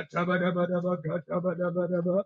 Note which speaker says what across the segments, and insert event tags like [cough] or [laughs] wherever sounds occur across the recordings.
Speaker 1: Atabadabadabadabadabadaba.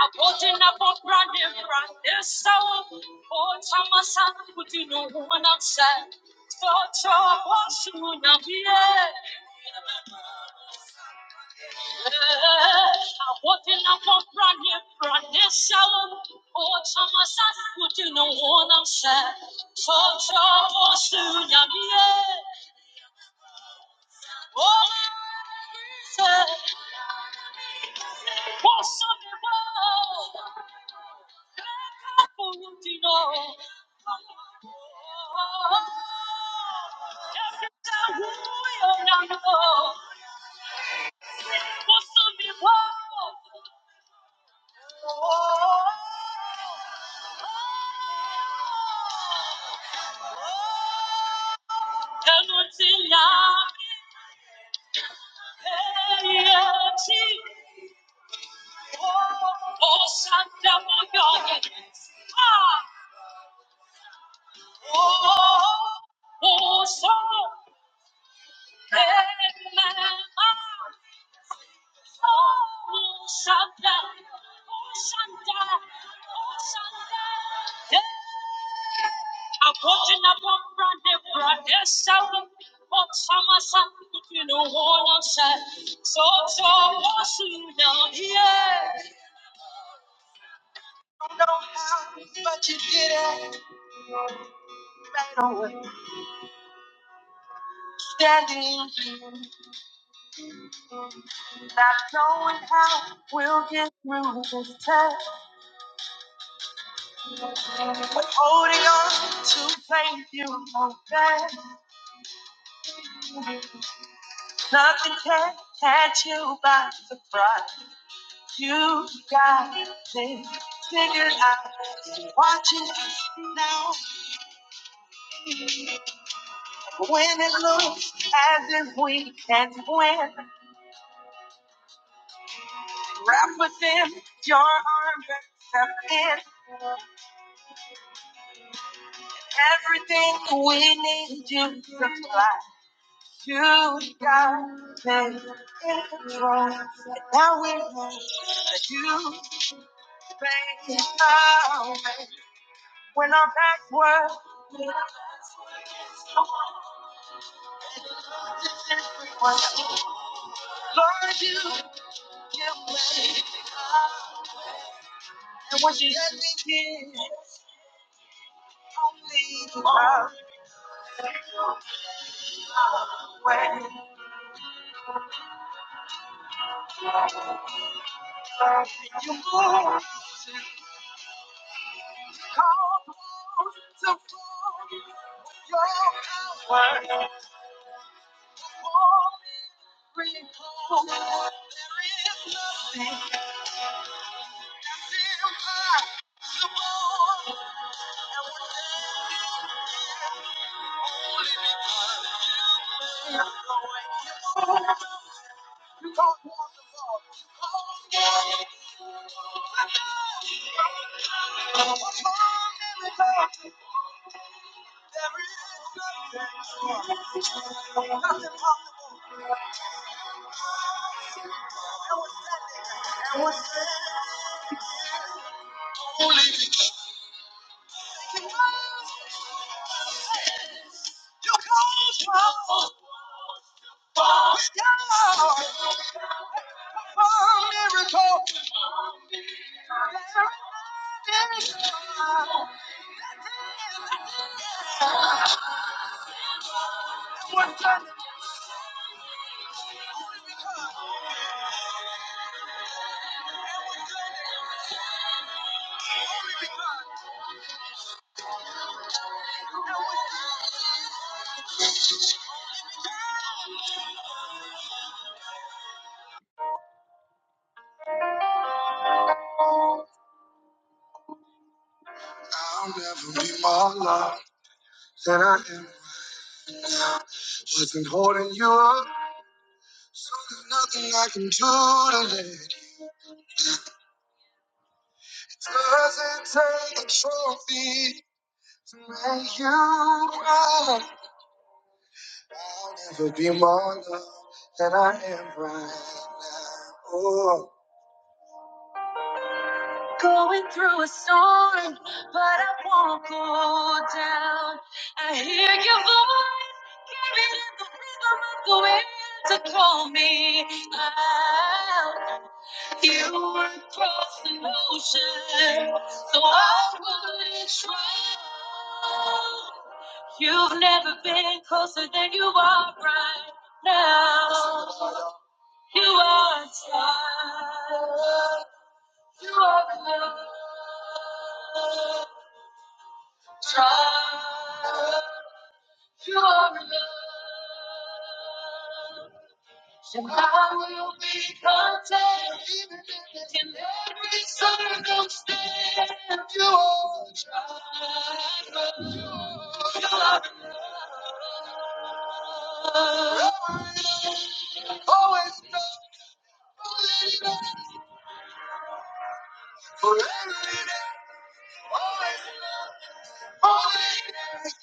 Speaker 1: I'm putting up a brand new brand different this hour. Oh, Thomas, i Put in a woman outside. Touch your washing on your beard. I'm putting up a brand new brand different this hour. Oh, Thomas, i Put in a woman outside. Touch your washing on your beard. Oh, I said, wash on me, Oh, Shanda, oh, Shanda, oh, Shanda. Aporting upon Brande Brande Sound, what summer sun between the wall and sand. So, so, what's you down here? Don't know how, but you did it right away. Standing, not knowing how we'll get through this test. But holding on to faith, you know that nothing can catch you by surprise. You got it figured out. You're Watching us now. When it looks as if we can't win, wrap within your arms and step in. Everything we need you supply. You got it in control. And now we know that you made our way. When our backs were, Lord, you, you made. it. And what you let me get, only love when called upon to pull your power You cause with God, a miracle. There is none. I'll never be more loved than I am. Wasn't holding you up, so there's nothing I can do to let Doesn't take a trophy to make you right. I'll never be more loved than I am right now. Oh. Going through a storm, but I won't go down. I hear your voice as I'm going to call you across an ocean. So I wouldn't drown now. You are tried. You are loved. Tried. You are forever.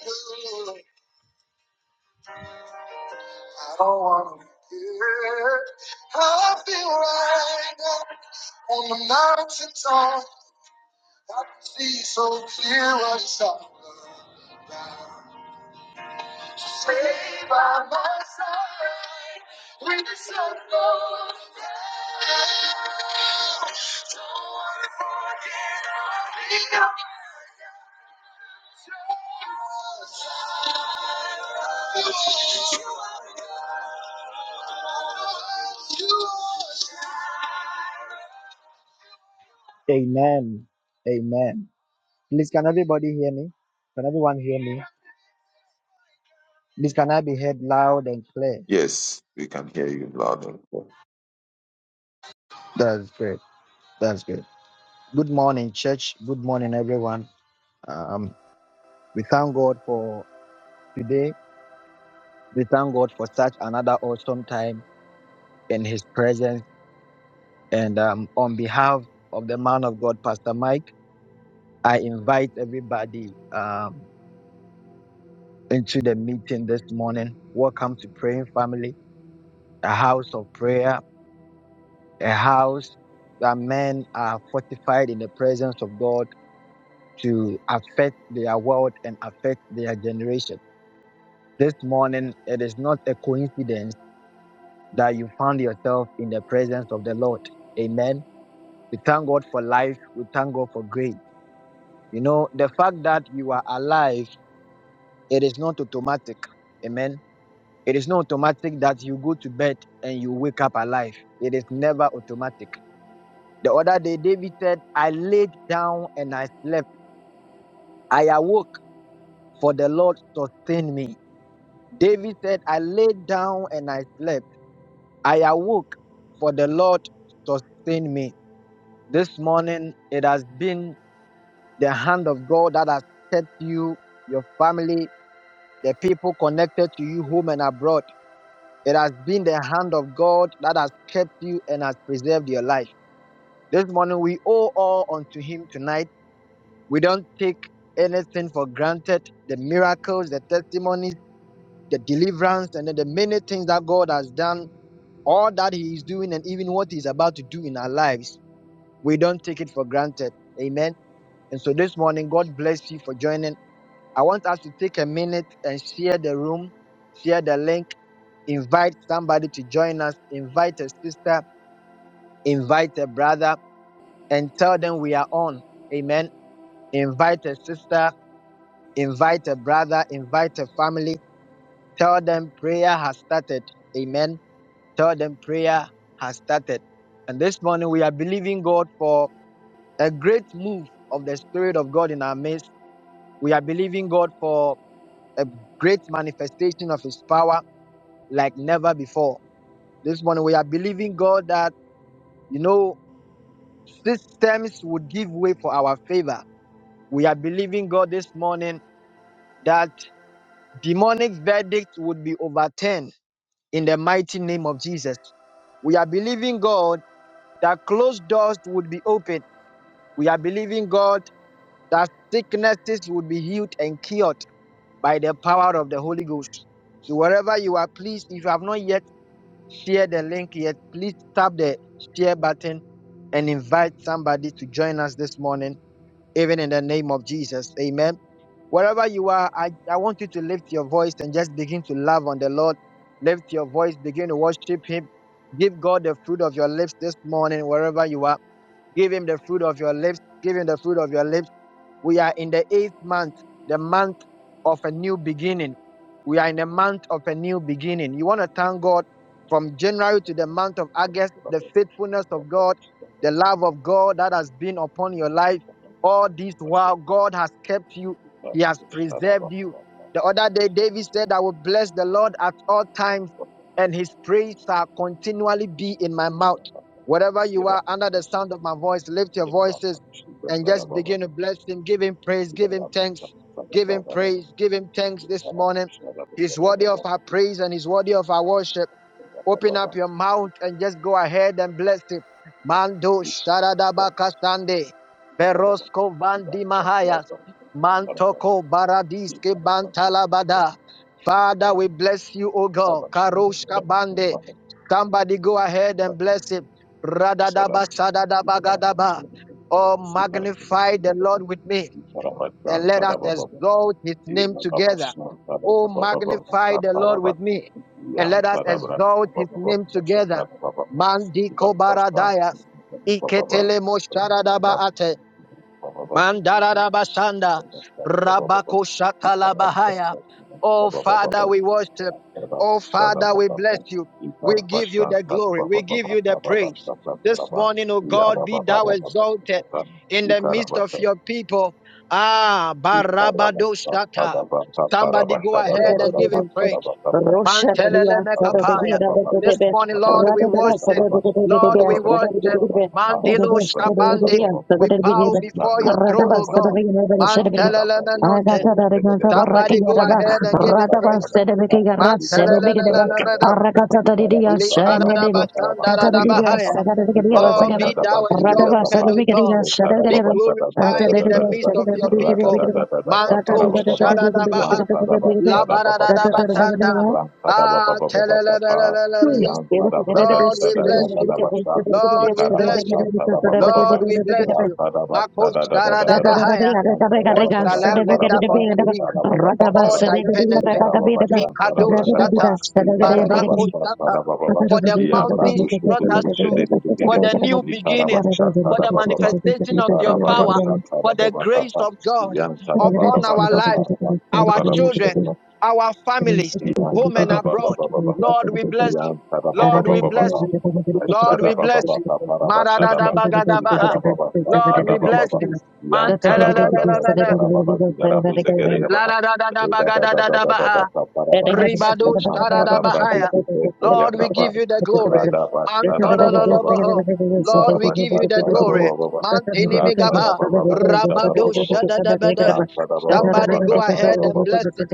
Speaker 1: in it. I don't want to get how I feel right now on the mountain top. I can see so clear what it's all about. Save us. You are- Amen. Amen. Please, can everybody hear me? Can everyone hear me? Please, can I be heard loud and clear?
Speaker 2: Yes, we can hear you loud and clear.
Speaker 1: That's great. That's good. Good morning, church. Good morning, everyone. Um, we thank God for today. We thank God for such another awesome time in His presence. And um, on behalf of the man of God, Pastor Mike, I invite everybody um, into the meeting this morning. Welcome to Praying Family, a house of prayer a house that men are fortified in the presence of God to affect their world and affect their generation. This morning, it is not a coincidence that you found yourself in the presence of the Lord. Amen. We thank God for life. We thank God for grace. You know, the fact that you are alive, it is not automatic. Amen. It is not automatic that you go to bed and you wake up alive. It is never automatic. The other day, David said, I laid down and I slept. I awoke, for the Lord sustained me. David said, I laid down and I slept. I awoke, for the Lord sustained me. This morning, it has been the hand of God that has set you, your family, the people connected to you, home and abroad. It has been the hand of God that has kept you and has preserved your life. This morning, we owe all unto Him tonight We don't take anything for granted. The miracles, the testimonies, the deliverance, and then the many things that God has done, all that He is doing, and even what He's about to do in our lives, we don't take it for granted. Amen. And so this morning, God bless you for joining. I want us to take a minute and share the room, share the link, invite somebody to join us, invite a sister, invite a brother, and tell them we are on. Amen. Invite a sister Invite a brother, invite a family. Tell them prayer has started. Amen. Tell them prayer has started. And this morning we are believing God for a great move of the Spirit of God in our midst. We are believing God for a great manifestation of His power like never before. This morning we are believing God that, you know, systems would give way for our favor. We are believing God this morning that demonic verdicts would be overturned in the mighty name of Jesus. We are believing God that closed doors would be opened. We are believing God that sicknesses would be healed and cured by the power of the Holy Ghost. So wherever you are, please, if you have not yet shared the link yet, please tap the share button and invite somebody to join us this morning even in the name of Jesus. Amen. Wherever you are, I, I want you to lift your voice and just begin to love on the Lord. Lift your voice, begin to worship Him. Give God the fruit of your lips this morning, wherever you are. Give Him the fruit of your lips. Give Him the fruit of your lips. We are in the eighth month, the month of a new beginning. We are in the month of a new beginning. You want to thank God. From January to the month of August, the faithfulness of God, the love of God that has been upon your life, all this while God has kept you, He has preserved you. The other day, David said, I will bless the Lord at all times, and His praise shall continually be in my mouth. Wherever you are, under the sound of my voice, lift your voices and just begin to bless Him. Give Him praise, give Him thanks, give Him praise, give Him thanks this morning. He's worthy of our praise and He's worthy of our worship. Open up your mouth and just go ahead and bless it. Mando Sharadaba Kastande. Berosko Bandi Mahayas. Mantoko Baradiske Bantalabada. Father, we bless you, O God. Karoshka Bande. Somebody go ahead and bless him. Radadaba Sadadaba
Speaker 2: Baba
Speaker 1: Gadaba. Oh, magnify the Lord with me and let us exalt his name together. Oh, magnify the Lord with me, and let us exalt his name together. Mandi kobaradaya, iketele mosharadaba ate, Mandarabashanda, Rabako Shakalabahaya. Oh Father, we worship.
Speaker 2: Thank
Speaker 1: Oh Father, we bless you. We give you the glory. We give you the praise. This morning, oh God, be thou exalted in the midst of your people. Ah, Barabadoshata. Somebody go
Speaker 3: Rada
Speaker 1: ahead and give him praise. Mantelele-mekapaya. This morning, Lord, we worship. Lord, we worship. Mandilo Shkabandi. We bow before your throne, O God. Mantelele-menote. Somebody go ahead and give him praise.
Speaker 2: you.
Speaker 1: Mantelele-lele-lebedo.
Speaker 2: Ikarabasa
Speaker 1: Likaradabashandaradabahaya. Oh, be thou exalted, O God. Be glorified in the midst of your people. Manto Shadadabaha.
Speaker 3: Thank
Speaker 1: Labaradadabasanda. Ah, telelelelelelele.
Speaker 3: you.
Speaker 1: Lord, we bless you. Lord, we bless you. Lord, we bless you. Mako Sharadabahaya. What shall I render unto thee for all thy benefit? Mikado
Speaker 2: Ikarababashantarabaragaraba.
Speaker 1: Shata. Barako Shata
Speaker 2: Ikarababashantarabababa.
Speaker 1: for the mountains you brought us through, for
Speaker 2: Iabradoshikurubushededededede.
Speaker 1: the new beginning, for the
Speaker 2: Ikarabashantarabababa.
Speaker 1: manifestation of your power, for the grace
Speaker 2: Ikarababashantarababakapa.
Speaker 1: of God upon our lives, our children,
Speaker 2: Yantarabababakaparabashatarabushadaba.
Speaker 1: our families,
Speaker 2: Yan
Speaker 1: home and
Speaker 2: sada ba ba ba
Speaker 1: abroad.
Speaker 2: ba ba ba.
Speaker 1: Lord, we bless you.
Speaker 2: Yan sada ba
Speaker 3: Thank
Speaker 2: ba
Speaker 1: Lord,
Speaker 2: ba
Speaker 1: we
Speaker 2: ba ba
Speaker 1: bless
Speaker 2: ba.
Speaker 1: you. Lord,
Speaker 2: Sada
Speaker 1: we
Speaker 2: ba ba
Speaker 1: bless
Speaker 2: ba
Speaker 1: you.
Speaker 2: ba
Speaker 1: Maradadabagadabaha.
Speaker 2: Ikara ba
Speaker 1: Lord,
Speaker 2: sada
Speaker 1: we
Speaker 2: ba ba
Speaker 1: bless you.
Speaker 2: Yan sada bra
Speaker 1: Man,
Speaker 2: zigara ba zigara bu zegere
Speaker 1: Blah, da da da da
Speaker 2: E
Speaker 1: ba,
Speaker 2: Da
Speaker 1: ga,
Speaker 2: da
Speaker 1: da
Speaker 2: da
Speaker 1: da
Speaker 2: da
Speaker 1: da,
Speaker 2: da
Speaker 1: ba
Speaker 2: da da
Speaker 1: ha.
Speaker 2: da para
Speaker 1: Ribado,
Speaker 2: Ikan
Speaker 1: shta, da, da,
Speaker 2: sada
Speaker 1: ba
Speaker 2: bra de
Speaker 1: ha, Bladadadadabagadadadabaha. Ribadosh
Speaker 2: de de
Speaker 1: taradabahaya.
Speaker 2: de
Speaker 1: Lord, we give you the glory.
Speaker 2: sada ba ba
Speaker 1: Antolololoboho.
Speaker 2: Iya
Speaker 1: Lord, we give you
Speaker 2: tarabasta
Speaker 1: the glory. Mantinimigaba. Rabadoshadadabada. Somebody go ahead and bless it.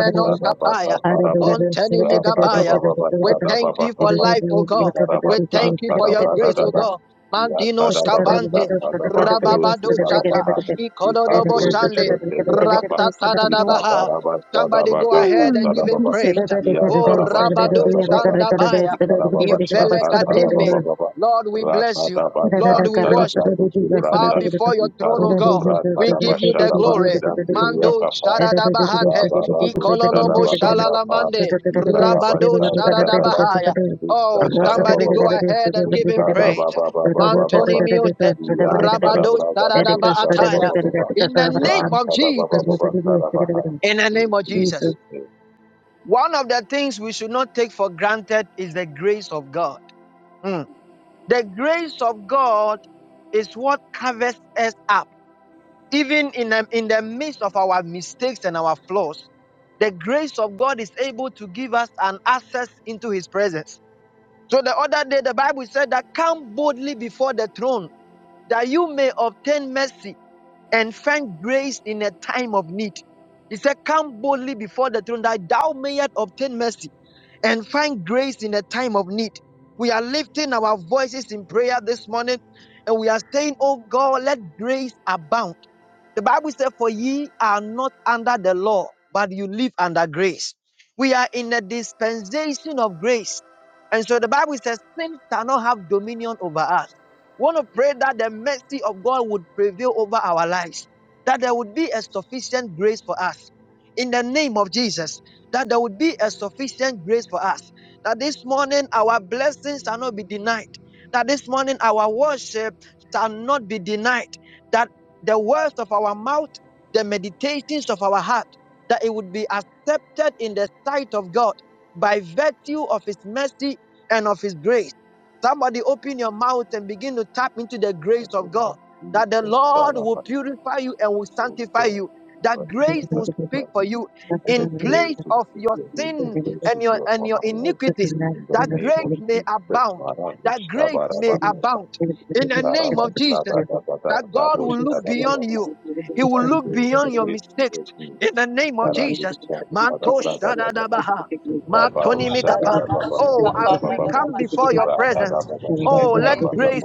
Speaker 3: you. Hmm.
Speaker 1: Ontenimigabaya. We
Speaker 2: da
Speaker 1: thank you for life, O God. We thank you for your grace, O God. Mandino Scabante, Rababado Chata, Ikododobo Shande, Ratatadabaha. Somebody go ahead and give him praise. Oh, Rabado
Speaker 2: da da da.
Speaker 1: Shandabaya,
Speaker 2: Ikarababashaka
Speaker 1: Ivele Kadimbe.
Speaker 2: tarabababa.
Speaker 1: Lord, we bless you. Lord,
Speaker 2: Rakadabasan
Speaker 1: we
Speaker 3: Jesus.
Speaker 1: worship.
Speaker 2: Tadabradu
Speaker 1: We bow
Speaker 2: Brata
Speaker 1: before your throne, O
Speaker 2: Iparudu
Speaker 1: God. We
Speaker 2: Bratadaba
Speaker 1: give you the
Speaker 2: Shadaba
Speaker 1: glory.
Speaker 2: Jambiria
Speaker 1: Mando
Speaker 2: Papa
Speaker 1: Sharadabahate,
Speaker 2: Rabaradu
Speaker 1: Ikololobo
Speaker 2: Shadababa Papa
Speaker 1: Shalalamande,
Speaker 2: Iparaba
Speaker 1: Rabado
Speaker 2: Shadababa
Speaker 1: Sharadabahaya.
Speaker 2: Vista
Speaker 1: Oh, somebody go
Speaker 2: Tadababa
Speaker 1: ahead and give him
Speaker 2: Vista Baba
Speaker 1: praise.
Speaker 2: Baba
Speaker 1: Mantoni
Speaker 2: Baba
Speaker 1: Miote,
Speaker 2: Yan
Speaker 1: Rabado
Speaker 2: Tadabradabu
Speaker 1: Sharadabahataya.
Speaker 2: Shadababa Baba
Speaker 1: In the
Speaker 2: Ran
Speaker 1: name of
Speaker 2: Tadababa
Speaker 1: Jesus.
Speaker 2: Baba Tadabaha
Speaker 1: In the
Speaker 2: In
Speaker 1: name of Jesus.
Speaker 2: Jesus' name,
Speaker 1: One of the things we should not take for granted is the grace of God. Mm. The grace of God is what covers us up, even in the, in the midst of our mistakes and our flaws. The grace of God is able to give us an access into His presence. So the other day, the Bible said that come boldly before the throne that you may obtain mercy and find grace in a time of need. He said, Come boldly before the throne that thou mayest obtain mercy and find grace in a time of need. We are lifting our voices in prayer this morning and we are saying, Oh God, let grace abound. The Bible said, For ye are not under the law, but you live under grace. We are in the dispensation of grace. And so the Bible says, Sin shall not have dominion over us. We want to pray that the mercy of God would prevail over our lives, that there would be a sufficient grace for us. In the name of Jesus, that there would be a sufficient grace for us. That this morning our blessings shall not be denied. That this morning our worship shall not be denied. That the words of our mouth, the meditations of our heart, that it would be accepted in the sight of God by virtue of His mercy and of His grace. Somebody open your mouth and begin to tap into the grace
Speaker 2: in the
Speaker 1: of
Speaker 2: name
Speaker 1: God.
Speaker 2: of
Speaker 1: That the Lord will
Speaker 2: Jesus,
Speaker 1: purify you and will
Speaker 2: Oh
Speaker 1: sanctify
Speaker 2: God,
Speaker 1: you.
Speaker 2: the
Speaker 1: That
Speaker 2: person
Speaker 1: grace
Speaker 2: of
Speaker 1: will speak for
Speaker 2: sacrificing
Speaker 1: you
Speaker 2: and
Speaker 1: in
Speaker 2: the
Speaker 1: place
Speaker 2: grace to
Speaker 1: of
Speaker 2: speak
Speaker 1: your
Speaker 2: for him, the
Speaker 1: sin
Speaker 2: grace
Speaker 1: and
Speaker 2: to
Speaker 1: your
Speaker 2: do
Speaker 1: and
Speaker 2: upon
Speaker 1: your
Speaker 2: my life.
Speaker 1: iniquities.
Speaker 2: In the
Speaker 1: That
Speaker 2: name of
Speaker 1: grace may
Speaker 2: Jesus,
Speaker 1: abound. That
Speaker 2: Maravish
Speaker 1: grace may
Speaker 3: Thank
Speaker 2: Kabarabakata,
Speaker 1: abound in the name of Jesus.
Speaker 2: Ikarabastabadabada,
Speaker 1: That God will look beyond
Speaker 2: Raboshkadababa,
Speaker 1: you. He
Speaker 2: who
Speaker 1: will
Speaker 2: I
Speaker 1: look
Speaker 2: pray
Speaker 1: beyond your
Speaker 2: against the
Speaker 1: mistakes in
Speaker 2: enemies,
Speaker 1: the name of Jesus.
Speaker 2: Ikaradisha,
Speaker 1: Manto
Speaker 2: Kadabradababa,
Speaker 1: shadadabaha. Matonimikapa. Oh, as we
Speaker 2: Ikabaroshadabababababababa,
Speaker 1: come before your presence, oh, let grace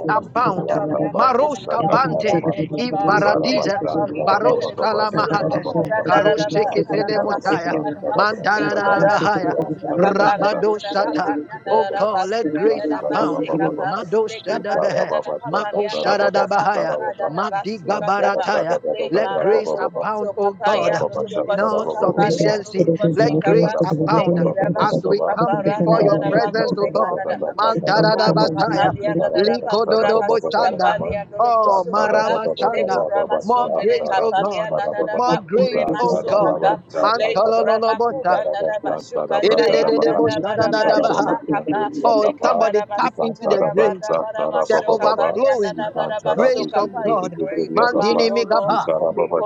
Speaker 2: Rapadababashadabababa,
Speaker 1: abound. Maros kabante,
Speaker 2: Rapabakushakataraba,
Speaker 1: ivaradiza, baros salamahates,
Speaker 2: Ibarabashtadababababababababa,
Speaker 1: karos seketele motaya, mandara
Speaker 2: Rapabarabashtadabradababa,
Speaker 1: da bahaya. Rabado Shata. Oh God, let grace abound. Mado
Speaker 3: you.
Speaker 1: Shada Behe. Mako Shada Bahaya. Madiga Barataya.
Speaker 4: Le
Speaker 1: Let grace
Speaker 4: marando
Speaker 2: Thank
Speaker 1: abound,
Speaker 4: mosso
Speaker 1: oh
Speaker 2: Ikan
Speaker 1: God,
Speaker 4: capaya nuru
Speaker 1: in
Speaker 4: basso
Speaker 1: all
Speaker 4: capale
Speaker 1: sufficiency.
Speaker 4: nuru basso
Speaker 1: Let grace
Speaker 4: capa le
Speaker 1: abound
Speaker 4: che da
Speaker 1: as
Speaker 4: basso
Speaker 1: we come
Speaker 4: caparanda
Speaker 1: before
Speaker 4: da
Speaker 1: your
Speaker 4: da
Speaker 1: presence,
Speaker 4: baco
Speaker 1: oh
Speaker 4: re
Speaker 1: God.
Speaker 4: manada
Speaker 1: Mandara da
Speaker 4: maro
Speaker 1: Bataya.
Speaker 4: capalia da da baco
Speaker 1: Likododobo
Speaker 4: ramasi
Speaker 1: Chanda.
Speaker 4: capalia nuru
Speaker 1: Oh,
Speaker 4: basso capa
Speaker 1: Maraba
Speaker 4: le
Speaker 1: Chanda. More
Speaker 4: coramasso tere
Speaker 1: grace, oh
Speaker 4: capalia
Speaker 1: God.
Speaker 4: da da
Speaker 1: More
Speaker 4: baco re
Speaker 1: grace, oh
Speaker 4: masso
Speaker 1: God.
Speaker 4: capa Lebo
Speaker 1: Mantololobota.
Speaker 4: Rabakura Nadaba Shokataya Nadabaraba Imakaba
Speaker 1: Oh, somebody
Speaker 4: Lekevaraba
Speaker 1: tap into the
Speaker 2: sada
Speaker 4: Sutaya
Speaker 1: drink,
Speaker 4: Vadabaraba
Speaker 1: the
Speaker 4: Shokapaya
Speaker 1: overflowing
Speaker 4: Nadabaraba
Speaker 1: grace
Speaker 2: dusu
Speaker 1: of
Speaker 4: Sokapa
Speaker 2: guru
Speaker 4: is
Speaker 1: God.
Speaker 2: guru
Speaker 4: grace
Speaker 2: guru
Speaker 4: abound,
Speaker 1: Mandini
Speaker 4: O Lord.
Speaker 1: migaba.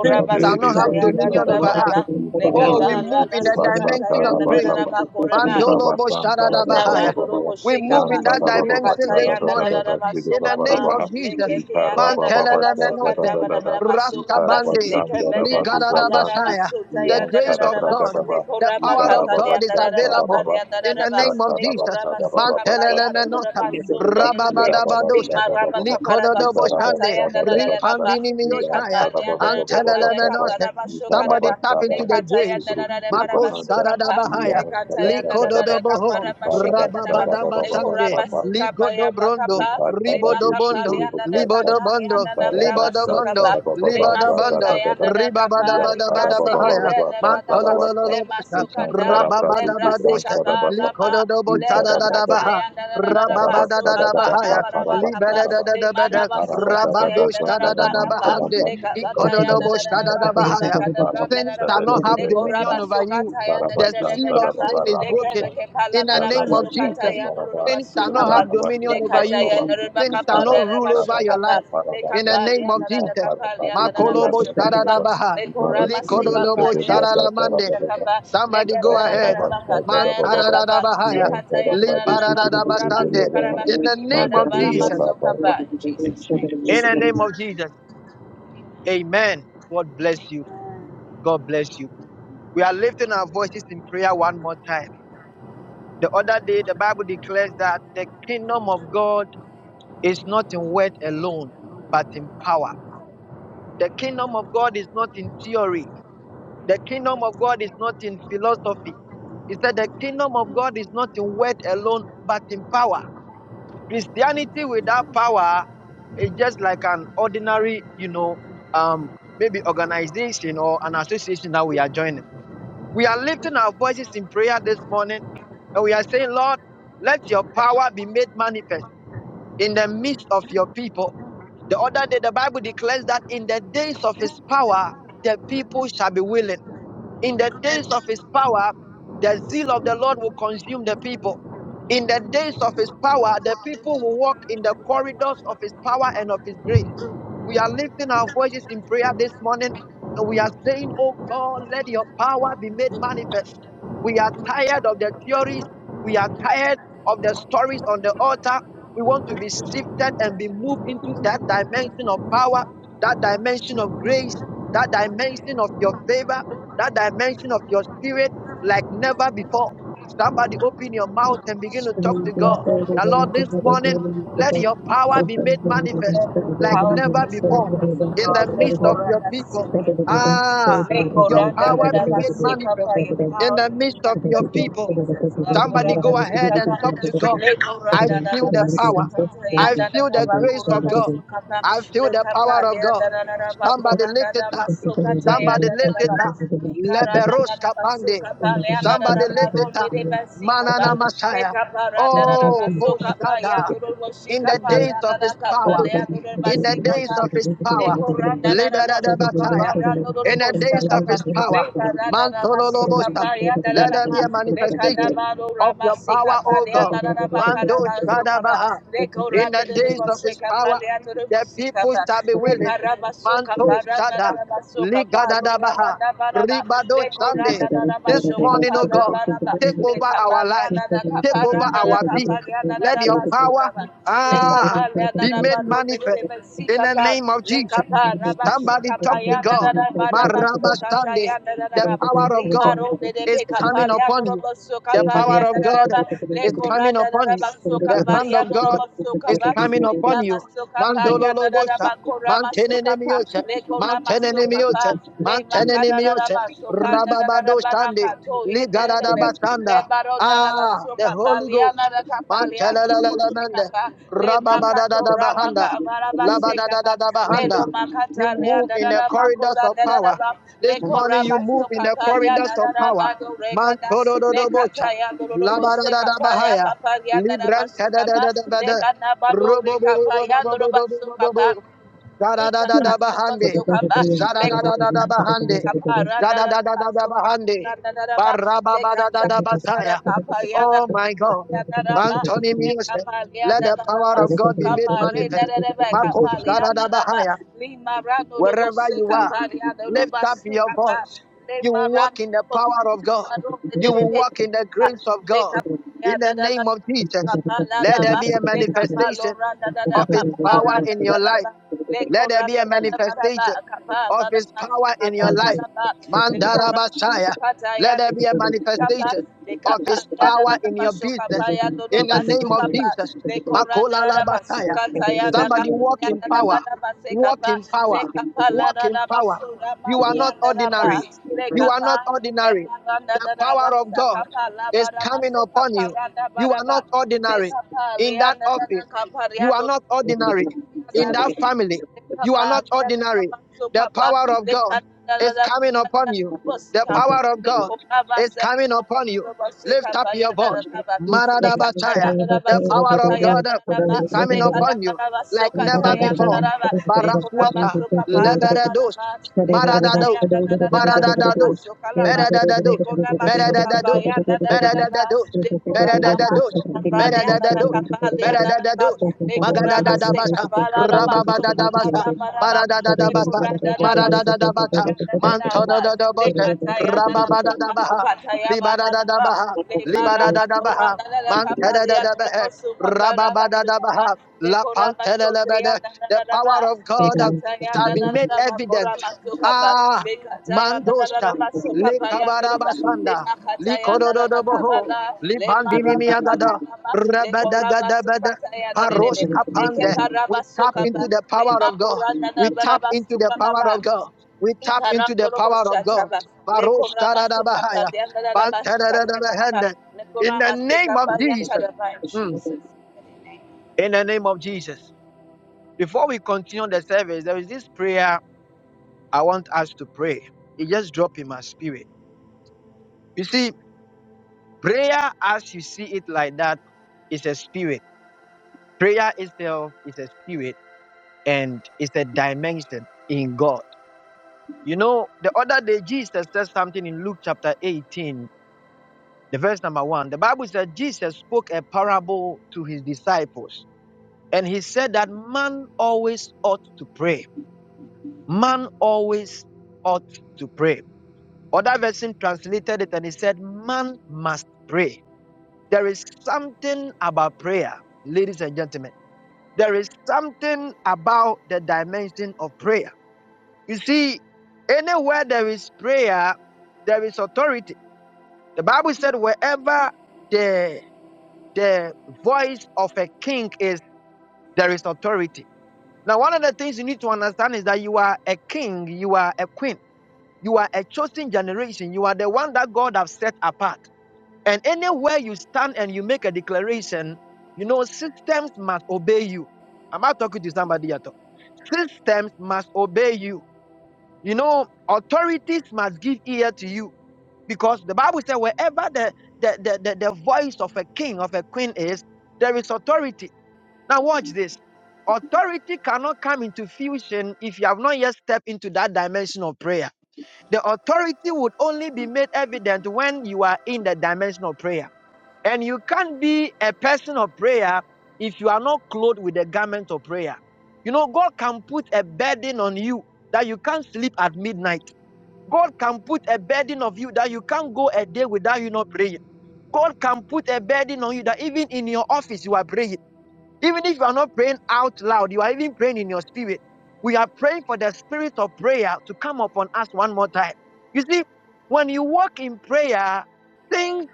Speaker 1: Sin shall not have
Speaker 4: Sutaya
Speaker 1: dominion over us.
Speaker 4: Nadabaraba
Speaker 1: Oh, we
Speaker 4: Lekabala
Speaker 1: move in the dimension
Speaker 4: Sokataya
Speaker 1: of grace.
Speaker 4: Nadabaraba Koraba
Speaker 1: Mandolo bo shadada
Speaker 4: La
Speaker 1: baha.
Speaker 4: rando do bo
Speaker 1: We
Speaker 4: sheka
Speaker 1: move
Speaker 4: pa
Speaker 1: in that
Speaker 4: le
Speaker 1: dimension
Speaker 4: kataya
Speaker 1: this
Speaker 4: da da
Speaker 1: morning.
Speaker 4: da da ba
Speaker 1: In the
Speaker 4: soka
Speaker 1: name
Speaker 4: pa
Speaker 1: of
Speaker 4: le
Speaker 1: Jesus.
Speaker 4: keke anda da da da ba soka
Speaker 1: Mantelelemenose,
Speaker 4: da ba da ba da ba soka pa
Speaker 1: Raskabande,
Speaker 4: le kebe de kapa la da ba
Speaker 1: Nigaradabashaya.
Speaker 4: sota
Speaker 1: The
Speaker 4: ya da da
Speaker 1: grace
Speaker 4: da da
Speaker 1: of
Speaker 4: ba
Speaker 1: God,
Speaker 4: le
Speaker 1: the
Speaker 4: kora ba
Speaker 1: power of
Speaker 4: kapa le
Speaker 1: God is
Speaker 4: anda da da kapa
Speaker 1: available.
Speaker 4: le anda da
Speaker 1: In
Speaker 4: da
Speaker 1: the
Speaker 4: ba
Speaker 1: name of
Speaker 4: le kora
Speaker 1: Jesus.
Speaker 4: ba soka pa ya da
Speaker 3: Thank
Speaker 4: da da
Speaker 1: Mantelelemenota,
Speaker 4: ba so ne ne ne ne ling
Speaker 1: Rababadabadosha,
Speaker 4: ma ra ba kapa ta
Speaker 1: Likododoboshande,
Speaker 4: ya da da da da kapa le kapa
Speaker 1: Ripandinimiosaya,
Speaker 4: le anda da kapa le kapa
Speaker 1: Antelemenose.
Speaker 4: ra ba
Speaker 1: Somebody tap into the grace.
Speaker 4: Nekatayanda Narada
Speaker 1: Mako Sharada
Speaker 4: Barabasukapa,
Speaker 1: Bahaya,
Speaker 4: Nekatayanda
Speaker 1: Liko
Speaker 4: Narada
Speaker 1: Dodoboho,
Speaker 4: Kapara Bashika Tanaba,
Speaker 1: Rababada Basange,
Speaker 4: Nekuraba
Speaker 2: Thank
Speaker 4: Sika
Speaker 1: Liko Dobrondo,
Speaker 4: Bayamakapa, Lema
Speaker 1: Ribodo Bondo,
Speaker 4: Kapalianda
Speaker 1: Libodo Bondo,
Speaker 4: Nakatalianda Nabrava
Speaker 1: Libodo Bondo,
Speaker 4: Sukapa, Lema
Speaker 1: Libodo Bondo,
Speaker 4: Sotayanda
Speaker 1: Ribabada
Speaker 4: kapa
Speaker 1: Bada
Speaker 4: Libra
Speaker 1: Bada Bahaya,
Speaker 4: Sekata Nevadava,
Speaker 1: Mantolololo
Speaker 4: Lema
Speaker 1: Bosha,
Speaker 4: Sukata,
Speaker 1: Rababada
Speaker 4: Lebra
Speaker 1: Badusha,
Speaker 4: Sekapa
Speaker 1: Liko
Speaker 4: Lama,
Speaker 1: Dodobo
Speaker 4: Leva
Speaker 1: Sharada Baha.
Speaker 4: Katayanda
Speaker 1: Rababada da da
Speaker 4: Narada
Speaker 1: bahaya,
Speaker 4: kapa
Speaker 1: libada da da
Speaker 4: le
Speaker 1: da bada,
Speaker 4: maraba sokata ya
Speaker 1: rabado shada da
Speaker 4: daraba
Speaker 1: da
Speaker 4: kapa
Speaker 1: bahande,
Speaker 4: le kavata
Speaker 1: ikodo
Speaker 4: ya
Speaker 1: no
Speaker 2: Ikarabada
Speaker 1: boshada
Speaker 4: daraba
Speaker 1: da
Speaker 4: le
Speaker 1: bahaya,
Speaker 4: bakada branda
Speaker 1: Sin
Speaker 4: daraba
Speaker 1: shall not
Speaker 4: le
Speaker 1: have
Speaker 4: koraba
Speaker 1: dominion over you.
Speaker 4: sokata ya
Speaker 1: The
Speaker 4: daraba
Speaker 1: seal of
Speaker 4: kapa
Speaker 1: sin is
Speaker 4: le
Speaker 1: broken
Speaker 4: keveke pala
Speaker 1: in the
Speaker 4: naraba
Speaker 1: name of
Speaker 4: sokata
Speaker 1: Jesus.
Speaker 4: ya daraba
Speaker 1: Sin shall not
Speaker 4: sokapa
Speaker 1: have
Speaker 4: le
Speaker 1: dominion over
Speaker 4: kata
Speaker 1: you.
Speaker 4: ya daraba
Speaker 1: Sin shall
Speaker 4: kapa le
Speaker 1: not rule
Speaker 4: naraba
Speaker 1: over your
Speaker 4: sokapa
Speaker 1: life in the
Speaker 4: kapa le
Speaker 1: name of Jesus.
Speaker 4: kapa le daraba
Speaker 1: Makolobo
Speaker 4: sokana
Speaker 1: Sharadabaha.
Speaker 4: le koraba sekapa
Speaker 1: Likododobo
Speaker 4: le
Speaker 1: Sharalamande.
Speaker 4: Shakaba,
Speaker 1: Somebody
Speaker 4: Leka
Speaker 1: go ahead.
Speaker 4: Barabaraba,
Speaker 1: Man
Speaker 4: Katayana Kaba,
Speaker 1: Paradadabahaya.
Speaker 4: Leka
Speaker 1: li
Speaker 4: Tayana Raba, Kuraba
Speaker 1: Liparadadabasande.
Speaker 4: Sukaraba,
Speaker 1: In the name
Speaker 4: Imada
Speaker 1: of
Speaker 4: Baraba
Speaker 2: Mazaburia
Speaker 1: Jesus.
Speaker 4: Sukaba, in
Speaker 2: in
Speaker 4: Jesus' name.
Speaker 1: In
Speaker 2: Jesus'
Speaker 1: the
Speaker 2: name.
Speaker 1: name of Jesus. Amen. God bless you. God bless you. We are lifting our voices in prayer one more time. The other day, the Bible declares that the kingdom of God is not in word alone, but in power. The kingdom of God is not in theory. The kingdom of God is not in philosophy. It said the kingdom of God is not in word alone, but in power. Christianity without power is just like an ordinary, you know, um, maybe organization or an association that we are joining We are lifting our voices in prayer this morning and we are saying, Lord, let your power be made manifest in the midst of your people. The other day, the Bible declares that in the days of his power, the people shall be willing. In the days of his power, the zeal of the Lord will consume the people. In the days of his power, the people will walk in the corridors of his power and of his grace. We are lifting our voices in prayer this morning and we are saying, Oh God, let your power be made manifest. We are tired of the theories. We are tired of the stories on the altar. We want to be shifted and be moved into that dimension of power, that dimension of grace, that dimension of your favor, that dimension of your spirit like never before. Somebody open your
Speaker 4: Lord,
Speaker 1: mouth and begin to talk to God.
Speaker 4: that
Speaker 1: The Lord, this morning, let your power be made manifest
Speaker 4: your
Speaker 1: like
Speaker 4: power
Speaker 1: never
Speaker 4: break my
Speaker 1: before
Speaker 4: vessel,
Speaker 1: in the
Speaker 4: God. Let
Speaker 1: midst
Speaker 4: go
Speaker 1: of
Speaker 4: of
Speaker 1: your
Speaker 4: that
Speaker 1: people.
Speaker 4: sick
Speaker 1: Ah, your
Speaker 4: Lekoranda
Speaker 1: power be
Speaker 4: gadaba
Speaker 1: made
Speaker 4: seka pa
Speaker 1: manifest
Speaker 4: your
Speaker 3: you.
Speaker 1: in
Speaker 4: power
Speaker 1: the
Speaker 4: to
Speaker 1: midst of your
Speaker 4: manifest, Lord
Speaker 3: Thank
Speaker 1: people.
Speaker 4: Jesus.
Speaker 1: Somebody
Speaker 4: Lakoraba
Speaker 1: go
Speaker 4: seka
Speaker 1: ahead
Speaker 4: pa.
Speaker 1: and talk to God. I
Speaker 4: Lekoranda
Speaker 1: feel
Speaker 4: gadaba
Speaker 1: the
Speaker 4: seka
Speaker 1: power.
Speaker 4: pa.
Speaker 1: I
Speaker 4: Leanda
Speaker 1: feel the
Speaker 4: gadaba
Speaker 1: grace of
Speaker 4: koraba
Speaker 1: God.
Speaker 4: seka pa.
Speaker 1: I feel the
Speaker 4: Lekapa
Speaker 1: power of God.
Speaker 4: leanda gadaba
Speaker 1: Somebody
Speaker 4: koranda
Speaker 1: lift it
Speaker 4: gadaba
Speaker 1: up.
Speaker 4: soka
Speaker 1: Somebody
Speaker 4: tayanda
Speaker 1: lift it
Speaker 4: gadaba.
Speaker 1: up.
Speaker 4: Ikaranda
Speaker 1: Leberos
Speaker 4: da
Speaker 1: kapande.
Speaker 4: basuka paleanda da
Speaker 1: Somebody lift it
Speaker 4: baronde
Speaker 1: up.
Speaker 4: de basika
Speaker 1: Manana
Speaker 4: pa
Speaker 1: Messiah.
Speaker 4: meka paranda da
Speaker 1: Oh,
Speaker 4: basuka
Speaker 1: Hoshada.
Speaker 4: payando do
Speaker 1: In
Speaker 4: bashika
Speaker 1: the days of
Speaker 4: paranda da
Speaker 1: his power
Speaker 4: kapaleando do
Speaker 1: in the
Speaker 4: basika
Speaker 1: days
Speaker 4: pa
Speaker 1: of his
Speaker 4: le
Speaker 1: power.
Speaker 4: koranda da basuka
Speaker 1: Liberadabataya.
Speaker 4: parando do
Speaker 1: In the days
Speaker 4: boshika
Speaker 1: of
Speaker 4: pa
Speaker 1: his
Speaker 4: le
Speaker 1: power.
Speaker 4: paranda da basuka
Speaker 1: Mantololobosta.
Speaker 4: payanda
Speaker 1: Let there be
Speaker 4: da
Speaker 1: a manifestation
Speaker 4: Lekadabado
Speaker 1: of your
Speaker 4: Ramasika
Speaker 1: power, O
Speaker 4: Paliana
Speaker 1: God. Mando
Speaker 4: Rabakarabasukaba,
Speaker 1: Shadabaha.
Speaker 4: Leko
Speaker 1: In the
Speaker 3: you.
Speaker 1: days of his
Speaker 4: Radadaboseka
Speaker 1: power,
Speaker 4: Paliana
Speaker 1: the people
Speaker 4: Rabosikaba,
Speaker 1: shall be
Speaker 3: Thank
Speaker 1: willing.
Speaker 4: Lekarabasoka
Speaker 1: Manto
Speaker 4: Parana
Speaker 1: Shada,
Speaker 4: Rabasoka Palo
Speaker 1: Ligadadabaha,
Speaker 4: Ramanabaraba,
Speaker 1: Ribado
Speaker 4: Leko
Speaker 1: Shande. This
Speaker 4: Rananabasoka
Speaker 1: morning, O God,
Speaker 4: Palabaraba,
Speaker 1: take over our lives,
Speaker 4: Lekapaliana
Speaker 1: take over
Speaker 4: Kaparana
Speaker 1: our being.
Speaker 4: Kapaliana
Speaker 1: Let your power
Speaker 4: Rabasukaba,
Speaker 1: ah,
Speaker 4: Lekapaliana
Speaker 1: be made manifest
Speaker 4: Rabaron
Speaker 1: in the
Speaker 4: kapa
Speaker 1: name of
Speaker 4: le
Speaker 1: Jesus.
Speaker 4: kapa
Speaker 1: Somebody
Speaker 4: rabasuka
Speaker 1: talk to
Speaker 4: payanda da
Speaker 1: God.
Speaker 4: da ba
Speaker 1: Maraba
Speaker 4: rabasuka
Speaker 1: Sunday.
Speaker 4: tayanda da da
Speaker 1: The
Speaker 4: da
Speaker 1: power of
Speaker 4: lima
Speaker 1: God
Speaker 4: ronde de
Speaker 1: is
Speaker 4: be kapa
Speaker 1: coming
Speaker 4: le
Speaker 1: upon
Speaker 4: anoro
Speaker 1: you.
Speaker 4: basuka
Speaker 1: The
Speaker 4: pa le
Speaker 1: power of
Speaker 4: andara da
Speaker 1: God
Speaker 4: ba le
Speaker 1: is coming
Speaker 4: koranda da
Speaker 1: upon
Speaker 4: da
Speaker 1: you.
Speaker 4: basuka
Speaker 1: The
Speaker 4: pa le
Speaker 1: hand of
Speaker 4: anoro
Speaker 1: God
Speaker 4: basuka
Speaker 1: is coming
Speaker 4: le
Speaker 1: upon
Speaker 4: dama
Speaker 1: you.
Speaker 4: suka pa yanda da
Speaker 1: Mandololobosa,
Speaker 4: ba korama suka
Speaker 1: mantenenemiyose,
Speaker 4: le korama suka
Speaker 1: mantenenemiyose,
Speaker 4: le makada da da
Speaker 1: mantenenemiyose,
Speaker 4: ba suka
Speaker 3: you.
Speaker 4: da ba
Speaker 1: rababadosande,
Speaker 4: rakato yende de
Speaker 3: Thank
Speaker 4: be Le
Speaker 1: ligadadabasanda.
Speaker 4: barona da
Speaker 1: Ah, the
Speaker 4: basuka
Speaker 1: Holy
Speaker 4: baliana
Speaker 1: Ghost.
Speaker 4: da kapalia no do bosheka
Speaker 1: Mantelelelemende,
Speaker 4: ba le makato
Speaker 1: rababadadadabahanda,
Speaker 4: rabaka baraba seka ba le do
Speaker 1: labadadadabahanda. You
Speaker 4: makata le
Speaker 1: move
Speaker 4: da
Speaker 1: in
Speaker 4: da
Speaker 1: the
Speaker 4: da ba
Speaker 1: corridors
Speaker 4: kora
Speaker 1: of
Speaker 4: da da
Speaker 1: power.
Speaker 4: ba
Speaker 1: This
Speaker 4: le kora
Speaker 1: morning you move in
Speaker 4: basuka
Speaker 1: the
Speaker 4: balia
Speaker 1: corridors
Speaker 4: da
Speaker 1: of
Speaker 4: da
Speaker 1: power.
Speaker 4: ba do reka
Speaker 1: Mantoro do
Speaker 4: le
Speaker 1: do bocha.
Speaker 4: kata ya no do
Speaker 1: Labarada
Speaker 4: bosheka
Speaker 1: da
Speaker 4: ba ya
Speaker 1: bahaya.
Speaker 4: kapalia da da
Speaker 1: Libranta da
Speaker 4: basuka
Speaker 1: da
Speaker 4: ba
Speaker 1: da da, da
Speaker 4: le
Speaker 1: da
Speaker 4: kana ba do
Speaker 1: Robo bo
Speaker 4: reka
Speaker 1: bo bo
Speaker 4: ya
Speaker 1: bo
Speaker 4: no
Speaker 1: bo
Speaker 4: do
Speaker 1: bo bo bo
Speaker 4: basuka
Speaker 1: bo
Speaker 4: ba
Speaker 1: bo. Zara da da bahaya, robo Mantorododobocha. Labaradadabahaya.
Speaker 4: Ikarandorobosokaba,
Speaker 1: Librantadadadabada. Robobobobobobobobobobobo. Zadadadadabahande. Zadadadadabahande. da
Speaker 4: lekorandarabakaparandarabasokapurandaraba,
Speaker 1: Barababadadadabasaya. Oh my God.
Speaker 4: lekatayandarakapayandarakapaliandaraba,
Speaker 1: Anthony Music. Let the power of God be made manifest. Marcos Shadada
Speaker 4: lekapaliandarabasukaparendarebekapaliandaraba,
Speaker 1: bahaya wherever you are, lift up your
Speaker 4: limarandorobosekapariandorobasukapa,
Speaker 1: voice. You will walk in the power of God. You will
Speaker 4: lemarandorobosekaparondedebe-
Speaker 1: walk in the grace of
Speaker 4: le
Speaker 1: God.
Speaker 4: kapa
Speaker 3: you.
Speaker 4: le
Speaker 1: In the
Speaker 4: anda da da da
Speaker 1: name of
Speaker 4: ba
Speaker 3: Thank
Speaker 4: so
Speaker 1: Jesus,
Speaker 4: kapa la da
Speaker 1: let there
Speaker 4: ba
Speaker 1: be a
Speaker 4: le kapa lo
Speaker 1: manifestation
Speaker 4: ra da da da
Speaker 1: of His
Speaker 4: kapa ra
Speaker 1: power
Speaker 4: da
Speaker 1: in
Speaker 4: da
Speaker 1: your
Speaker 4: da
Speaker 1: life.
Speaker 4: ba le ko
Speaker 1: Let there
Speaker 4: ra
Speaker 1: be
Speaker 4: da
Speaker 1: a
Speaker 4: da da ba da ba
Speaker 1: manifestation
Speaker 4: kapa la
Speaker 1: of
Speaker 4: da
Speaker 1: his
Speaker 4: ba so
Speaker 1: power in
Speaker 4: kapa
Speaker 1: your
Speaker 4: la
Speaker 1: life.
Speaker 4: da ba le ko ra ba
Speaker 1: Mandarabashaya.
Speaker 4: kata
Speaker 1: Let
Speaker 4: ya
Speaker 1: there
Speaker 4: de de
Speaker 1: be a
Speaker 4: de le kapa
Speaker 1: manifestation
Speaker 4: le
Speaker 1: of
Speaker 4: kapa
Speaker 1: his
Speaker 4: ya da da
Speaker 1: power
Speaker 4: da
Speaker 1: in
Speaker 4: ba
Speaker 1: your
Speaker 4: so kapa
Speaker 1: business.
Speaker 4: ya do do
Speaker 1: In the
Speaker 4: ba so
Speaker 1: name of
Speaker 4: kapa
Speaker 1: Jesus.
Speaker 4: le ko ra da
Speaker 1: Makola
Speaker 4: da da ba so
Speaker 1: Makolalabashaya.
Speaker 4: kata ya na
Speaker 1: Somebody
Speaker 4: kapa
Speaker 1: walk
Speaker 4: ya
Speaker 1: in
Speaker 4: na da ba
Speaker 1: power.
Speaker 4: da ba se
Speaker 1: Walk
Speaker 4: kapa
Speaker 1: in
Speaker 4: le
Speaker 1: power.
Speaker 4: kapa la
Speaker 1: Walk
Speaker 4: da
Speaker 1: in
Speaker 4: da ba
Speaker 1: power.
Speaker 4: so ra ma
Speaker 1: You are
Speaker 4: di ya
Speaker 1: not
Speaker 4: da da ba
Speaker 1: ordinary.
Speaker 4: le
Speaker 1: You are not
Speaker 4: kapa
Speaker 1: ordinary.
Speaker 4: Lemaranda
Speaker 1: The
Speaker 4: da da ba
Speaker 1: power of
Speaker 4: sa
Speaker 1: God
Speaker 4: kapa la
Speaker 1: is
Speaker 4: ba da ba
Speaker 1: coming
Speaker 4: su
Speaker 1: upon
Speaker 4: kapa
Speaker 1: you.
Speaker 4: randa ba
Speaker 1: You
Speaker 4: da
Speaker 1: are
Speaker 4: ba
Speaker 1: not
Speaker 4: le
Speaker 1: ordinary
Speaker 4: kapa
Speaker 1: in that
Speaker 4: leanda da
Speaker 1: office.
Speaker 4: da kapa
Speaker 1: You are
Speaker 4: leando
Speaker 1: not ordinary
Speaker 4: leanda
Speaker 1: in
Speaker 4: da
Speaker 1: that
Speaker 4: da
Speaker 1: family.
Speaker 4: le
Speaker 1: You are
Speaker 4: kapa
Speaker 1: not
Speaker 4: leanda da
Speaker 1: ordinary.
Speaker 4: ba su
Speaker 1: The
Speaker 4: kapa
Speaker 1: power of
Speaker 4: le
Speaker 1: God
Speaker 4: kanda da da
Speaker 1: is
Speaker 4: da
Speaker 1: coming
Speaker 4: kapa
Speaker 1: upon
Speaker 4: leando
Speaker 1: you.
Speaker 4: da ba si
Speaker 1: The
Speaker 4: kapa
Speaker 1: power of
Speaker 4: le
Speaker 1: God
Speaker 4: kapa ba
Speaker 1: is
Speaker 4: sa
Speaker 1: coming
Speaker 4: kapa
Speaker 1: upon
Speaker 4: leando
Speaker 1: you.
Speaker 4: da ba su
Speaker 1: Lift up
Speaker 4: kapa
Speaker 1: your
Speaker 4: leanda da
Speaker 1: voice.
Speaker 4: da ba le kata
Speaker 1: Maradabataya.
Speaker 4: leanda da ba
Speaker 1: The
Speaker 4: su
Speaker 1: power
Speaker 4: kapa
Speaker 1: of God
Speaker 4: leanda da da ba
Speaker 1: is coming
Speaker 4: le
Speaker 3: you.
Speaker 4: kanda
Speaker 1: upon you
Speaker 4: da ba su
Speaker 1: like
Speaker 3: Thank
Speaker 1: never
Speaker 4: da
Speaker 1: before.
Speaker 4: ba le kapa
Speaker 1: Baraswata,
Speaker 4: su kapa la ba
Speaker 1: Leberados,
Speaker 4: le kata
Speaker 1: Maradados,
Speaker 4: da da ba da ba
Speaker 1: Maradados,
Speaker 4: kala ba
Speaker 1: Meradados,
Speaker 4: Lekorama soka
Speaker 1: Meradados,
Speaker 4: baya na na na na ba.
Speaker 1: Meradados,
Speaker 4: Lekorama
Speaker 1: Meradados,
Speaker 4: masoka baya na na
Speaker 1: Meradados,
Speaker 4: na ba ya na na ba.
Speaker 1: Meradados,
Speaker 4: Lekorama seka
Speaker 1: Magadadadabasa,
Speaker 4: bala la masoka
Speaker 1: Rababadadabasa,
Speaker 4: bala bala ba.
Speaker 1: Maradadadabasa,
Speaker 4: Lekorada na masoka
Speaker 1: Maradadadabasa,
Speaker 4: baya na na na ba.
Speaker 1: Mantodadabasa,
Speaker 4: Lekata ya na na na ba.
Speaker 1: Rababadadabaha,
Speaker 4: Lokata ya ba na na ba
Speaker 1: Libadadabaha,
Speaker 4: le maraka
Speaker 1: Libadadabaha,
Speaker 4: poranda la la kapalia robo
Speaker 1: Mantedadabaha,
Speaker 4: suka parava suka pa
Speaker 1: Rababadadabaha,
Speaker 4: le
Speaker 1: La
Speaker 4: koraba sote ya
Speaker 1: Pantelebede.
Speaker 4: na na
Speaker 1: The
Speaker 4: na na ba
Speaker 1: power of
Speaker 4: le
Speaker 1: God uh,
Speaker 4: kataya
Speaker 1: shall
Speaker 4: na
Speaker 1: be
Speaker 4: na na
Speaker 1: made
Speaker 4: na ba koraba
Speaker 1: evident.
Speaker 4: suka pa
Speaker 1: Ah,
Speaker 4: le kataya na na na na
Speaker 1: Mandosha,
Speaker 4: ba suka pa ya ndoroba le
Speaker 1: Likabarabasanda,
Speaker 4: makataya na na na
Speaker 3: you.
Speaker 1: Likododoboho,
Speaker 4: kavala le
Speaker 1: Libandini
Speaker 3: Shagrasa
Speaker 4: maraba
Speaker 1: Miagada,
Speaker 4: kavala ma le koraba suka
Speaker 1: Rabadagadabada,
Speaker 4: taya na de de de.
Speaker 1: Paros
Speaker 4: le
Speaker 1: Kapande. We
Speaker 4: keparaba
Speaker 1: tap
Speaker 4: suka pa
Speaker 1: into the
Speaker 4: le
Speaker 1: power of God.
Speaker 4: makoranda na
Speaker 1: We tap
Speaker 4: baraba
Speaker 1: into the
Speaker 4: suka na
Speaker 1: power
Speaker 4: ba
Speaker 1: of God. We tap into the
Speaker 4: Ikarandoro
Speaker 1: power of God.
Speaker 4: boshataba.
Speaker 1: Barosh
Speaker 4: Lekorama sokapa liandara bashikata namaba.
Speaker 1: in the
Speaker 4: Lekorama
Speaker 1: name
Speaker 4: sekapa
Speaker 1: of Jesus.
Speaker 4: yakadaba in
Speaker 1: Mm.
Speaker 4: Jesus' mighty name.
Speaker 1: In the name of Jesus. Before we continue the service, there is this prayer I want us to pray. It just dropped in my spirit. You see, prayer as you see it like that is a spirit. Prayer itself is a spirit and it's a dimension in God. You know, the other day Jesus said something in Luke chapter 18, the verse number one. The Bible said Jesus spoke a parable to his disciples And he said that man always ought to pray. Man always ought to pray. Other version translated it and he said, Man must pray. There is something about prayer, ladies and gentlemen. There is something about the dimension of prayer. You see, anywhere there is prayer, there is authority. The Bible said, wherever the, the voice of a king is, there is authority Now, one of the things you need to understand is that you are a king, you are a queen, you are a chosen generation, you are the one that God has set apart. And anywhere you stand and you make a declaration, you know, systems must obey you. Am I talking to somebody at all? Systems must obey you. You know, authorities must give ear to you. Because the Bible says, wherever the, the, the, the, the voice of a king, of a queen is, there is authority. Now, watch this. Authority cannot come into fusion if you have not yet stepped into that dimension of prayer. The authority would only be made evident when you are in the dimension of prayer. And you can't be a person of prayer if you are not clothed with the garment of prayer. You know, God can put a burden on you that you can't sleep at midnight. God can put a burden of you that you can't go a day without you not praying. God can put a burden on you that even in your office you are praying. Even if you are not praying out loud, you are even praying in your spirit. We are praying for the spirit of prayer to come upon us one more time. You see, when you walk in prayer, things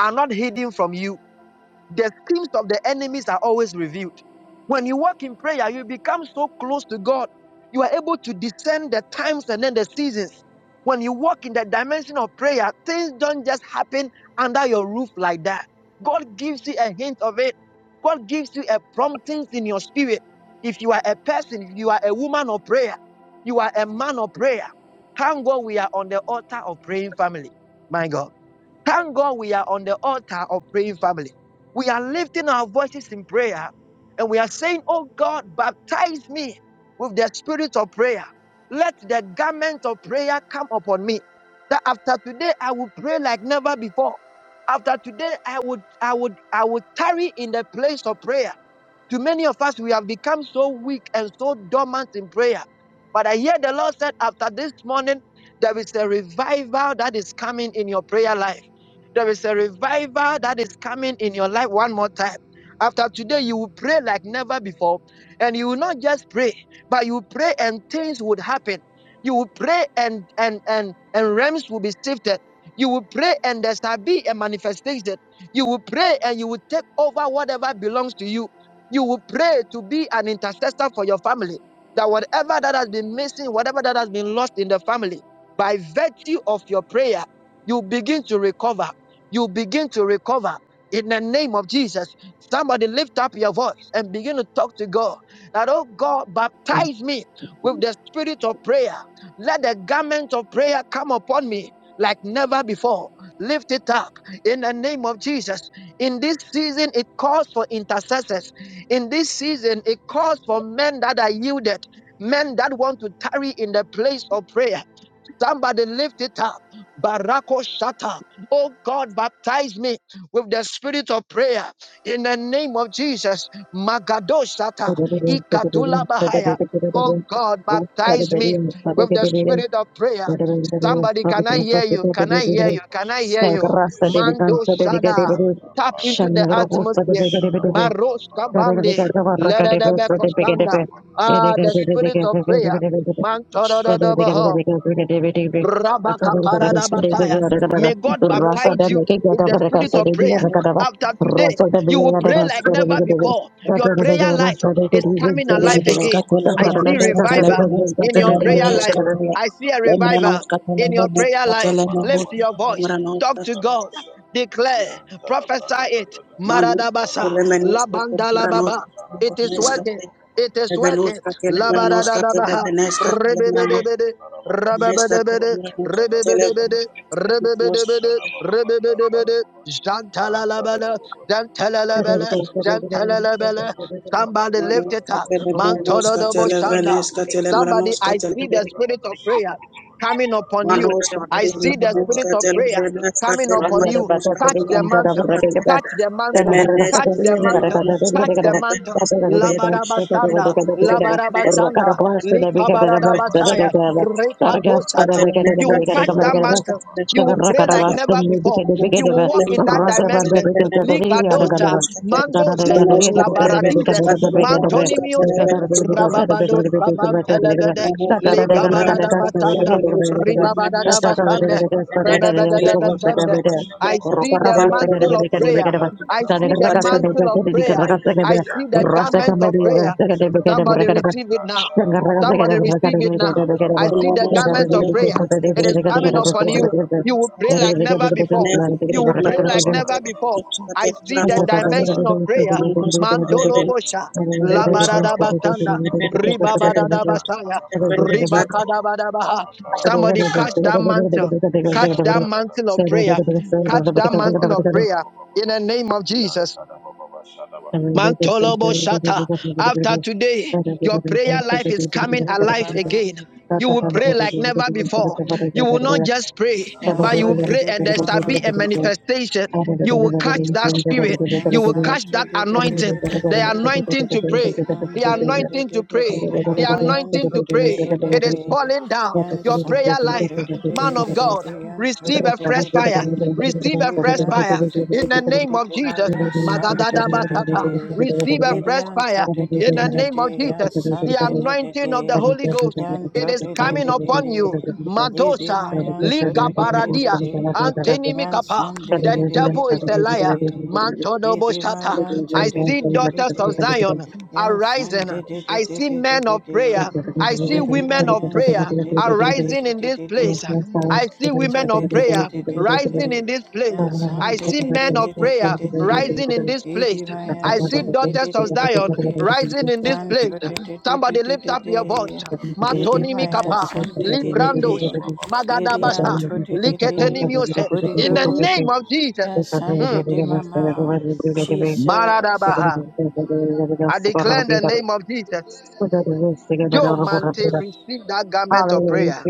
Speaker 1: are not hidden from you the schemes of the enemies are always revealed. When you walk in prayer, you become so close to God. You are able to discern the times and then the seasons. When you walk in the dimension of prayer, things don't just happen under your roof like that. God gives you a hint of it. God gives you a promptings in your spirit. If you are a person, if you are a woman of prayer, you are a man of prayer. Thank God we are on the altar of praying family. My God. Thank God we are on the altar of praying family. We are lifting our voices in prayer and we are saying, Oh God, baptize me with the spirit of prayer. Let the garment of prayer come upon me. That after today I will pray like never before. After today I would I would I would tarry in the place of prayer. To many of us, we have become so weak and so dormant in prayer. But I hear the Lord said after this morning, there is a revival that is coming in your prayer life. There is a revival that is coming in your life one more time. After today, you will pray like never before. And you will not just pray, but you will pray and things would happen. You will pray and and and and realms will be shifted. You will pray and there shall be a manifestation. You will pray and you will take over whatever belongs to you. You will pray to be an intercessor for your family. That whatever that has been missing, whatever that has been lost in the family, by virtue of your prayer, you begin to recover you begin to recover in the name of Jesus. Somebody lift up your voice and begin to talk to God. That, oh God, baptize me with the spirit of prayer. Let the garment of prayer come upon me like never before. Lift it up in the name of Jesus. In this season, it calls for intercessors. In this season, it calls for men that are yielded, men that want to tarry in the place of prayer. Somebody lift it up. Barako Shata. Oh God, baptize me with the spirit of prayer in the name of Jesus. Magado Shata. Ikatula Bahaya. Oh God, baptize me with the spirit of prayer. Somebody, can I hear you? Can I hear you? Can I hear you?
Speaker 3: de
Speaker 1: Mando
Speaker 3: Viganta de
Speaker 1: Shada. Tap into the
Speaker 3: Shanagro, Sada
Speaker 1: atmosphere.
Speaker 2: Ishada
Speaker 3: Vigadividu,
Speaker 2: Father,
Speaker 3: Rasa
Speaker 1: Maroska Bandi. Let it be. Ah, the spirit of prayer. Man, Rabakaparadabataya. May God baptize you with the spirit of prayer. After today, you will pray like never before. Your prayer life is coming alive again. I see revival in your prayer life. I see a revival in your prayer life. Lift your
Speaker 2: Ikarabashanaba,
Speaker 1: voice. Talk to God.
Speaker 2: Ikarabasha,
Speaker 1: Declare. Prophesy it.
Speaker 2: Yantadabragadagada,
Speaker 1: Maradabasa.
Speaker 2: Ikarabashanaba,
Speaker 1: Labandalababa. It is
Speaker 2: Ikarabashanaba,
Speaker 1: working.
Speaker 2: Baba, kara Baba,
Speaker 1: It is
Speaker 2: Kapa,
Speaker 1: working. Labaradadabaha.
Speaker 2: Yatarababa,
Speaker 1: Rebedebede.
Speaker 2: Shada
Speaker 1: Rababadabada, ribibidibidi, ribibidibidi, ribibidibidi, jantalalabala, jantalalabala, jantalalabala. Somebody lift it up. Mantododoboshanda. Somebody, I see the spirit of prayer coming upon you.
Speaker 3: Rakata Vana
Speaker 1: I
Speaker 3: Shaka
Speaker 1: see the
Speaker 3: Pata
Speaker 1: spirit of prayer coming
Speaker 3: Rock
Speaker 1: upon
Speaker 3: set up
Speaker 1: you.
Speaker 3: back up
Speaker 1: Catch the mantle.
Speaker 3: the
Speaker 1: Catch the
Speaker 3: Rakara
Speaker 1: mantle. Catch the mantle. Touch the mantle.
Speaker 2: baba
Speaker 1: Labarabasanda,
Speaker 2: baba baba,
Speaker 1: Labarabasanda,
Speaker 2: Ika taraba
Speaker 1: Likabarabasaya,
Speaker 2: shada baba baka paraba.
Speaker 1: Rekatoshata. You will
Speaker 2: Shada
Speaker 1: catch that mantle. You will pray
Speaker 2: Shadabababababa,
Speaker 1: like never
Speaker 2: Shadabababa,
Speaker 1: before. You will
Speaker 2: Yan
Speaker 1: walk in that dimension.
Speaker 2: Tadabradadadadada, Katarababa,
Speaker 1: Likadosa,
Speaker 2: Shadababa.
Speaker 1: Mandose,
Speaker 2: Yantara baba kantara baba
Speaker 1: Labaradides,
Speaker 2: shara baba
Speaker 1: Mantonimiose,
Speaker 2: yantara bradu
Speaker 1: Rababados,
Speaker 2: shebran tara baba
Speaker 1: Rabantelebede,
Speaker 2: Iya bradu shukuru bushede
Speaker 1: Ligabaradabasanda,
Speaker 2: bakata isantara
Speaker 1: Ribabadabasande.
Speaker 2: brada dada dada ikara bashara
Speaker 1: I see the mantle of prayer.
Speaker 2: Yan
Speaker 1: I
Speaker 2: tada
Speaker 1: see the
Speaker 3: Thank
Speaker 1: mantle of prayer. I see the garment of prayer. Somebody receive it now. Somebody receive it now. I see the garment of prayer. It is coming upon you. You will pray like never before. You will pray like
Speaker 2: baka
Speaker 1: never
Speaker 2: tada
Speaker 1: before.
Speaker 2: baba
Speaker 1: I
Speaker 2: baba
Speaker 1: see the dimension of prayer. Mandolo
Speaker 2: Ra-ta-da-ba-ba-ba-ba-ka-bra-da-da-da-da.
Speaker 1: bosha, labaradabasanda,
Speaker 2: Ya-ka-ra-ba-ba-sha-da-ba-ba-ba.
Speaker 1: ribabadadabasaya,
Speaker 2: Ya-ta-da-bra-da-da-sha-da-ba-ba.
Speaker 1: ribakadabadabaha. Somebody catch that
Speaker 2: Ya-ka-ra-ba-ba-sha-da-da-da-da.
Speaker 1: mantle. Catch that mantle of prayer. Catch that mantle of
Speaker 3: you.
Speaker 1: prayer in
Speaker 2: Ya-sha-da-da-da-da-da-da.
Speaker 1: the name of
Speaker 2: Ya-ta-da-ba-ka-ta-ra-ba-ba-ba-ba.
Speaker 1: Jesus.
Speaker 2: Ya-ta-da-ba-ba-ba-sha-da-ba.
Speaker 3: Thank
Speaker 1: Mantolobo Shata. After today, your prayer life is
Speaker 2: Ya-ta-da-ba-sha-da-ba.
Speaker 1: coming
Speaker 5: Shanti
Speaker 1: alive
Speaker 5: Devama,
Speaker 1: again. You will
Speaker 2: Ya-ra-ba-sha-ta-ra-ba-ba-ba.
Speaker 1: pray
Speaker 2: ba
Speaker 1: like
Speaker 2: sha
Speaker 1: never
Speaker 2: ta ra ba
Speaker 1: before.
Speaker 2: ba
Speaker 1: You will not just pray,
Speaker 2: ya ka
Speaker 1: but
Speaker 2: ra
Speaker 5: Yanto
Speaker 1: you will
Speaker 2: ba
Speaker 1: pray
Speaker 2: ya
Speaker 1: and there shall
Speaker 5: Devama,
Speaker 1: be a
Speaker 2: ta da ba ya
Speaker 1: manifestation. You
Speaker 2: se
Speaker 1: will
Speaker 2: te
Speaker 1: catch
Speaker 2: ri ya
Speaker 1: that
Speaker 2: ka pa ra
Speaker 1: spirit.
Speaker 5: Yes,
Speaker 2: ya ta
Speaker 1: You
Speaker 2: da
Speaker 1: will
Speaker 2: ba
Speaker 1: catch
Speaker 2: ya
Speaker 1: that anointing, the anointing to pray the anointing to
Speaker 2: Ikara
Speaker 1: pray,
Speaker 2: baba,
Speaker 1: the
Speaker 2: katara baba,
Speaker 1: anointing to
Speaker 2: katara baba,
Speaker 1: pray.
Speaker 2: shara
Speaker 1: It
Speaker 2: baba,
Speaker 1: is falling down.
Speaker 2: yakara
Speaker 1: Your
Speaker 2: baba,
Speaker 1: prayer
Speaker 2: shara
Speaker 1: life,
Speaker 2: baba.
Speaker 1: man of God, receive a fresh fire. Receive a fresh fire in the name of Jesus. Magadadabasata. Receive a
Speaker 3: you.
Speaker 1: fresh fire
Speaker 3: Thank
Speaker 1: in the name of Jesus. The anointing of the Holy Ghost. It is coming upon you.
Speaker 5: Yan
Speaker 1: Madosa,
Speaker 5: Yan
Speaker 1: Liga Baradia, Anteni
Speaker 5: Yan
Speaker 1: Mikapa.
Speaker 5: san de
Speaker 1: The
Speaker 5: de de de
Speaker 1: devil
Speaker 5: de
Speaker 1: is a
Speaker 5: de de
Speaker 1: liar.
Speaker 5: de. Ye
Speaker 1: Mantodobo
Speaker 5: de ma
Speaker 1: Shata.
Speaker 5: yan to
Speaker 1: I
Speaker 5: de de
Speaker 1: see
Speaker 5: de de
Speaker 1: daughters
Speaker 5: de.
Speaker 1: of Zion
Speaker 5: Yan san
Speaker 1: arising.
Speaker 5: de de de
Speaker 1: I
Speaker 5: de
Speaker 1: see
Speaker 5: de de
Speaker 1: men
Speaker 5: de
Speaker 1: of
Speaker 5: de.
Speaker 1: prayer. I see
Speaker 5: Ye de ma
Speaker 1: women of
Speaker 5: yan
Speaker 1: prayer
Speaker 5: san de de de de
Speaker 1: arising
Speaker 5: de
Speaker 1: in
Speaker 5: de
Speaker 1: this
Speaker 5: de de.
Speaker 1: place. I see
Speaker 5: So
Speaker 1: women
Speaker 5: de
Speaker 1: of
Speaker 5: de de
Speaker 1: prayer
Speaker 5: de de de
Speaker 1: rising in
Speaker 5: de.
Speaker 1: this place.
Speaker 5: Yes, I'm
Speaker 1: I
Speaker 5: de
Speaker 1: see
Speaker 5: de de
Speaker 1: men
Speaker 5: de
Speaker 1: of
Speaker 5: de de
Speaker 1: prayer
Speaker 5: de de.
Speaker 1: rising in this place.
Speaker 5: Iri my
Speaker 1: I
Speaker 5: yes, i
Speaker 1: see
Speaker 5: de
Speaker 1: daughters
Speaker 5: de
Speaker 1: of
Speaker 5: de de de
Speaker 1: Zion
Speaker 5: de.
Speaker 1: rising in this
Speaker 5: And
Speaker 1: place.
Speaker 5: to de de de de
Speaker 1: Somebody
Speaker 5: de
Speaker 1: lift
Speaker 5: de
Speaker 1: up your voice.
Speaker 5: de. Iri
Speaker 1: Matoni
Speaker 5: my yes,
Speaker 1: mikapa,
Speaker 5: de de de
Speaker 1: librandos,
Speaker 5: de.
Speaker 3: you.
Speaker 5: Iri and
Speaker 3: Hallelujah.
Speaker 1: magadabasa,
Speaker 5: to de de de.
Speaker 1: liketenimiose.
Speaker 5: Holy
Speaker 1: In the name of
Speaker 5: Ghost.
Speaker 1: Jesus.
Speaker 5: Yes, I'm de
Speaker 1: Mm.
Speaker 5: de mama. Jesus.
Speaker 1: Maradabaha. I declare in the name of Jesus. Joe
Speaker 5: Jesus.
Speaker 1: Mante, receive that garment of prayer.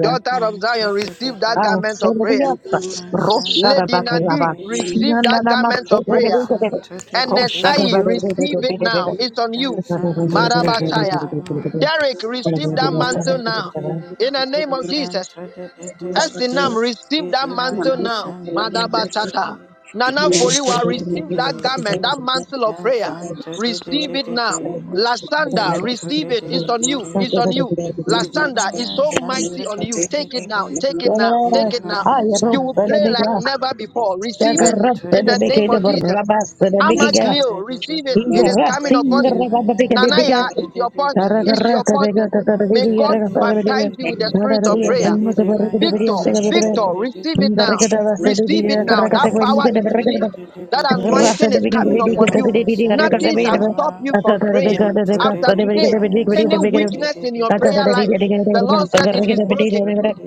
Speaker 1: Daughter of
Speaker 5: And to
Speaker 1: Zion,
Speaker 5: de de
Speaker 1: receive that
Speaker 5: de.
Speaker 1: garment of prayer.
Speaker 5: Yes, I'm to
Speaker 1: Lady
Speaker 5: de de
Speaker 1: Nadik,
Speaker 5: de.
Speaker 1: receive that garment of
Speaker 5: Yes,
Speaker 1: prayer.
Speaker 5: I'm to de de de
Speaker 1: NSI,
Speaker 5: mama.
Speaker 1: receive it now. It's on
Speaker 5: Yan
Speaker 1: you.
Speaker 5: Yansan to the day,
Speaker 1: Marabataya. Derek, receive that
Speaker 5: yan to
Speaker 1: mantle
Speaker 5: the
Speaker 1: now.
Speaker 5: day,
Speaker 1: In the name of
Speaker 5: yan
Speaker 1: Jesus.
Speaker 5: to the
Speaker 1: Esinam, receive
Speaker 5: day,
Speaker 1: that mantle
Speaker 5: Yan san
Speaker 1: now.
Speaker 5: de de de
Speaker 1: Madabasata.
Speaker 5: de,
Speaker 1: Nana
Speaker 5: yan
Speaker 1: Foriwa,
Speaker 5: to the
Speaker 1: receive that
Speaker 5: day,
Speaker 1: garment, that mantle of
Speaker 5: yan
Speaker 1: prayer.
Speaker 5: san to the day
Speaker 1: Receive
Speaker 5: de
Speaker 1: it
Speaker 5: de
Speaker 1: now.
Speaker 3: Yes.
Speaker 5: de,
Speaker 1: Lasanda,
Speaker 5: yan to
Speaker 1: receive
Speaker 5: the
Speaker 1: it.
Speaker 5: day
Speaker 1: It's
Speaker 5: de
Speaker 1: on
Speaker 5: de
Speaker 1: you. It's on you.
Speaker 5: de, Iri
Speaker 1: Lasanda
Speaker 5: wa
Speaker 1: is
Speaker 5: Yan
Speaker 1: so
Speaker 5: san to
Speaker 1: mighty on
Speaker 5: the
Speaker 1: you.
Speaker 5: day de
Speaker 1: Take it
Speaker 5: de
Speaker 1: now.
Speaker 5: de,
Speaker 1: Take it now.
Speaker 5: Iri
Speaker 1: Take it
Speaker 5: wa
Speaker 1: now.
Speaker 3: I
Speaker 5: Yan
Speaker 1: You
Speaker 3: rope
Speaker 5: san
Speaker 1: will
Speaker 5: de
Speaker 3: the
Speaker 1: pray
Speaker 5: de,
Speaker 3: big
Speaker 1: like
Speaker 3: rock.
Speaker 1: never before.
Speaker 3: Take
Speaker 1: Receive
Speaker 3: a
Speaker 1: it
Speaker 5: yan
Speaker 3: rope
Speaker 5: to
Speaker 1: in
Speaker 5: the
Speaker 3: the
Speaker 1: the
Speaker 5: day
Speaker 3: big
Speaker 1: name
Speaker 3: head
Speaker 1: of
Speaker 3: of
Speaker 5: de,
Speaker 1: Jesus.
Speaker 3: Rabas to the
Speaker 5: yan
Speaker 3: big guy.
Speaker 5: san de
Speaker 1: Amacleo,
Speaker 5: de de
Speaker 1: receive it.
Speaker 3: He's
Speaker 1: It
Speaker 5: de,
Speaker 3: a
Speaker 1: is
Speaker 3: rat
Speaker 1: coming upon
Speaker 3: singer
Speaker 5: Iri
Speaker 1: you.
Speaker 5: wa
Speaker 3: of the big
Speaker 5: Yan
Speaker 3: the
Speaker 5: san
Speaker 3: big.
Speaker 1: Nanaya,
Speaker 5: de de
Speaker 1: it's
Speaker 5: de
Speaker 1: your
Speaker 5: de
Speaker 1: portion.
Speaker 5: de.
Speaker 1: It's your
Speaker 3: Taragaratta the
Speaker 1: portion.
Speaker 3: gata the
Speaker 5: Holy
Speaker 1: May
Speaker 3: video.
Speaker 1: God baptize you with the
Speaker 3: Nada
Speaker 1: spirit
Speaker 3: the
Speaker 1: of
Speaker 3: video.
Speaker 1: prayer.
Speaker 3: And the video.
Speaker 1: Victor,
Speaker 3: Sing the
Speaker 1: Victor,
Speaker 3: video.
Speaker 1: receive it
Speaker 3: The
Speaker 1: now.
Speaker 3: record of the
Speaker 1: Receive it
Speaker 3: video.
Speaker 1: now. That
Speaker 3: Caracata when you
Speaker 1: power
Speaker 3: get the
Speaker 1: is released.
Speaker 3: record.
Speaker 1: That
Speaker 3: Rasta
Speaker 1: anointing is coming
Speaker 3: Ria
Speaker 1: upon you. Nothing shall stop you from praying. After today, any weakness in your prayer life, the Lord said it is broken.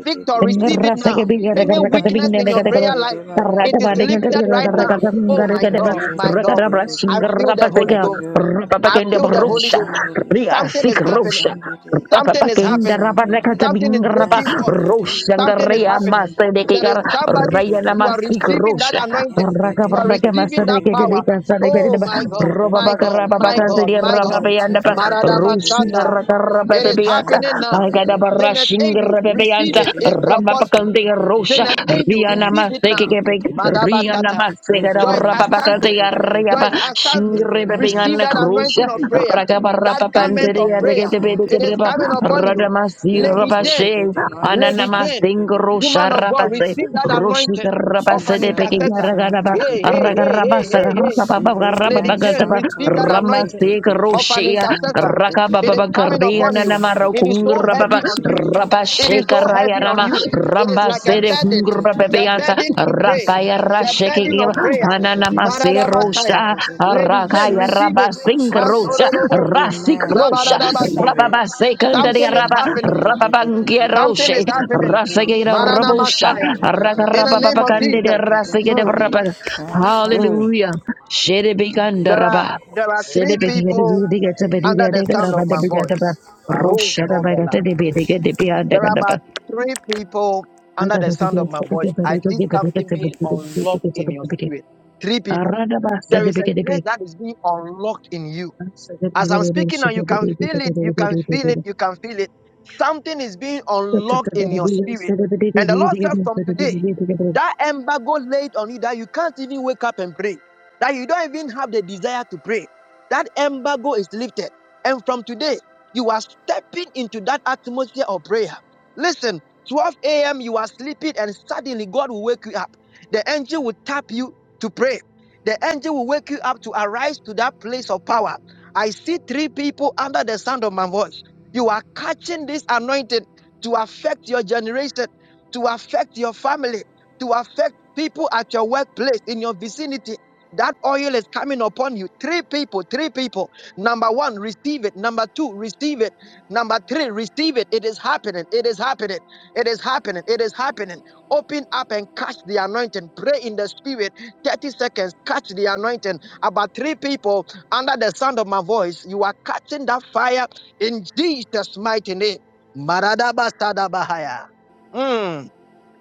Speaker 1: Victor, receive it now. Any weakness in your prayer life, it is lifted right now. Oh my God, my God. I feel the Holy Ghost.
Speaker 5: Ghost,
Speaker 1: I feel the
Speaker 5: Yes,
Speaker 1: Holy Ghost.
Speaker 5: Sunday.
Speaker 3: sik
Speaker 1: Something is
Speaker 5: Yes,
Speaker 1: happening.
Speaker 5: Sunday.
Speaker 1: Something is
Speaker 3: Papapakinda
Speaker 5: Yes,
Speaker 1: happening.
Speaker 5: Sunday.
Speaker 3: rabarekata
Speaker 1: Something is
Speaker 5: Yes,
Speaker 3: bingrapa
Speaker 1: breaking forth.
Speaker 5: Sunday.
Speaker 1: Something is
Speaker 3: roshangarea
Speaker 5: Yes,
Speaker 1: happening.
Speaker 5: Sunday.
Speaker 3: master de
Speaker 1: There is
Speaker 3: kigar
Speaker 5: Yes,
Speaker 1: somebody,
Speaker 3: rayana
Speaker 1: you
Speaker 5: today.
Speaker 1: are
Speaker 3: masik
Speaker 1: receiving that
Speaker 3: rosha
Speaker 1: anointing.
Speaker 5: Yan de de
Speaker 1: You are
Speaker 5: de
Speaker 3: rakabaraka
Speaker 5: de de de
Speaker 1: receiving
Speaker 3: master
Speaker 1: that
Speaker 3: de
Speaker 5: de de.
Speaker 3: kete de
Speaker 1: power.
Speaker 3: kansa de kete
Speaker 5: Yan
Speaker 1: Oh
Speaker 3: de
Speaker 1: my
Speaker 5: san de
Speaker 1: God,
Speaker 5: de
Speaker 3: roba
Speaker 5: de
Speaker 1: my
Speaker 5: de
Speaker 1: God,
Speaker 3: bakara
Speaker 5: de de.
Speaker 1: my
Speaker 3: babaka
Speaker 1: God,
Speaker 3: de
Speaker 1: my
Speaker 3: raba
Speaker 1: God.
Speaker 5: Yan cha
Speaker 3: beyanda pa
Speaker 5: de de de de de
Speaker 3: rushin
Speaker 5: de de.
Speaker 1: Maradabashanda.
Speaker 3: rakara
Speaker 1: It is
Speaker 5: Yan san
Speaker 3: bebeyanta
Speaker 1: happening
Speaker 5: de de de
Speaker 1: now.
Speaker 5: de
Speaker 3: agada
Speaker 5: de de
Speaker 1: Janet
Speaker 5: de
Speaker 3: barashin
Speaker 5: de.
Speaker 1: Edu, receive
Speaker 3: rebeyanta
Speaker 5: Ye
Speaker 1: it.
Speaker 5: de
Speaker 1: It's
Speaker 5: ma
Speaker 1: your
Speaker 3: raba
Speaker 5: yan
Speaker 1: portion.
Speaker 5: san
Speaker 3: bakande
Speaker 5: de de de de.
Speaker 3: rosha
Speaker 1: Janet
Speaker 3: Riana
Speaker 1: Edu,
Speaker 5: Yan
Speaker 1: receive
Speaker 5: cha
Speaker 1: it
Speaker 5: de
Speaker 1: now.
Speaker 5: de de de de de de.
Speaker 1: Madabatata.
Speaker 5: Ye de ma
Speaker 1: Joyce
Speaker 5: yan san
Speaker 1: Asante,
Speaker 5: de de de de
Speaker 1: Joyce
Speaker 5: de.
Speaker 1: Asante,
Speaker 5: Ye de ma yan
Speaker 1: receive that
Speaker 5: san de de
Speaker 1: anointing
Speaker 5: de
Speaker 1: of
Speaker 5: de
Speaker 1: prayer,
Speaker 5: de de.
Speaker 1: that
Speaker 5: Ye de
Speaker 1: garment
Speaker 5: ma
Speaker 1: of
Speaker 5: yan
Speaker 1: prayer.
Speaker 5: san de
Speaker 1: It is
Speaker 5: de de
Speaker 1: coming
Speaker 5: de de
Speaker 1: upon
Speaker 5: de.
Speaker 1: you.
Speaker 5: Yan
Speaker 1: Lady
Speaker 5: cha de
Speaker 1: Jane,
Speaker 5: de de ma yan
Speaker 1: Lady
Speaker 5: san de
Speaker 1: Jane,
Speaker 5: de de de.
Speaker 1: woman of God,
Speaker 5: Yan
Speaker 1: receive
Speaker 5: san
Speaker 1: that
Speaker 5: de de.
Speaker 1: anointing of an
Speaker 5: Jesus,
Speaker 1: intercessor.
Speaker 5: Santo de
Speaker 1: Hey,
Speaker 5: de
Speaker 1: hey,
Speaker 5: de,
Speaker 1: hey, hey,
Speaker 5: I
Speaker 1: hey, hey.
Speaker 5: receive it,
Speaker 1: Lady
Speaker 5: yes,
Speaker 1: Jane,
Speaker 5: Santo
Speaker 1: receive
Speaker 5: de
Speaker 1: that
Speaker 5: de
Speaker 1: anointing
Speaker 5: de
Speaker 3: Ramaseka
Speaker 5: de de,
Speaker 1: of an
Speaker 3: Roshea
Speaker 5: Santo
Speaker 1: intercessor.
Speaker 5: de de
Speaker 1: It
Speaker 5: de,
Speaker 1: is
Speaker 3: Rakababa
Speaker 1: coming
Speaker 5: yes,
Speaker 1: upon
Speaker 3: Koreana
Speaker 1: you.
Speaker 5: Santo
Speaker 3: Namara
Speaker 1: It
Speaker 5: de
Speaker 1: is
Speaker 5: de
Speaker 1: so
Speaker 5: de
Speaker 3: Kungra
Speaker 5: de
Speaker 3: Baba
Speaker 1: heavy
Speaker 5: de
Speaker 1: on
Speaker 5: de
Speaker 1: you.
Speaker 5: de,
Speaker 1: It is
Speaker 5: yes,
Speaker 3: Rabasheka
Speaker 1: so
Speaker 3: Raya
Speaker 5: Santo
Speaker 1: heavy on
Speaker 5: de
Speaker 3: Rama
Speaker 5: de
Speaker 1: you.
Speaker 5: de,
Speaker 1: It is like a
Speaker 5: yes,
Speaker 3: Rambasere
Speaker 1: burden.
Speaker 5: Santo
Speaker 3: Kungra
Speaker 5: de de
Speaker 1: The
Speaker 5: de,
Speaker 3: Bebeansa
Speaker 1: burden to
Speaker 5: yes,
Speaker 1: pray.
Speaker 3: Rapaya
Speaker 5: Santo de
Speaker 1: The
Speaker 5: de,
Speaker 3: Rasheke
Speaker 1: burden of prayer.
Speaker 5: Enter the day,
Speaker 3: Ananamase
Speaker 5: enter
Speaker 1: Maradabasaya.
Speaker 3: Rosha
Speaker 5: the day,
Speaker 1: Lady Jane,
Speaker 3: Rakaya
Speaker 1: receive
Speaker 5: Jesus,
Speaker 1: it.
Speaker 3: Rabasink
Speaker 5: Jesus,
Speaker 3: Rosha
Speaker 1: Mantorobos.
Speaker 3: Rasik
Speaker 5: Amen. I
Speaker 3: Rosha
Speaker 1: Labadadabasa.
Speaker 5: receive it.
Speaker 3: Rababa
Speaker 5: And
Speaker 3: Sekundaria
Speaker 1: Something is
Speaker 5: son
Speaker 3: Raba
Speaker 5: to the day,
Speaker 1: happening.
Speaker 5: day, day, day, day, day,
Speaker 3: Rababangia
Speaker 5: day, day,
Speaker 1: Something
Speaker 3: Roshe
Speaker 1: is
Speaker 5: day, day,
Speaker 1: happening.
Speaker 5: day, the day.
Speaker 3: Rasegera
Speaker 1: Manana
Speaker 5: and
Speaker 3: Rabosha
Speaker 5: son
Speaker 1: Masaya.
Speaker 5: to the day,
Speaker 1: In
Speaker 5: day,
Speaker 1: the
Speaker 5: day,
Speaker 1: name
Speaker 3: Rakarababa
Speaker 1: of
Speaker 5: day, day, day, day,
Speaker 3: Candida
Speaker 1: Jesus.
Speaker 5: day, day,
Speaker 3: Rasegera
Speaker 5: day,
Speaker 1: Mm,
Speaker 5: day.
Speaker 3: Rabba
Speaker 5: and son.
Speaker 1: mm.
Speaker 3: Hallelujah Sherebiganda
Speaker 1: There are
Speaker 3: Rabba
Speaker 1: there are
Speaker 3: Sede
Speaker 1: three
Speaker 3: begede
Speaker 1: people
Speaker 3: zudi gete
Speaker 1: under
Speaker 3: bedigede
Speaker 1: the
Speaker 3: gara
Speaker 1: sound of
Speaker 3: bade
Speaker 1: my
Speaker 3: bigede
Speaker 1: voice.
Speaker 3: ba.
Speaker 1: Baruch
Speaker 3: Rosha da bagate
Speaker 1: Zovela.
Speaker 3: de bedige de biyade
Speaker 1: There are
Speaker 3: gada ba.
Speaker 1: about three people under
Speaker 3: Aga
Speaker 1: the
Speaker 3: da dubi
Speaker 1: sound of my
Speaker 3: asaka
Speaker 1: voice.
Speaker 3: de
Speaker 1: I
Speaker 3: bedige
Speaker 1: see
Speaker 3: de bedige
Speaker 1: something
Speaker 3: de
Speaker 1: being
Speaker 3: bedige de bedige
Speaker 1: unlocked in your
Speaker 3: de bedige.
Speaker 1: spirit. Three people.
Speaker 3: Arada ba
Speaker 1: There
Speaker 3: sede
Speaker 1: is a
Speaker 3: begede be.
Speaker 1: grace that is being unlocked in you.
Speaker 3: Sede
Speaker 1: As I'm
Speaker 3: begede be
Speaker 1: speaking now,
Speaker 3: sede
Speaker 1: you can
Speaker 3: bedige
Speaker 1: feel
Speaker 3: de bedige
Speaker 1: it, you
Speaker 3: de
Speaker 1: can
Speaker 3: bedige de
Speaker 1: feel it, you can feel it. Something is being unlocked in your
Speaker 3: bedige.
Speaker 1: spirit.
Speaker 3: Sede bedige
Speaker 1: And the
Speaker 3: zudi
Speaker 1: Lord said
Speaker 3: gede
Speaker 1: from
Speaker 3: bedige de bedige de
Speaker 1: today,
Speaker 3: bedige de bedige.
Speaker 1: that embargo laid on you that you can't even wake up and pray, that you don't even have the desire to pray, that embargo is lifted. And from today, you are stepping into that atmosphere of prayer. Listen, 12 a.m., you are sleeping, and suddenly God will wake you up. The angel will tap you to pray. The angel will wake you up to arise to that place of power. I see three people under the sound of my voice. You are catching this anointing to affect your generation, to affect your family, to affect people at your workplace, in your vicinity. That oil is coming upon you. Three people, three people. Number one, receive it. Number two, receive it. Number three, receive it. It is happening. It is happening. It is happening. It is happening. Open up and catch the anointing. Pray in the spirit. 30 seconds, catch the anointing. About three people under the sound of my voice, you are catching that fire in Jesus' mighty name. Maradaba sadabahaya. Mm.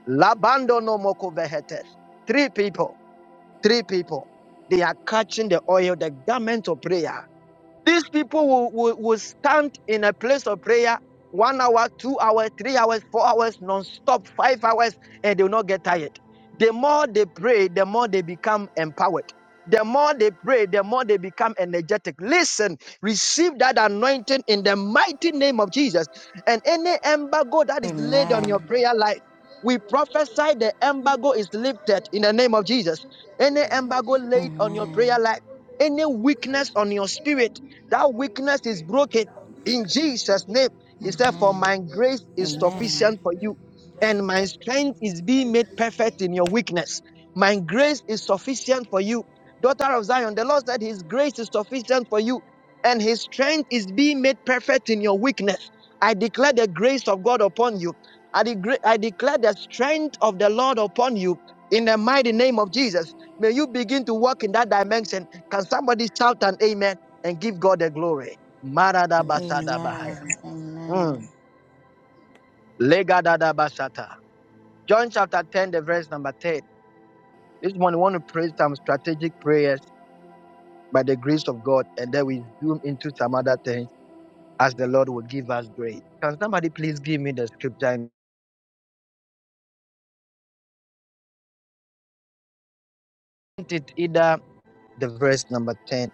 Speaker 1: Labando no moko vehetes. Three people, three people, they are catching the oil, the garment of prayer. These people will, will, will stand in a place of prayer one hour, two hours, three hours, four hours, non-stop, five hours, and they will not get tired. The more they pray, the more they become empowered. The more they pray, the more they become energetic. Listen, receive that anointing in the mighty name of Jesus. And any embargo that is laid on
Speaker 5: Amen.
Speaker 1: your prayer life, we prophesy the embargo is lifted in the name of Jesus. Any embargo laid on your
Speaker 5: Amen.
Speaker 1: prayer life, any weakness on your spirit. That weakness is broken in Jesus' name. He said, For
Speaker 5: Amen.
Speaker 1: my grace is
Speaker 5: Amen.
Speaker 1: sufficient for you, and my strength is being made perfect in your weakness. My grace is sufficient for you. Daughter of Zion, the Lord said, His grace is sufficient for you, and His strength is being made perfect in your weakness. I declare the grace of God upon you. I, degre- I declare the strength of the Lord upon you in the mighty name of Jesus. May you begin to walk in that dimension. Can somebody shout an amen? and give God the glory. Maradabashadabahaya.
Speaker 5: Amen. Amen.
Speaker 1: Mm. Legadadabashata. John chapter 10, the verse number 10. This morning, we want to pray some strategic prayers by the grace of God, and then we zoom into some other things as the Lord will give us grace. Can somebody please give me the scripture? I it either the verse number 10.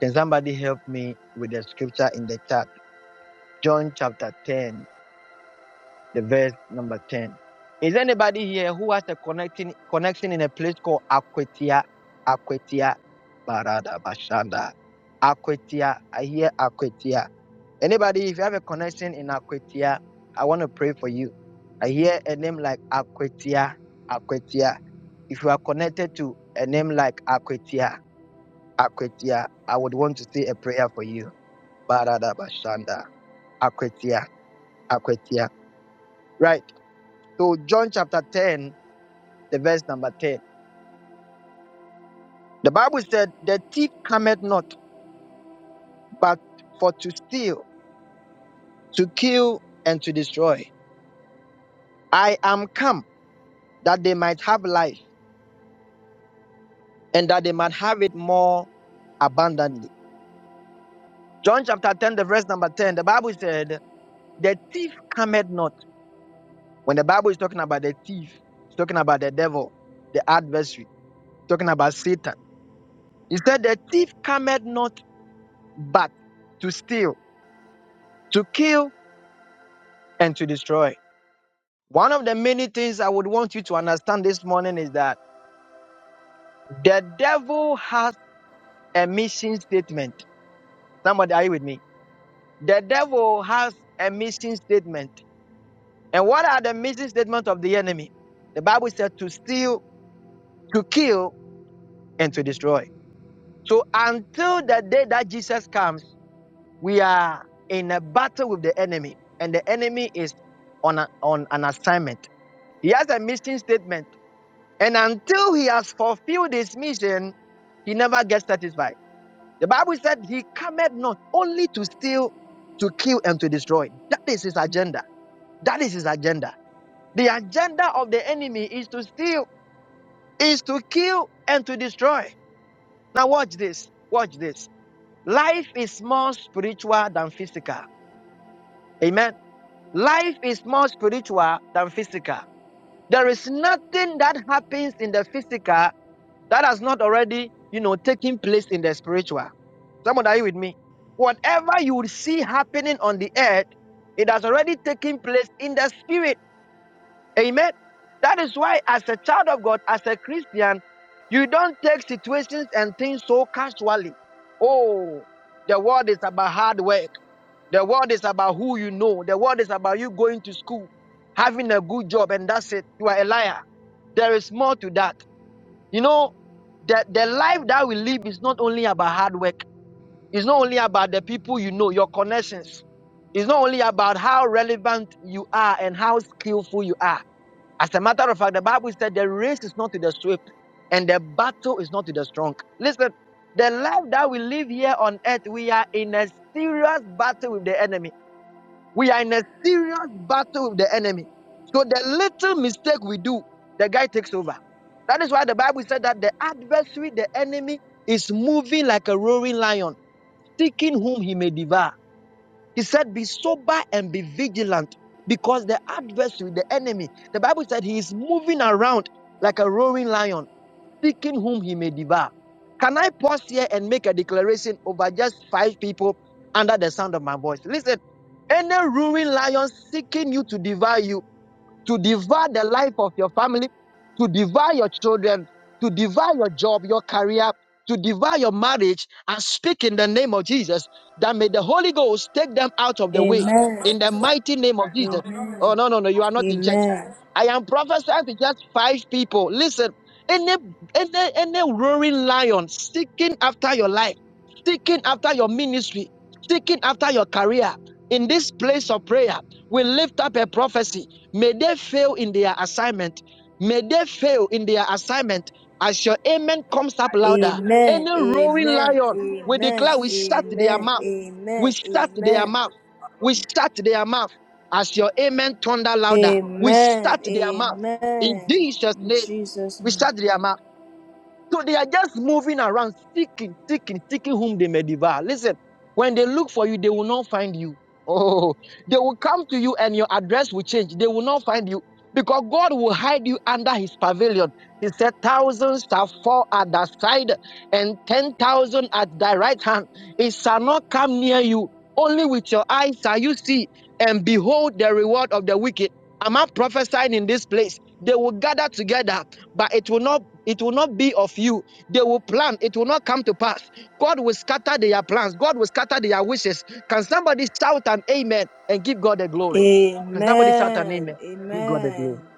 Speaker 1: Can somebody help me with the scripture in the chat? John chapter 10. the verse number 10. Is anybody here who has a connecting connection in a place called Aquatia? Aquatia Barada Bashanda. Aquatia. I hear Aquatia. Anybody, if you have a connection in Aquatia, I want to pray for you. I hear a name like Aquatia. Aquatia. If you are connected to a name like Aquatia, Aquatia, I would want to say a prayer for you. Barada Bashanda. Aquatia. Aquatia. Right. So John chapter 10, the verse number 10. The Bible said, The thief cometh not, but for to steal, to kill, and to destroy. I am come that they might have life and that they might have it more abundantly. John chapter 10, the verse number 10, the Bible said, The thief cometh not. When the Bible is talking about the thief, it's talking about the devil, the adversary, it's talking about Satan. He said, The thief cometh not but to steal, to kill, and to destroy. One of the many things I would want you to understand this morning is that the devil has a mission statement. Somebody, are you with me? The devil has a mission statement. And what are the mission statements of the enemy? The Bible said to steal, to kill, and to destroy. So until the day that Jesus comes, we are in a battle with the enemy, and the enemy is on, a- on an assignment. He has a mission statement And until he has fulfilled his mission, he never gets satisfied. The Bible said he cometh not only to steal, to kill, and to destroy. That is his agenda. That is his agenda. The agenda of the enemy is to steal, is to kill, and to destroy. Now, watch this. Watch this. Life is more spiritual than physical. Amen. Life is more spiritual than physical. There is nothing that happens in the physical that has not already, you know, taken place in the spiritual. Someone are you with me? Whatever you would see happening on the earth, it has already taken place in the spirit. Amen. That is why, as a child of God, as a Christian, you don't take situations and things so casually. Oh, the world is about hard work. The world is about who you know. The world is about you going to school, having a good job, and that's it. You are a liar. There is more to that. You know, the, the life that we live is not only about hard work, it's not only about the people you know, your connections. It's not only about how relevant you are and how skillful you are. As a matter of fact, the Bible said the race is not to the swift and the battle is not to the strong. Listen, the life that we live here on earth, we are in a serious battle with the enemy. We are in a serious battle with the enemy. So the little mistake we do, the guy takes over. That is why the Bible said that the adversary, the enemy, is moving like a roaring lion, seeking whom he may devour. He said, Be sober and be vigilant because the adversary, the enemy, the Bible said he is moving around like a roaring lion, seeking whom he may devour. Can I pause here and make a declaration over just five people under the sound of my voice? Listen, any roaring lion seeking you to devour you to devour the life of your family, to devour your children, to devour your job, your career, to devour your marriage, I speak in the name of Jesus that may the Holy Ghost take them out of the way
Speaker 6: Amen.
Speaker 1: in the mighty name of Jesus. Oh,
Speaker 6: Amen.
Speaker 1: no, no, no, you are not in church.
Speaker 6: Amen.
Speaker 1: I am prophesying to just five people. Listen, any any any roaring lion seeking after your life, seeking after your ministry, seeking after your career in this place of prayer, we lift up a prophecy. May they fail in their assignment. May they fail in their assignment. As your amen comes up louder, any
Speaker 6: Amen. Amen.
Speaker 1: roaring
Speaker 6: Amen.
Speaker 1: lion, we
Speaker 6: Amen.
Speaker 1: declare we shut their mouth. We
Speaker 6: Amen.
Speaker 1: shut their
Speaker 6: Amen.
Speaker 1: mouth. We shut their mouth. As your amen thunder louder, we
Speaker 6: Amen.
Speaker 1: shut their mouth. In
Speaker 6: Amen.
Speaker 1: Jesus'
Speaker 6: In
Speaker 1: name,
Speaker 6: Jesus'
Speaker 1: we
Speaker 6: name.
Speaker 1: shut their mouth. So they are just moving around, seeking, seeking, seeking whom they may devour. Listen, when they look for you, they will not find you. Oh, they will come to you and your address will change. They will not find you because God will hide you under his pavilion. He said, Thousands shall fall at thy side and 10,000 at thy right hand. It shall not come near you. Only with your eyes shall you see and behold the reward of the wicked. Am I prophesying in this place? They will gather together, but it will not it will not be of you. They will plan. It will not come to pass. God will scatter their plans. God will scatter their wishes. Can somebody shout an amen and give God the glory? Can somebody shout an
Speaker 6: Amen.
Speaker 1: amen? Give God the glory.
Speaker 6: Amen.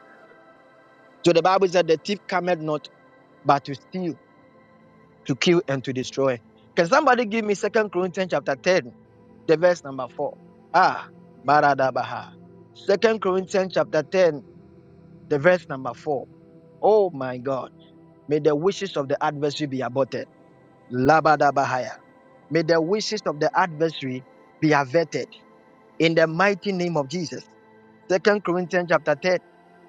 Speaker 1: So the Bible said the thief cometh not but to steal, to kill, and to destroy. Can somebody give me Second Corinthians chapter 10, the verse number 4? Ah, Maradabaha. Second Corinthians chapter 10, the verse number 4. Oh my God. May the wishes of the adversary be aborted. Labadabahaya. May the wishes of the adversary be averted in the mighty name of Jesus. Second Corinthians chapter 10.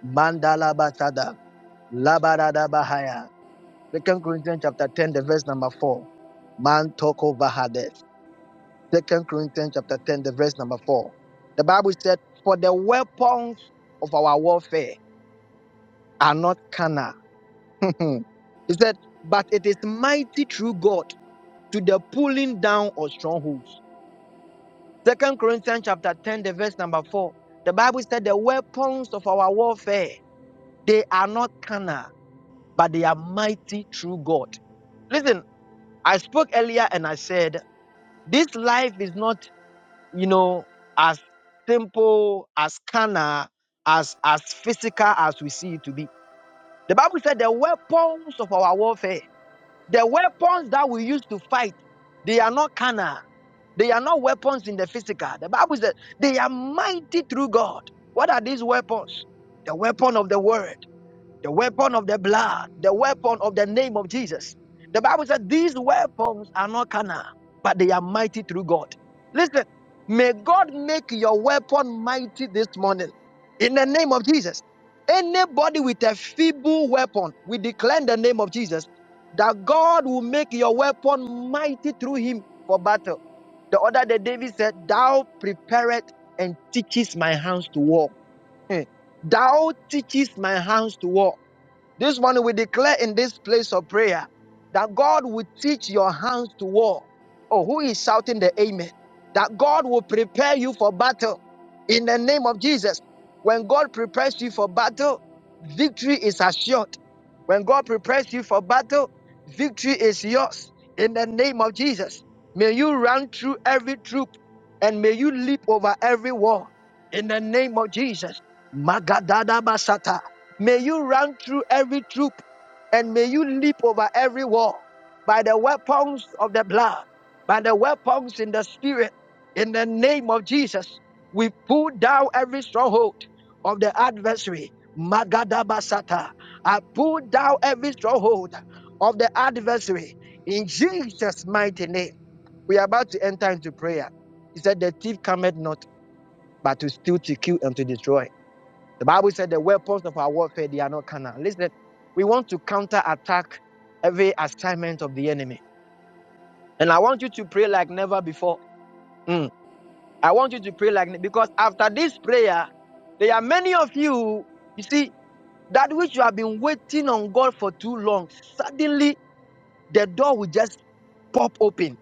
Speaker 1: Mandala Basada. Labarada Second Corinthians chapter 10, the verse number 4. Man Bahades. Second Corinthians chapter 10, the verse number 4. The Bible said, For the weapons of our warfare are not carnal. [laughs] he said, But it is mighty through God to the pulling down of strongholds Second Corinthians chapter 10, the verse number 4. The Bible said the weapons of our warfare, they are not carnal, but they are mighty through God. Listen, I spoke earlier and I said this life is not, you know, as simple, as carnal, as as physical as we see it to be. The Bible said the weapons of our warfare. The weapons that we use to fight, they are not carnal. They are not weapons in the physical. The Bible says they are mighty through God. What are these weapons? The weapon of the word the weapon of the blood, the weapon of the name of Jesus. The Bible said these weapons are not carnal, but they are mighty through God. Listen, may God make your weapon mighty this morning in the name of Jesus. Anybody with a feeble weapon, we declare in the name of Jesus that God will make your weapon mighty through him for battle. The other day, David said, Thou preparest and teachest my hands to war. Hmm. Thou teachest my hands to war. This morning we declare in this place of prayer that God will teach your hands to war. Oh, who is shouting the amen? That God will prepare you for battle in the name of Jesus. When God prepares you for battle, victory is assured. When God prepares you for battle, victory is yours in the name of Jesus. May you run through every troop and may you leap over every wall in the name of Jesus. Magadada Basata. May you run through every troop and may you leap over every wall by the weapons of the blood, by the weapons in the spirit. In the name of Jesus, we pull down every stronghold of the adversary. Magada Basata. I pull down every stronghold of the adversary in Jesus' mighty name. We are about to enter into prayer. He said, The thief cometh not but to steal, to kill, and to destroy. The Bible said the weapons of our warfare, they are not carnal. Listen, we want to counter attack every assignment of the enemy. And I want you to pray like never before. Mm. I want you to pray like, because after this prayer, there are many of you, you see, that which you have been waiting on God for too long, suddenly the door will just pop open.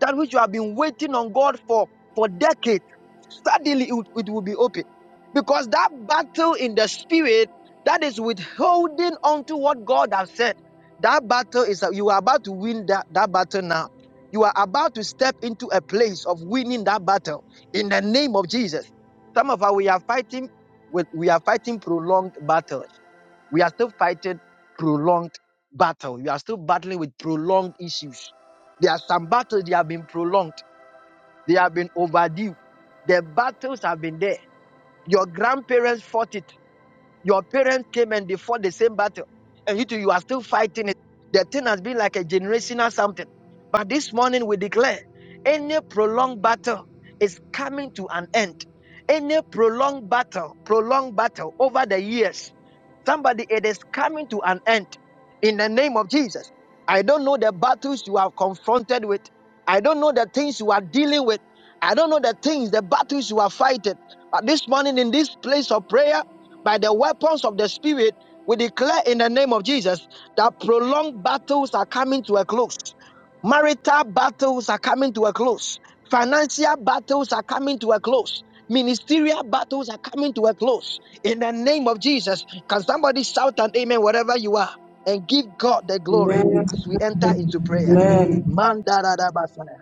Speaker 1: That which you have been waiting on God for for decades, suddenly it, will- it will be open. Because that battle in the spirit that is withholding onto what God has said, that battle is you are about to win that, that battle now. You are about to step into a place of winning that battle in the name of Jesus. Some of us we are fighting with we are fighting prolonged battles. We are still fighting prolonged battle. We are still battling with prolonged issues. There are some battles that have been prolonged. They have been overdue. The battles have been there. Your grandparents fought it. Your parents came and they fought the same battle. And you two, you are still fighting it. The thing has been like a generational something. But this morning we declare any prolonged battle is coming to an end. Any prolonged battle, prolonged battle over the years. Somebody, it is coming to an end in the name of Jesus. I don't know the battles you are confronted with. I don't know the things you are dealing with. I don't know the things, the battles you are fighting. But this morning, in this place of prayer, by the weapons of the Spirit, we declare in the name of Jesus that prolonged battles are coming to a close. Marital battles are coming to a close. Financial battles are coming to a close. Ministerial battles are coming to a close in the name of Jesus. Can somebody shout an amen wherever you are and give God the glory as we enter into prayer? Mandaradabasana.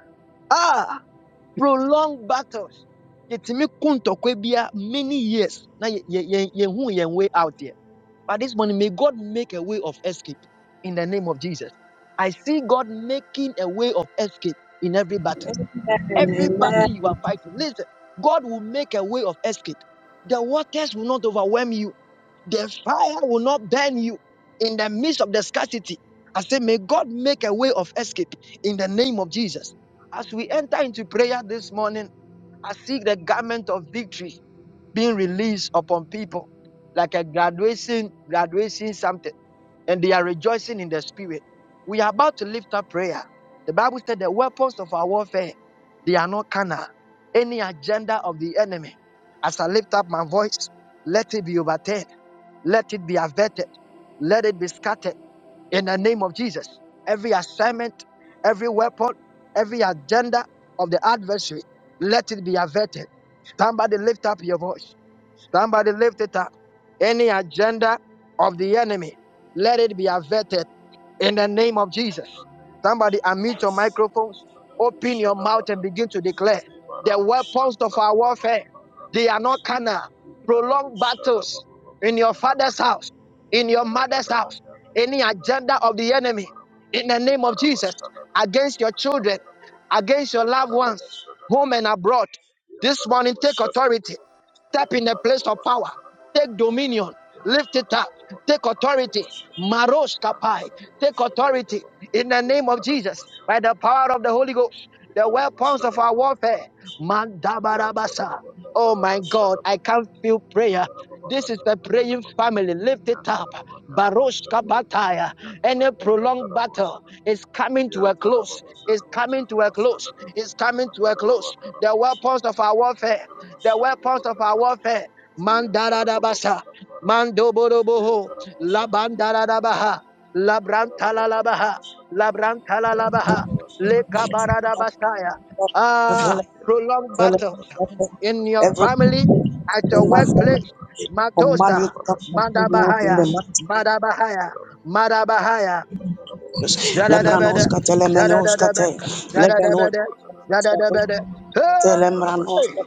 Speaker 1: Ah, prolonged battles. Yɛtumi ko ntɔkwa bi a Many years. Now, yɛhu yɛn way out here. But this morning, may God make a way of escape in the name of Jesus. I see God making a way of escape in every battle. Every battle you are fighting, listen, God will make a way of escape. The waters will not overwhelm you the fire will not burn you in the midst of the scarcity. I say, may God make a way of escape in the name of Jesus. As we enter into prayer this morning, I see the garment of victory being released upon people like a graduation, graduation something, and they are rejoicing in the spirit. We are about to lift up prayer. The Bible said the weapons of our warfare, they are not carnal. Any agenda of the enemy, as I lift up my voice, let it be overturned. Let it be averted. Let it be scattered in the name of Jesus. Every assignment, every weapon, every agenda of the adversary, let it be averted. Somebody lift up your voice. Somebody lift it up. Any agenda of the enemy, let it be averted in the name of Jesus. Somebody unmute your microphones, open your mouth, and begin to declare the weapons of our warfare. They are not carnal. Prolonged battles in your father's house, in your mother's house, any agenda of the enemy, in the name of Jesus, against your children, against your loved ones, home and abroad. This morning, take authority. Step in the place of power. Take dominion. Lift it up. Take authority. Maros kapai. Take authority in the name of Jesus. By the power of the Holy Ghost. The weapons of our warfare. Mandabarabasa. Oh my God, I can't feel prayer. This is the praying family. Lift it up. Baroshka Bataya. Any prolonged battle is coming to a close. It's coming to a close. It's coming to a close. The weapons of our warfare the weapons of our warfare. Mandaradabasa, Mandoboroboho, Labandaradabaha, Labrantalalabaha, Labrantalalabaha, Lekabaradabasaya.
Speaker 7: Every
Speaker 1: Ah, prolonged
Speaker 7: prophet
Speaker 1: battles in your family, at your
Speaker 7: in my father
Speaker 1: workplace.
Speaker 7: command you
Speaker 1: Matosa,
Speaker 7: to come and come now in the
Speaker 1: Madabahaya,
Speaker 7: mighty name
Speaker 1: Madabahaya, Madabahaya,
Speaker 7: of Jesus.
Speaker 1: Jadadabada,
Speaker 7: Lembranoska telemenoska
Speaker 1: Jadadabada,
Speaker 7: te lebenoska
Speaker 1: Jadadabada, Jadadabada.
Speaker 7: telembranoska
Speaker 1: Hey!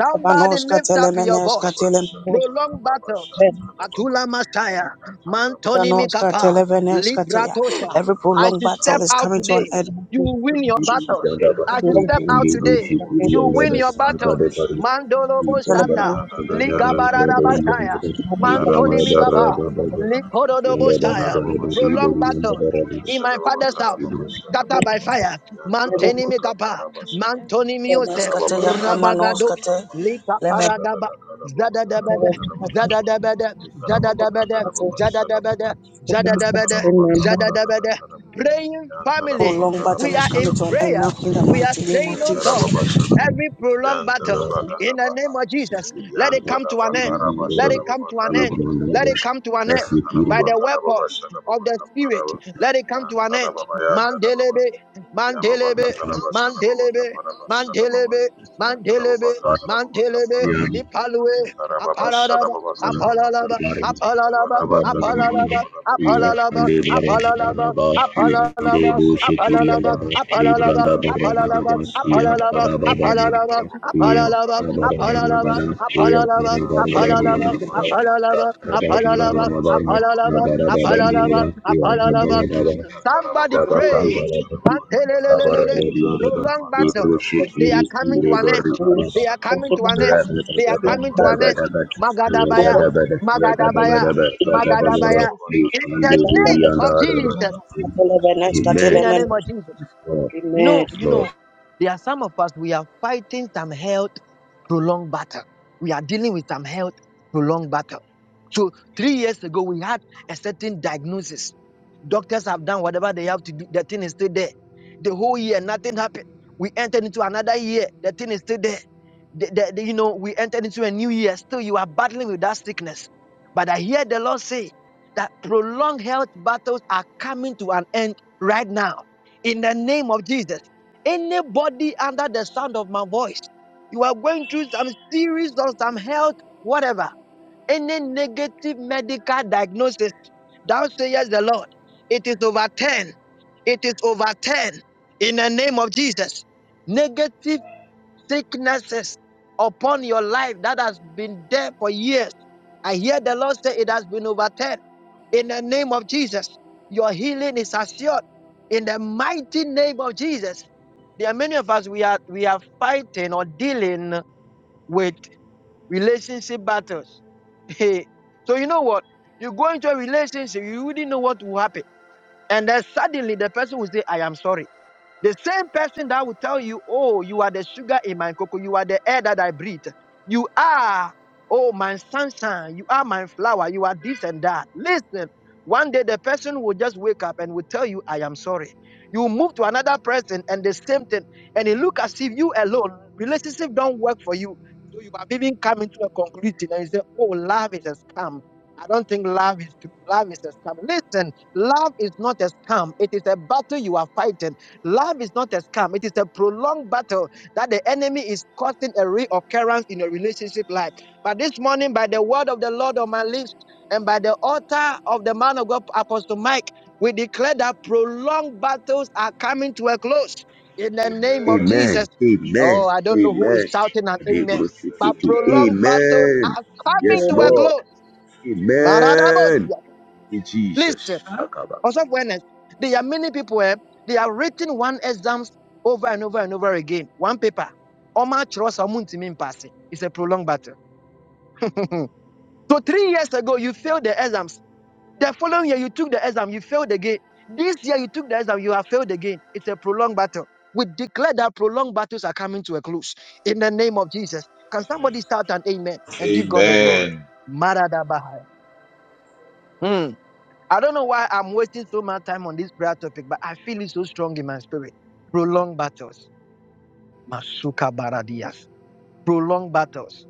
Speaker 1: Somebody
Speaker 7: lebanoska
Speaker 1: lift up your
Speaker 8: lift up
Speaker 7: telemeneska
Speaker 8: your
Speaker 1: voice.
Speaker 7: telemenoska
Speaker 1: Prolong battles. Atula Masaya, Mantoni Mikapa,
Speaker 7: televeneska te ya.
Speaker 1: Libratosha.
Speaker 7: Every
Speaker 1: As
Speaker 7: prolonged
Speaker 1: you
Speaker 7: battle
Speaker 1: step
Speaker 7: is
Speaker 1: out
Speaker 7: coming to an
Speaker 1: today,
Speaker 7: end.
Speaker 1: you will win your battles.
Speaker 9: Jadaba,
Speaker 1: As you step
Speaker 9: Rikali,
Speaker 1: out today,
Speaker 9: Bushi,
Speaker 1: you
Speaker 9: Kurian,
Speaker 1: will win
Speaker 9: Dada,
Speaker 1: your battles.
Speaker 9: Dada, Pari,
Speaker 1: Mandolo
Speaker 9: Ibramba,
Speaker 1: Bosanda,
Speaker 9: Dada,
Speaker 1: Ligabarada
Speaker 9: Dada, Urian,
Speaker 1: Basaya.
Speaker 9: Dada, Ibrahim,
Speaker 1: Mantoni
Speaker 9: Dada,
Speaker 1: Migaba,
Speaker 9: Raga, Dada, Ian,
Speaker 8: voice.
Speaker 9: Dada, Raga,
Speaker 1: Likorodobosaya,
Speaker 9: Dada,
Speaker 8: Ya
Speaker 9: Ribo,
Speaker 1: prolonged
Speaker 8: mama
Speaker 9: Rian,
Speaker 1: battles
Speaker 9: Dada, Raga, Dada,
Speaker 1: in my
Speaker 8: soturianda
Speaker 1: father's
Speaker 8: ya
Speaker 1: house,
Speaker 8: kabari
Speaker 9: Ibrahim,
Speaker 1: scattered by
Speaker 8: kabirianda
Speaker 1: fire.
Speaker 8: ya babaha.
Speaker 1: Manteni Migaba,
Speaker 8: Father, may every
Speaker 1: Mantoni Muse,
Speaker 8: prolonged
Speaker 7: Lemeneska te ya,
Speaker 8: battle, O God, be
Speaker 1: Rabagado,
Speaker 7: amanoska te.
Speaker 8: overturned.
Speaker 1: Lika
Speaker 7: Lemen
Speaker 8: In
Speaker 1: Paradaba,
Speaker 8: the name of
Speaker 1: Zada
Speaker 8: the Lord
Speaker 1: Dabede,
Speaker 8: Jesus,
Speaker 1: Zada
Speaker 8: ya
Speaker 1: Dabede,
Speaker 8: mama
Speaker 1: Zada Dabede,
Speaker 8: soturianda
Speaker 1: Zada
Speaker 8: ya
Speaker 1: Dabede,
Speaker 8: kabari.
Speaker 1: Zada Dabede, Zada
Speaker 8: Akabirianda
Speaker 1: Dabede.
Speaker 8: ya babaha.
Speaker 1: Praying
Speaker 8: Ya
Speaker 1: family,
Speaker 7: prolonged
Speaker 8: mama
Speaker 7: battle
Speaker 1: we
Speaker 7: is
Speaker 1: are
Speaker 7: coming
Speaker 1: in
Speaker 7: to an end now
Speaker 1: prayer.
Speaker 7: in the
Speaker 8: soturianda
Speaker 1: We
Speaker 8: ya
Speaker 1: are
Speaker 7: mighty name of
Speaker 1: saying,
Speaker 8: kabari
Speaker 1: Oh God,
Speaker 7: Jesus.
Speaker 8: kabirianda ya
Speaker 1: every
Speaker 8: babaha.
Speaker 1: prolonged battle
Speaker 9: Raga,
Speaker 8: Father, may
Speaker 1: in the name of Jesus, let it
Speaker 9: Dada,
Speaker 1: come to an end.
Speaker 9: Uri,
Speaker 1: Let
Speaker 9: Dada,
Speaker 1: it come to an end.
Speaker 9: Ibrahim,
Speaker 1: Let
Speaker 9: Dada,
Speaker 1: it come to an
Speaker 9: Nasi,
Speaker 1: end
Speaker 9: Kuri,
Speaker 1: by
Speaker 8: every
Speaker 1: the
Speaker 8: prolonged
Speaker 1: weapon
Speaker 8: battle
Speaker 1: of
Speaker 8: will
Speaker 1: the
Speaker 8: fall come to
Speaker 1: Spirit.
Speaker 8: an
Speaker 1: Let it
Speaker 8: end
Speaker 1: come
Speaker 8: in
Speaker 1: to
Speaker 8: the
Speaker 1: an
Speaker 8: name
Speaker 1: end.
Speaker 8: of the Lord Jesus.
Speaker 1: Mandelebe,
Speaker 8: Any prolonged
Speaker 1: Mandelebe,
Speaker 9: Makan,
Speaker 8: battle, the Lord, I am
Speaker 1: Mandelebe,
Speaker 8: facing of all.
Speaker 1: Mandelebe,
Speaker 8: May it come
Speaker 1: Mandelebe,
Speaker 8: to
Speaker 1: Mandelebe,
Speaker 9: Pari,
Speaker 1: Ipalue, Aparada, Apalalaba,
Speaker 9: Thank
Speaker 1: apalalaba, apalalaba, apalalaba, apalalaba, apalalaba, apalalaba, apalalaba, apalalaba, apalalaba, apalalaba, apalalaba, apalalaba, apalalaba, apalalaba, apalalaba, apalalaba, apalalaba, apalalaba, apalalaba. Somebody pray. Antelelelelele. Prolonged battles. They are coming to an end.
Speaker 9: you.
Speaker 1: They are coming to an end.
Speaker 9: Amen.
Speaker 1: They are coming to an end. Magadabaya, Magadabaya, Magadabaya. In the name of Jesus. In the name of Jesus.
Speaker 9: Yes, Lord.
Speaker 1: You know,
Speaker 9: Yes,
Speaker 1: you
Speaker 9: Lord.
Speaker 1: know, there are some of us we are fighting some health prolonged battle. We are dealing with some health prolonged battle. So three years ago we had a certain diagnosis. Doctors have done whatever they have to do. The thing is still there. The whole year nothing happened. We entered into another year. The thing is still there. The- the- the- you know, we entered into a new year. Still, you are battling with that sickness. But I hear the Lord say that prolonged health battles are coming to an end right now in the name of Jesus. Anybody under the sound of my voice, you are going through some serious or some health, whatever, any negative medical diagnosis, thou sayest the Lord, it is over 10. It is over 10 in the name of Jesus. Negative sicknesses upon your life that has been there for years. I hear the Lord say it has been overturned. In the name of Jesus, your healing is assured. In the mighty name of Jesus, there are many of us we are we are fighting or dealing with relationship battles. [laughs] so you know what? You go into a relationship, you wouldn't know what will happen and then suddenly the person will say, I am sorry. The same person that will tell you, Oh, you are the sugar in my cocoa, you are the air that I breathe. You are, oh, my sunshine, you are my flower, you are this and that. Listen, one day the person will just wake up and will tell you, I am sorry. You move to another person and the same thing, and it look as if you alone, relationship don't work for you. So you have even come into a conclusion and you say, Oh, love is a scam. I don't think love is love is a scam. Listen, love is not a scam. It is a battle you are fighting. Love is not a scam. It is a prolonged battle that the enemy is causing a reoccurrence in your relationship life. But this morning, by the word of the Lord on my lips and by the altar of the man of God, Apostle Mike, we declare that prolonged battles are coming to a close in the name of Jesus.
Speaker 9: Amen. Amen. Amen.
Speaker 1: Oh, I don't
Speaker 9: Amen.
Speaker 1: know who is shouting an amen, but prolonged battles are
Speaker 9: Yes,
Speaker 1: coming to a
Speaker 9: Lord.
Speaker 1: close.
Speaker 9: Amen.
Speaker 1: Maradabosia.
Speaker 9: Jesus.
Speaker 1: Listen, also awareness. There are many people eh, they are written one exams over and over and over again. One paper. Oma kyerɛ sɛ ɔmo ntumi mpaase. It's a prolonged battle. [laughs] so three years ago you failed the exams. The following year you took the exam, you failed again. This year you took the exam, you have failed again. It's a prolonged battle. We declare that prolonged battles are coming to a close in the name of Jesus. Can somebody start an amen and give God the glory? Maradabahai. Hmm. I don't know why I'm wasting so much time on this prayer topic, but I feel it so strong in my spirit. Prolonged battles. Masuka baradias. Prolonged battles.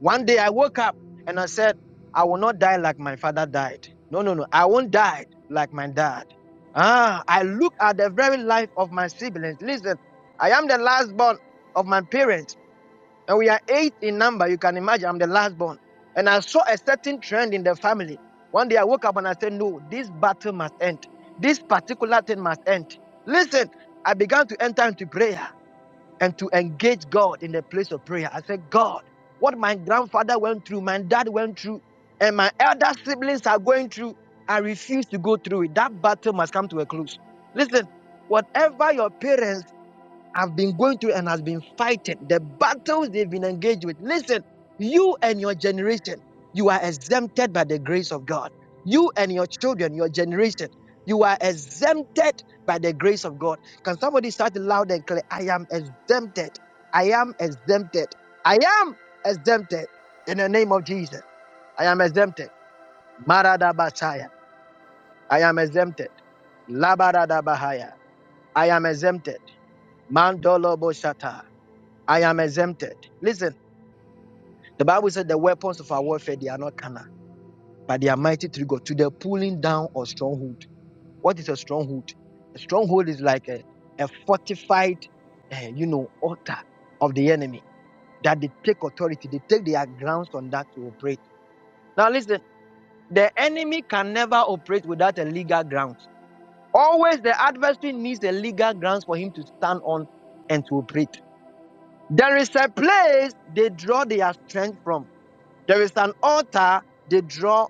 Speaker 1: One day I woke up and I said, I will not die like my father died. No, no, no. I won't die like my dad. Ah, I look at the very life of my siblings. Listen, I am the last born of my parents. And we are eight in number. You can imagine I'm the last born. And I saw a certain trend in the family. One day I woke up and I said, No, this battle must end. This particular thing must end. Listen, I began to enter into prayer and to engage God in the place of prayer. I said, God, what my grandfather went through, my dad went through, and my elder siblings are going through, I refuse to go through it. That battle must come to a close. Listen, whatever your parents have been going through and has been fighting, the battles they've been engaged with. Listen, you and your generation, you are exempted by the grace of God. You and your children, your generation, you are exempted by the grace of God. Can somebody start loud and clear? I am exempted. I am exempted. I am exempted in the name of Jesus. I am exempted. Maradabasaya. I am exempted. Labaradabahaya. I am exempted. Mandolo I am exempted. Listen, the Bible said the weapons of our warfare they are not carnal, but they are mighty through God to the pulling down of stronghold. What is a stronghold? A stronghold is like a, a fortified, eh, you know, altar of the enemy that they take authority. They take their grounds on that to operate. Now listen, the enemy can never operate without a legal ground. Always the adversary needs a legal grounds for him to stand on and to operate. There is a place they draw their strength from. There is an altar they draw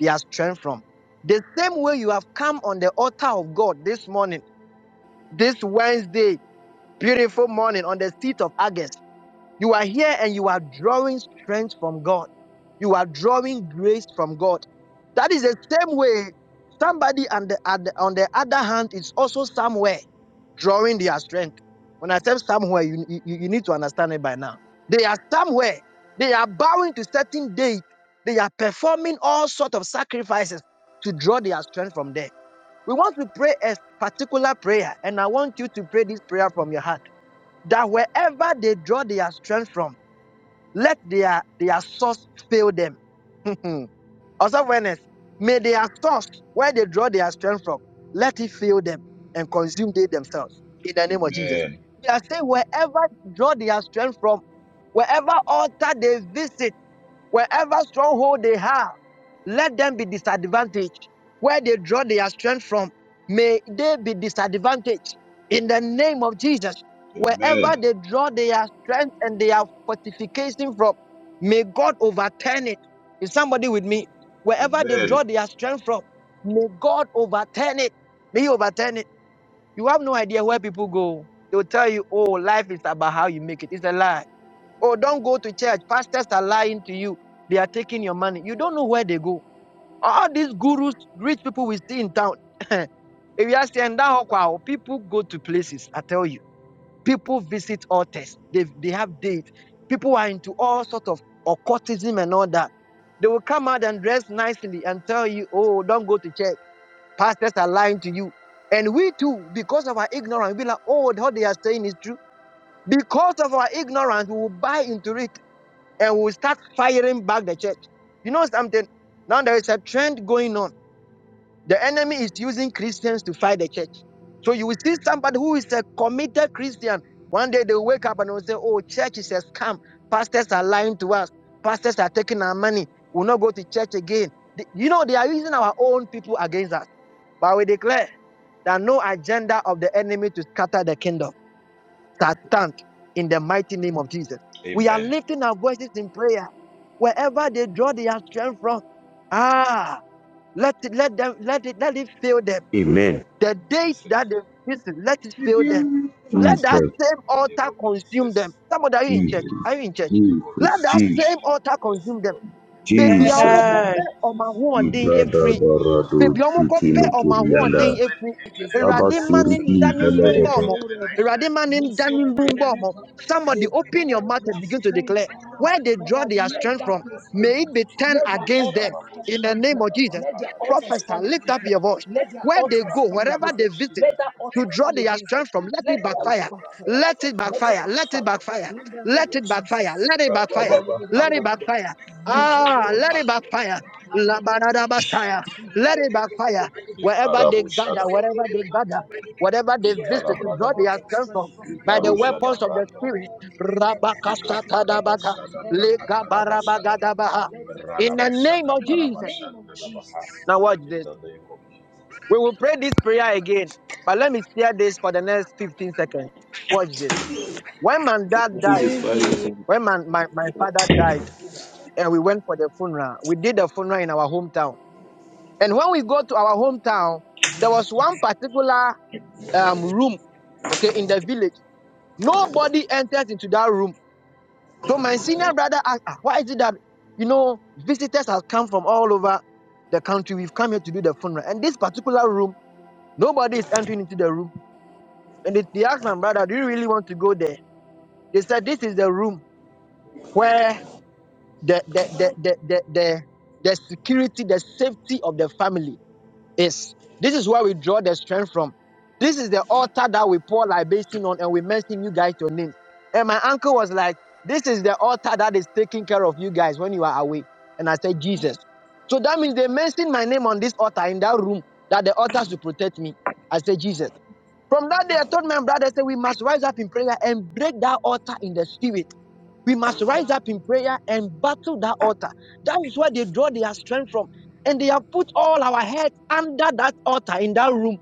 Speaker 1: their strength from. The same way you have come on the altar of God this morning, this Wednesday, beautiful morning on the seat of August. You are here and you are drawing strength from God. You are drawing grace from God. That is the same way somebody on the, on the on the other hand is also somewhere drawing their strength. When I say somewhere, you, you, you need to understand it by now. They are somewhere. They are bowing to certain date. They are performing all sorts of sacrifices to draw their strength from there. We want to pray a particular prayer, and I want you to pray this prayer from your heart. That wherever they draw their strength from, let their, their source fail them. [laughs] also, awareness. May their source, where they draw their strength from, let it fail them and consume they themselves. In the name of Jesus. They are saying wherever draw their strength from, wherever altar they visit. Wherever stronghold they have, let them be disadvantaged. Where they draw their strength from, may they be disadvantaged. In the name of Jesus, wherever they draw their strength and their fortification from, may God overturn it. Is somebody with me? Wherever they draw their strength from, may God overturn it. May He overturn it. You have no idea where people go. They will tell you, oh, life is about how you make it. It's a lie. Oh, don't go to church. Pastors are lying to you. They are taking your money. You don't know where they go. All these gurus, rich people we see in town. [laughs] if you ask them, "Nda people go to places. I tell you, people visit altars. They, they have dates. People are into all sorts of occultism and all that. They will come out and dress nicely and tell you, oh, don't go to church. Pastors are lying to you. And we too, because of our ignorance, we like, oh, what they are saying is true. Because of our ignorance, we will buy into it and we will start firing back the church. You know something? Now there is a trend going on. The enemy is using Christians to fight the church. So you will see somebody who is a committed Christian. One day they wake up and will say, Oh, church is a scam. Pastors are lying to us. Pastors are taking our money. We'll not go to church again. Th- You know, they are using our own people against us. But we declare that no agenda of the enemy to scatter the kingdom shall stand in the mighty name of Jesus. We are lifting our voices in prayer wherever they draw their strength from. Ah, let it, let them let it let it fail them.
Speaker 9: Amen.
Speaker 1: The date that they listen, let it fail them. Let
Speaker 9: Jesus.
Speaker 1: that same altar consume them. Somebody, are you in church?
Speaker 9: Jesus.
Speaker 1: Are you in church?
Speaker 9: Jesus.
Speaker 1: Let that
Speaker 9: Jesus.
Speaker 1: same altar consume them. Baby, I'm
Speaker 7: Amen.
Speaker 1: going to baabi a wɔkɔpɛ
Speaker 9: Jesus.
Speaker 1: wɔn ahoɔden
Speaker 9: Jesus.
Speaker 1: afiri awurade mma ne
Speaker 9: Labasuri
Speaker 1: nda ne mbumba
Speaker 9: Veledato.
Speaker 1: wɔn awurade mma ne nda somebody open your mouth and begin to declare where they draw their strength from may it be turned against them in the name of jesus professor lift up your voice where they go wherever they visit to draw their strength from let it backfire let it backfire. Let it backfire. Let it backfire. Let it backfire. Let it backfire. Ah, let it backfire. La barada bastaya. Let it backfire. Wherever they gather, wherever they gather, whatever they visit to draw their strength from by the weapons of the spirit. Rabakasatadabaka. Legabarabagadabaha. In the name of Jesus. Now watch this. We will pray this prayer again. But let me steer this for the next 15 seconds. Watch this. When my dad died,
Speaker 8: Jesus Christ.
Speaker 1: when my, my, my father died, and we went for the funeral, we did the funeral in our hometown. And when we go to our hometown, there was one particular um, room, okay, in the village. Nobody enters into that room. So my senior brother asked, "Ah, why is it that, you know, visitors have come from all over the country? We've come here to do the funeral. And this particular room, nobody is entering into the room. And they, they asked my brother, do you really want to go there? They said, this is the room where the the the the the, the the security, the safety of the family is. This is where we draw the strength from. This is the altar that we pour libation on and we mention you guys your names. And my uncle was like, This is the altar that is taking care of you guys when you are away. And I said, Jesus. So that means they mentioned my name on this altar in that room that the altar should protect me. I said, Jesus. From that day, I told my brother, I said, We must rise up in prayer and break that altar in the spirit. We must rise up in prayer and battle that altar. That is where they draw their strength from and they have put all our heads under that altar in that room.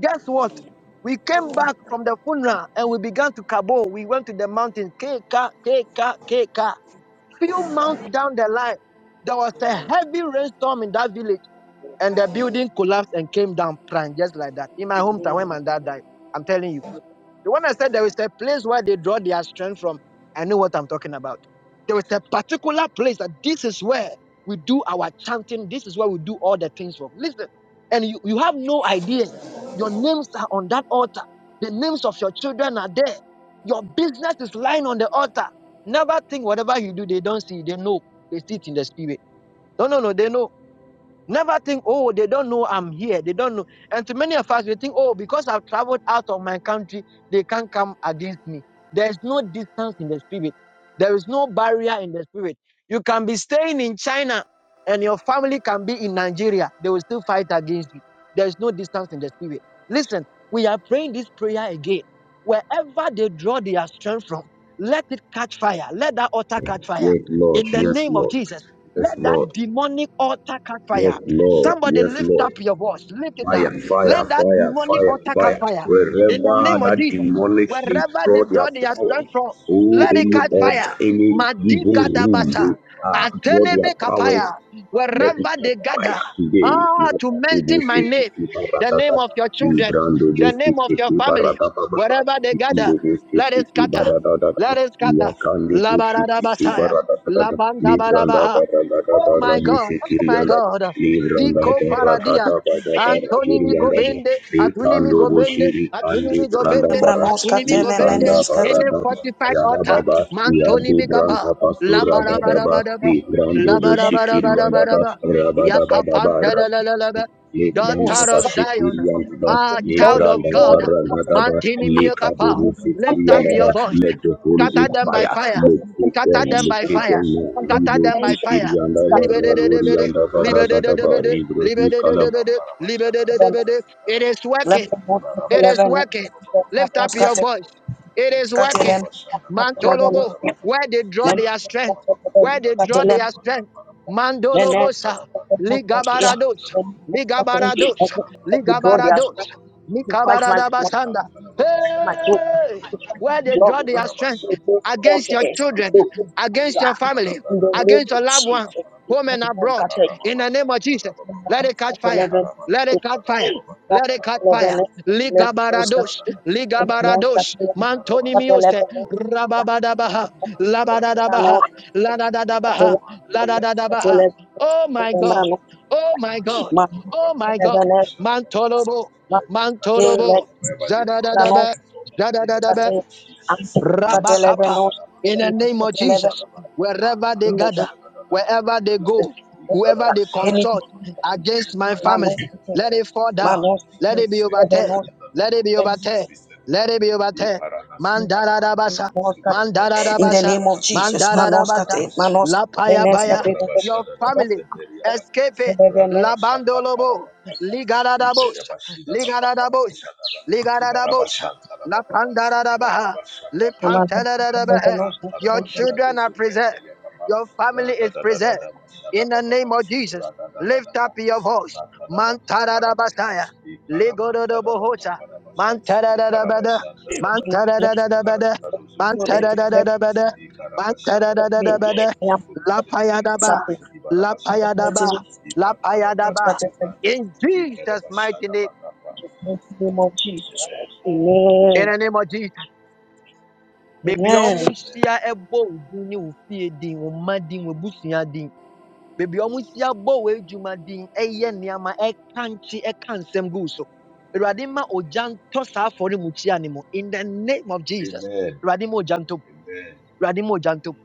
Speaker 1: Guess what? We came back from the funeral and we began to Kabo. We went to the mountain, Keka, Keka, Keka. Few months down the line, there was a heavy rainstorm in that village and the building collapsed and came down prime just like that. In my hometown, when my dad died, I'm telling you. The one I said there is a place where they draw their strength from. I know what I'm talking about. There is a particular place that this is where we do our chanting. This is where we do all the things from. Listen, and you, you have no idea. Your names are on that altar. The names of your children are there. Your business is lying on the altar. Never think whatever you do, they don't see. They know. They see it in the spirit. No, no, no. They know. Never think, oh, they don't know I'm here. They don't know. And to many of us, we think, oh, because I've traveled out of my country, they can't come against me. There is no distance in the spirit, there is no barrier in the spirit. You can be staying in China and your family can be in Nigeria. They will still fight against you. There is no distance in the spirit. Listen, we are praying this prayer again. Wherever they draw their strength from, let it catch fire. Let that altar catch fire
Speaker 9: Yes, Lord.
Speaker 1: in the
Speaker 9: Yes,
Speaker 1: name of
Speaker 9: Lord.
Speaker 1: Jesus.
Speaker 9: Yes,
Speaker 1: Let
Speaker 9: Lord.
Speaker 1: that demonic altar catch
Speaker 9: Yes,
Speaker 1: fire.
Speaker 9: Lord.
Speaker 1: Somebody
Speaker 9: Yes,
Speaker 1: lift
Speaker 9: Lord.
Speaker 1: up your voice. Lift it up.
Speaker 9: Fire, fire,
Speaker 1: Let that
Speaker 9: fire,
Speaker 1: demonic
Speaker 9: fire,
Speaker 1: altar catch
Speaker 9: fire.
Speaker 1: fire. In the
Speaker 9: Wherever
Speaker 1: name of
Speaker 9: that
Speaker 1: Jesus.
Speaker 9: demonic
Speaker 1: Wherever they
Speaker 9: destroy their
Speaker 1: draw their
Speaker 9: power.
Speaker 1: strength from,
Speaker 9: Oh,
Speaker 1: let it
Speaker 9: any
Speaker 1: catch
Speaker 9: altar,
Speaker 1: fire.
Speaker 9: any
Speaker 1: Madi
Speaker 9: evil room,
Speaker 1: gadabasa.
Speaker 9: they are draw their
Speaker 1: Ateneme
Speaker 9: power
Speaker 1: kapaya.
Speaker 9: Let it
Speaker 1: Wherever
Speaker 9: get
Speaker 1: they gather.
Speaker 9: fire today.
Speaker 1: Ah, to
Speaker 9: Nata kubo
Speaker 1: mention my
Speaker 9: seki
Speaker 1: name.
Speaker 9: kipa
Speaker 1: The name
Speaker 9: ratata.
Speaker 1: of your children.
Speaker 9: Librando de
Speaker 1: The name
Speaker 9: seki
Speaker 1: of your
Speaker 9: kipa
Speaker 1: family.
Speaker 9: ratata bata.
Speaker 1: Wherever they gather,
Speaker 9: Librando de
Speaker 1: let it
Speaker 9: seki kipa
Speaker 1: scatter.
Speaker 9: ratata.
Speaker 1: Let us kata.
Speaker 9: Yakande de seki kipa
Speaker 1: Labaradabasaya.
Speaker 9: ratata. Libranda
Speaker 1: barabaha.
Speaker 9: paratata
Speaker 1: Oh my
Speaker 9: barabu
Speaker 1: God.
Speaker 9: seki
Speaker 1: Oh my
Speaker 9: rianda.
Speaker 1: God.
Speaker 9: Libranda
Speaker 1: Diko paradia.
Speaker 9: paratata patata
Speaker 1: Antonimi
Speaker 9: rabirianda.
Speaker 1: gobende. Atunimi
Speaker 9: Likando
Speaker 1: gobende.
Speaker 9: boshiri
Speaker 1: Atunimi
Speaker 9: kandi branda
Speaker 1: gobende.
Speaker 9: parat.
Speaker 7: Lembranoska
Speaker 1: Atunimi gobende.
Speaker 9: Likanda
Speaker 7: telemeneska
Speaker 1: Any
Speaker 7: te-
Speaker 9: paratata.
Speaker 1: fortified altar.
Speaker 9: Yadababa,
Speaker 1: Mantonimi
Speaker 9: Yadi
Speaker 1: gaba.
Speaker 9: Branta
Speaker 1: la
Speaker 9: Pasura Dadaba,
Speaker 1: Labarabarabadaba.
Speaker 9: Librando Shikiri Yadaba,
Speaker 1: Labarabarabarabadaba.
Speaker 9: Rabadabadaba,
Speaker 1: Yakapantelelelelebe
Speaker 9: Libranda
Speaker 1: daughter of
Speaker 9: Bashikiri
Speaker 1: Zion,
Speaker 9: Yadaba,
Speaker 1: ah, child of
Speaker 9: Libranda
Speaker 1: God,
Speaker 9: Varadaba,
Speaker 1: Mantini Miotapa,
Speaker 9: Likabu Shikiri
Speaker 1: lift up your
Speaker 9: Yadaba,
Speaker 1: voice,
Speaker 9: let the Holy
Speaker 1: scatter
Speaker 9: Ghost
Speaker 1: them by
Speaker 9: fire,
Speaker 1: fire,
Speaker 9: locate
Speaker 1: scatter
Speaker 9: them,
Speaker 1: them by
Speaker 9: locate
Speaker 1: fire,
Speaker 9: them now,
Speaker 1: scatter
Speaker 9: Ibo
Speaker 1: them by
Speaker 9: Shikiri
Speaker 1: fire. de
Speaker 9: Yadaba,
Speaker 1: de de de
Speaker 9: Raduri
Speaker 1: de. de
Speaker 9: Yadaba, Ragadaba,
Speaker 1: Libidididibidi,
Speaker 9: Ibrahim
Speaker 1: de de libidididibidi. It is working, it is working. Lift up your voice. It is
Speaker 7: ska
Speaker 1: working. Mantolobo, where they draw their strength, where they draw their strength. Mandolobosa, Ligabarados, Ligabarados, Ligabarados, Mikabaradabasanda. Hey! Where they draw their strength against your children, against your family, against your loved ones, home and abroad, in the name of Jesus, let it catch fire. Let it catch fire. Let it catch fire. Liga baradosh, Liga baradosh. Ligabarados, Ligabarados, Mantonimiose, Rababadabaha, Labadadabaha, Ladadadabaha, Ladadadabaha. Oh my God, oh my God, oh my God. Mantolobo, Mantolobo, Zadadadaba, Zadadadaba. Rabakapa. In the name of Jesus, wherever they gather, wherever they go, whoever they consult against my family, let it fall down. Let it be overturned. Let it be overturned. Let it be overturned. Mandara dabasa. Mandara
Speaker 7: In the
Speaker 1: dabasa.
Speaker 7: name of Jesus,
Speaker 1: Mandara dabasa.
Speaker 7: Manoskate, Manoskate,
Speaker 1: Lapaya baya.
Speaker 7: Beneskate,
Speaker 1: Your family, escape it. Labandolobo. Ligaradabos. Ligaradabos. Ligarabosha, Lapandarabaha, Lipantarabaha. Your children are preserved. Your family is preserved. In the name of Jesus, lift up your voice. Mantarabasaya, Ligorodobohosa, Mantarabada, Mantarabada, Mantarabada, Mantarabada, Lapayadaba, Lapayadaba, Lapayadaba. In Jesus' mighty name, in the name of Jesus. Baabi a wɔahyia bɔ wo din ne wo fie din, wo mma din, Baby, din. Baabi a wɔahyia bɔ w'adwuma din, ɛyɛ nneɛma, ɛka nkye, ɛka nsɛm gu wo so. Awurade ma ogya ntɔ saa afɔremukyia no mu. In the name of Jesus. Awurade ma ogya ntɔ Baby, Awurade ma ogya ntɔ mu.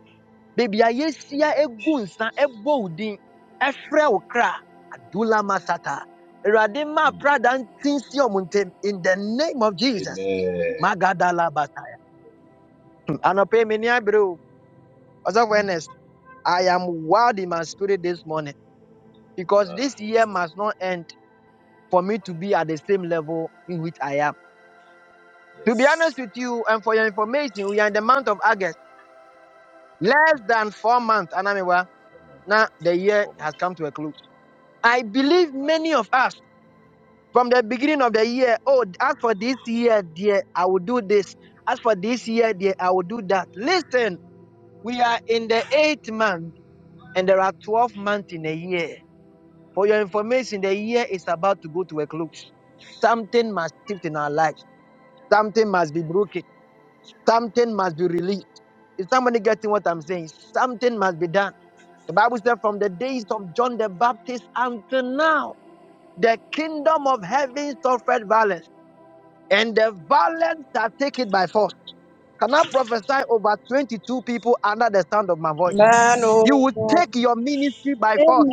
Speaker 1: Baabi a yɛahyia gu nsa bɔ wo din, ɛfrɛ wo kra, Adula Masata. Awurade ma aprada ntinsi In the name of Jesus. Magadala Bataya. Anɔpa yi, me As of awareness, I am wild in my spirit this morning because this year must not end for me to be at the same level in which I am. To be honest with you, and for your information, we are in the month of August, less than four months, Anamiwa. Now the year has come to a close. I believe many of us from the beginning of the year, oh, as for this year, dear, I will do this. As for this year, dear, I will do that. Listen, we are in the eighth month, and there are 12 months in a year. For your information, the year is about to go to a close. Something must shift in our lives. Something must be broken. Something must be released. Is somebody getting what I'm saying? Something must be done. The Bible said, from the days of John the Baptist until now, the kingdom of heaven suffered violence, and the violence shall take it by force. Can I prophesy over 22 people under the sound of my voice? You will take your ministry by force.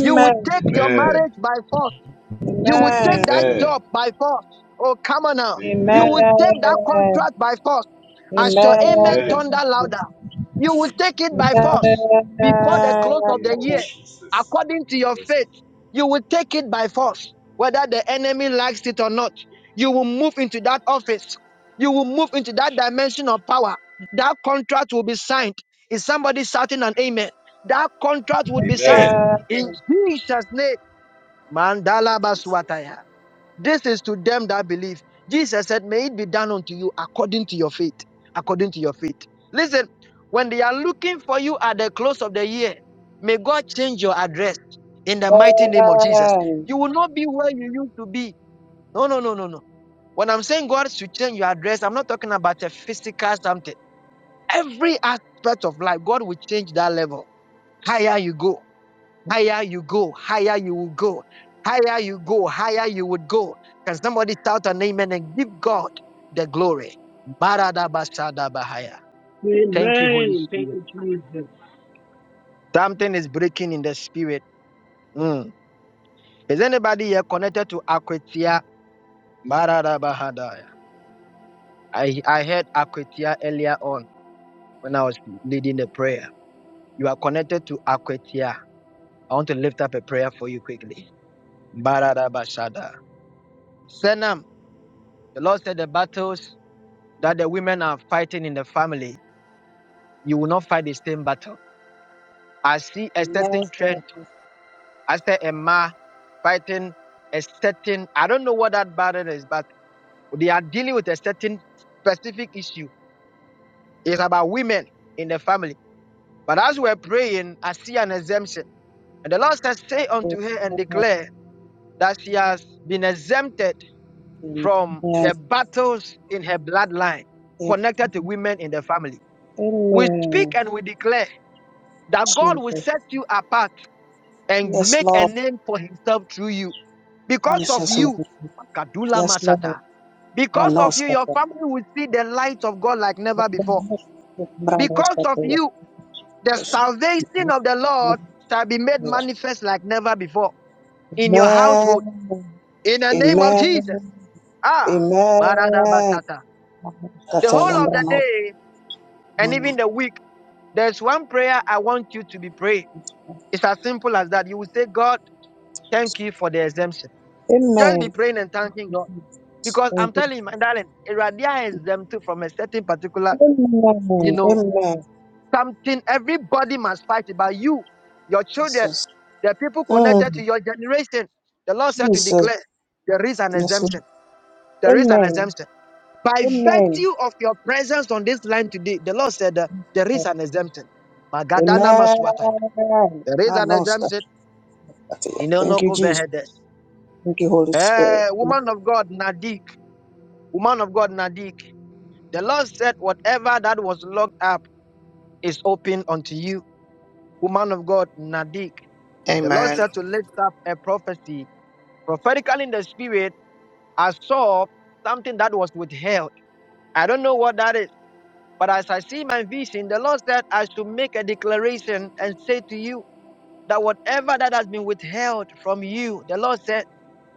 Speaker 1: You will take your marriage by force. You will take that job by force. Oh, come on now. You will take that contract by force. As your amen thunder louder, you will take it by force before the close of the year. According to your faith, you will take it by force, whether the enemy likes it or not. You will move into that office. You will move into that dimension of power. That contract will be signed. Is somebody shouting an amen? That contract will be signed in Jesus' name. Mandala baswataya. This is to them that believe. Jesus said, May it be done unto you according to your faith. According to your faith. Listen, when they are looking for you at the close of the year, may God change your address in the mighty name of Jesus. You will not be where you used to be. No, no, no, no, no. When I'm saying God should change your address, I'm not talking about a physical something. Every aspect of life, God will change that level. Higher you go. Higher you go, higher you will go. Higher you go, higher you would go. Can somebody shout an amen and give God the glory? Baradabashadabahaya. Thank you, Holy Spirit. Something is breaking in the spirit. Mm. Is anybody here connected to Akwetia? Baradabahadaya. I, I heard Akwetia earlier on when I was leading the prayer. You are connected to Akwetia. I want to lift up a prayer for you quickly. Baradabashada. Senam, the Lord said the battles. that the women are fighting in the family, you will not fight the same battle. I see a certain trend. I see a ma fighting a certain, I don't know what that battle is, but they are dealing with a certain specific issue. It's about women in the family. But as we're praying, I see an exemption. And the Lord says, Say unto her and declare that she has been exempted from the battles in her bloodline connected to women in the family. We speak
Speaker 7: Amen.
Speaker 1: and we declare that God will
Speaker 7: Jesus.
Speaker 1: set you apart and
Speaker 7: Yes,
Speaker 1: make a
Speaker 7: Lord,
Speaker 1: name for himself through you. Because of
Speaker 7: Jesus,
Speaker 1: you, Kadula
Speaker 7: yes, Lord,
Speaker 1: Masata. Because of you, your
Speaker 7: Manoskate,
Speaker 1: family will see the light of God like never before. Because
Speaker 7: Manoskate.
Speaker 1: of you, the
Speaker 7: Amen,
Speaker 1: salvation of the Lord shall be made manifest like never before in your household. In the name of Jesus.
Speaker 7: Amen,
Speaker 1: Ah, Barada
Speaker 7: Amen,
Speaker 1: Basata. The
Speaker 7: Manoskate,
Speaker 1: whole of the
Speaker 7: Lembranos,
Speaker 1: day and even the week, there's one prayer I want you to be praying. It's as simple as that. You will say, God, Thank you for the exemption. Just
Speaker 7: Amen,
Speaker 1: be praying and thanking God. Because
Speaker 7: thank
Speaker 1: I'm
Speaker 7: you,
Speaker 1: telling you, my darling, Radia is exempted from a certain particular, you
Speaker 7: Amen,
Speaker 1: know,
Speaker 7: Amen,
Speaker 1: something everybody must fight about you, your children,
Speaker 7: Jesus.
Speaker 1: the people
Speaker 7: Mm,
Speaker 1: connected to your generation. The Lord said to
Speaker 7: Jesus.
Speaker 1: declare there is an
Speaker 7: Yes,
Speaker 1: exemption.
Speaker 7: Lord.
Speaker 1: There is an
Speaker 7: Amen.
Speaker 1: exemption. By
Speaker 7: Amen.
Speaker 1: virtue of your presence on this line today, the Lord said that there is an exemption. Magadana Maswataya.
Speaker 7: Amen.
Speaker 1: There is
Speaker 7: Ah,
Speaker 1: an
Speaker 7: no, stop.
Speaker 1: exemption.
Speaker 7: That's it. Thank you,
Speaker 1: Inonoko
Speaker 7: Jesus.
Speaker 1: Vehedes.
Speaker 7: Thank you, Holy Spirit.
Speaker 1: Eh, woman of God, Nadik. Woman of God, Nadik, the Lord said, Whatever that was locked up is open unto you. Woman of God, Nadik, the Lord
Speaker 10: Amen.
Speaker 1: said to lift up a prophecy. Prophetically in the spirit, I saw something that was withheld. I don't know what that is, but as I see my vision, the Lord said I should make a declaration and say to you that whatever that has been withheld from you, the Lord said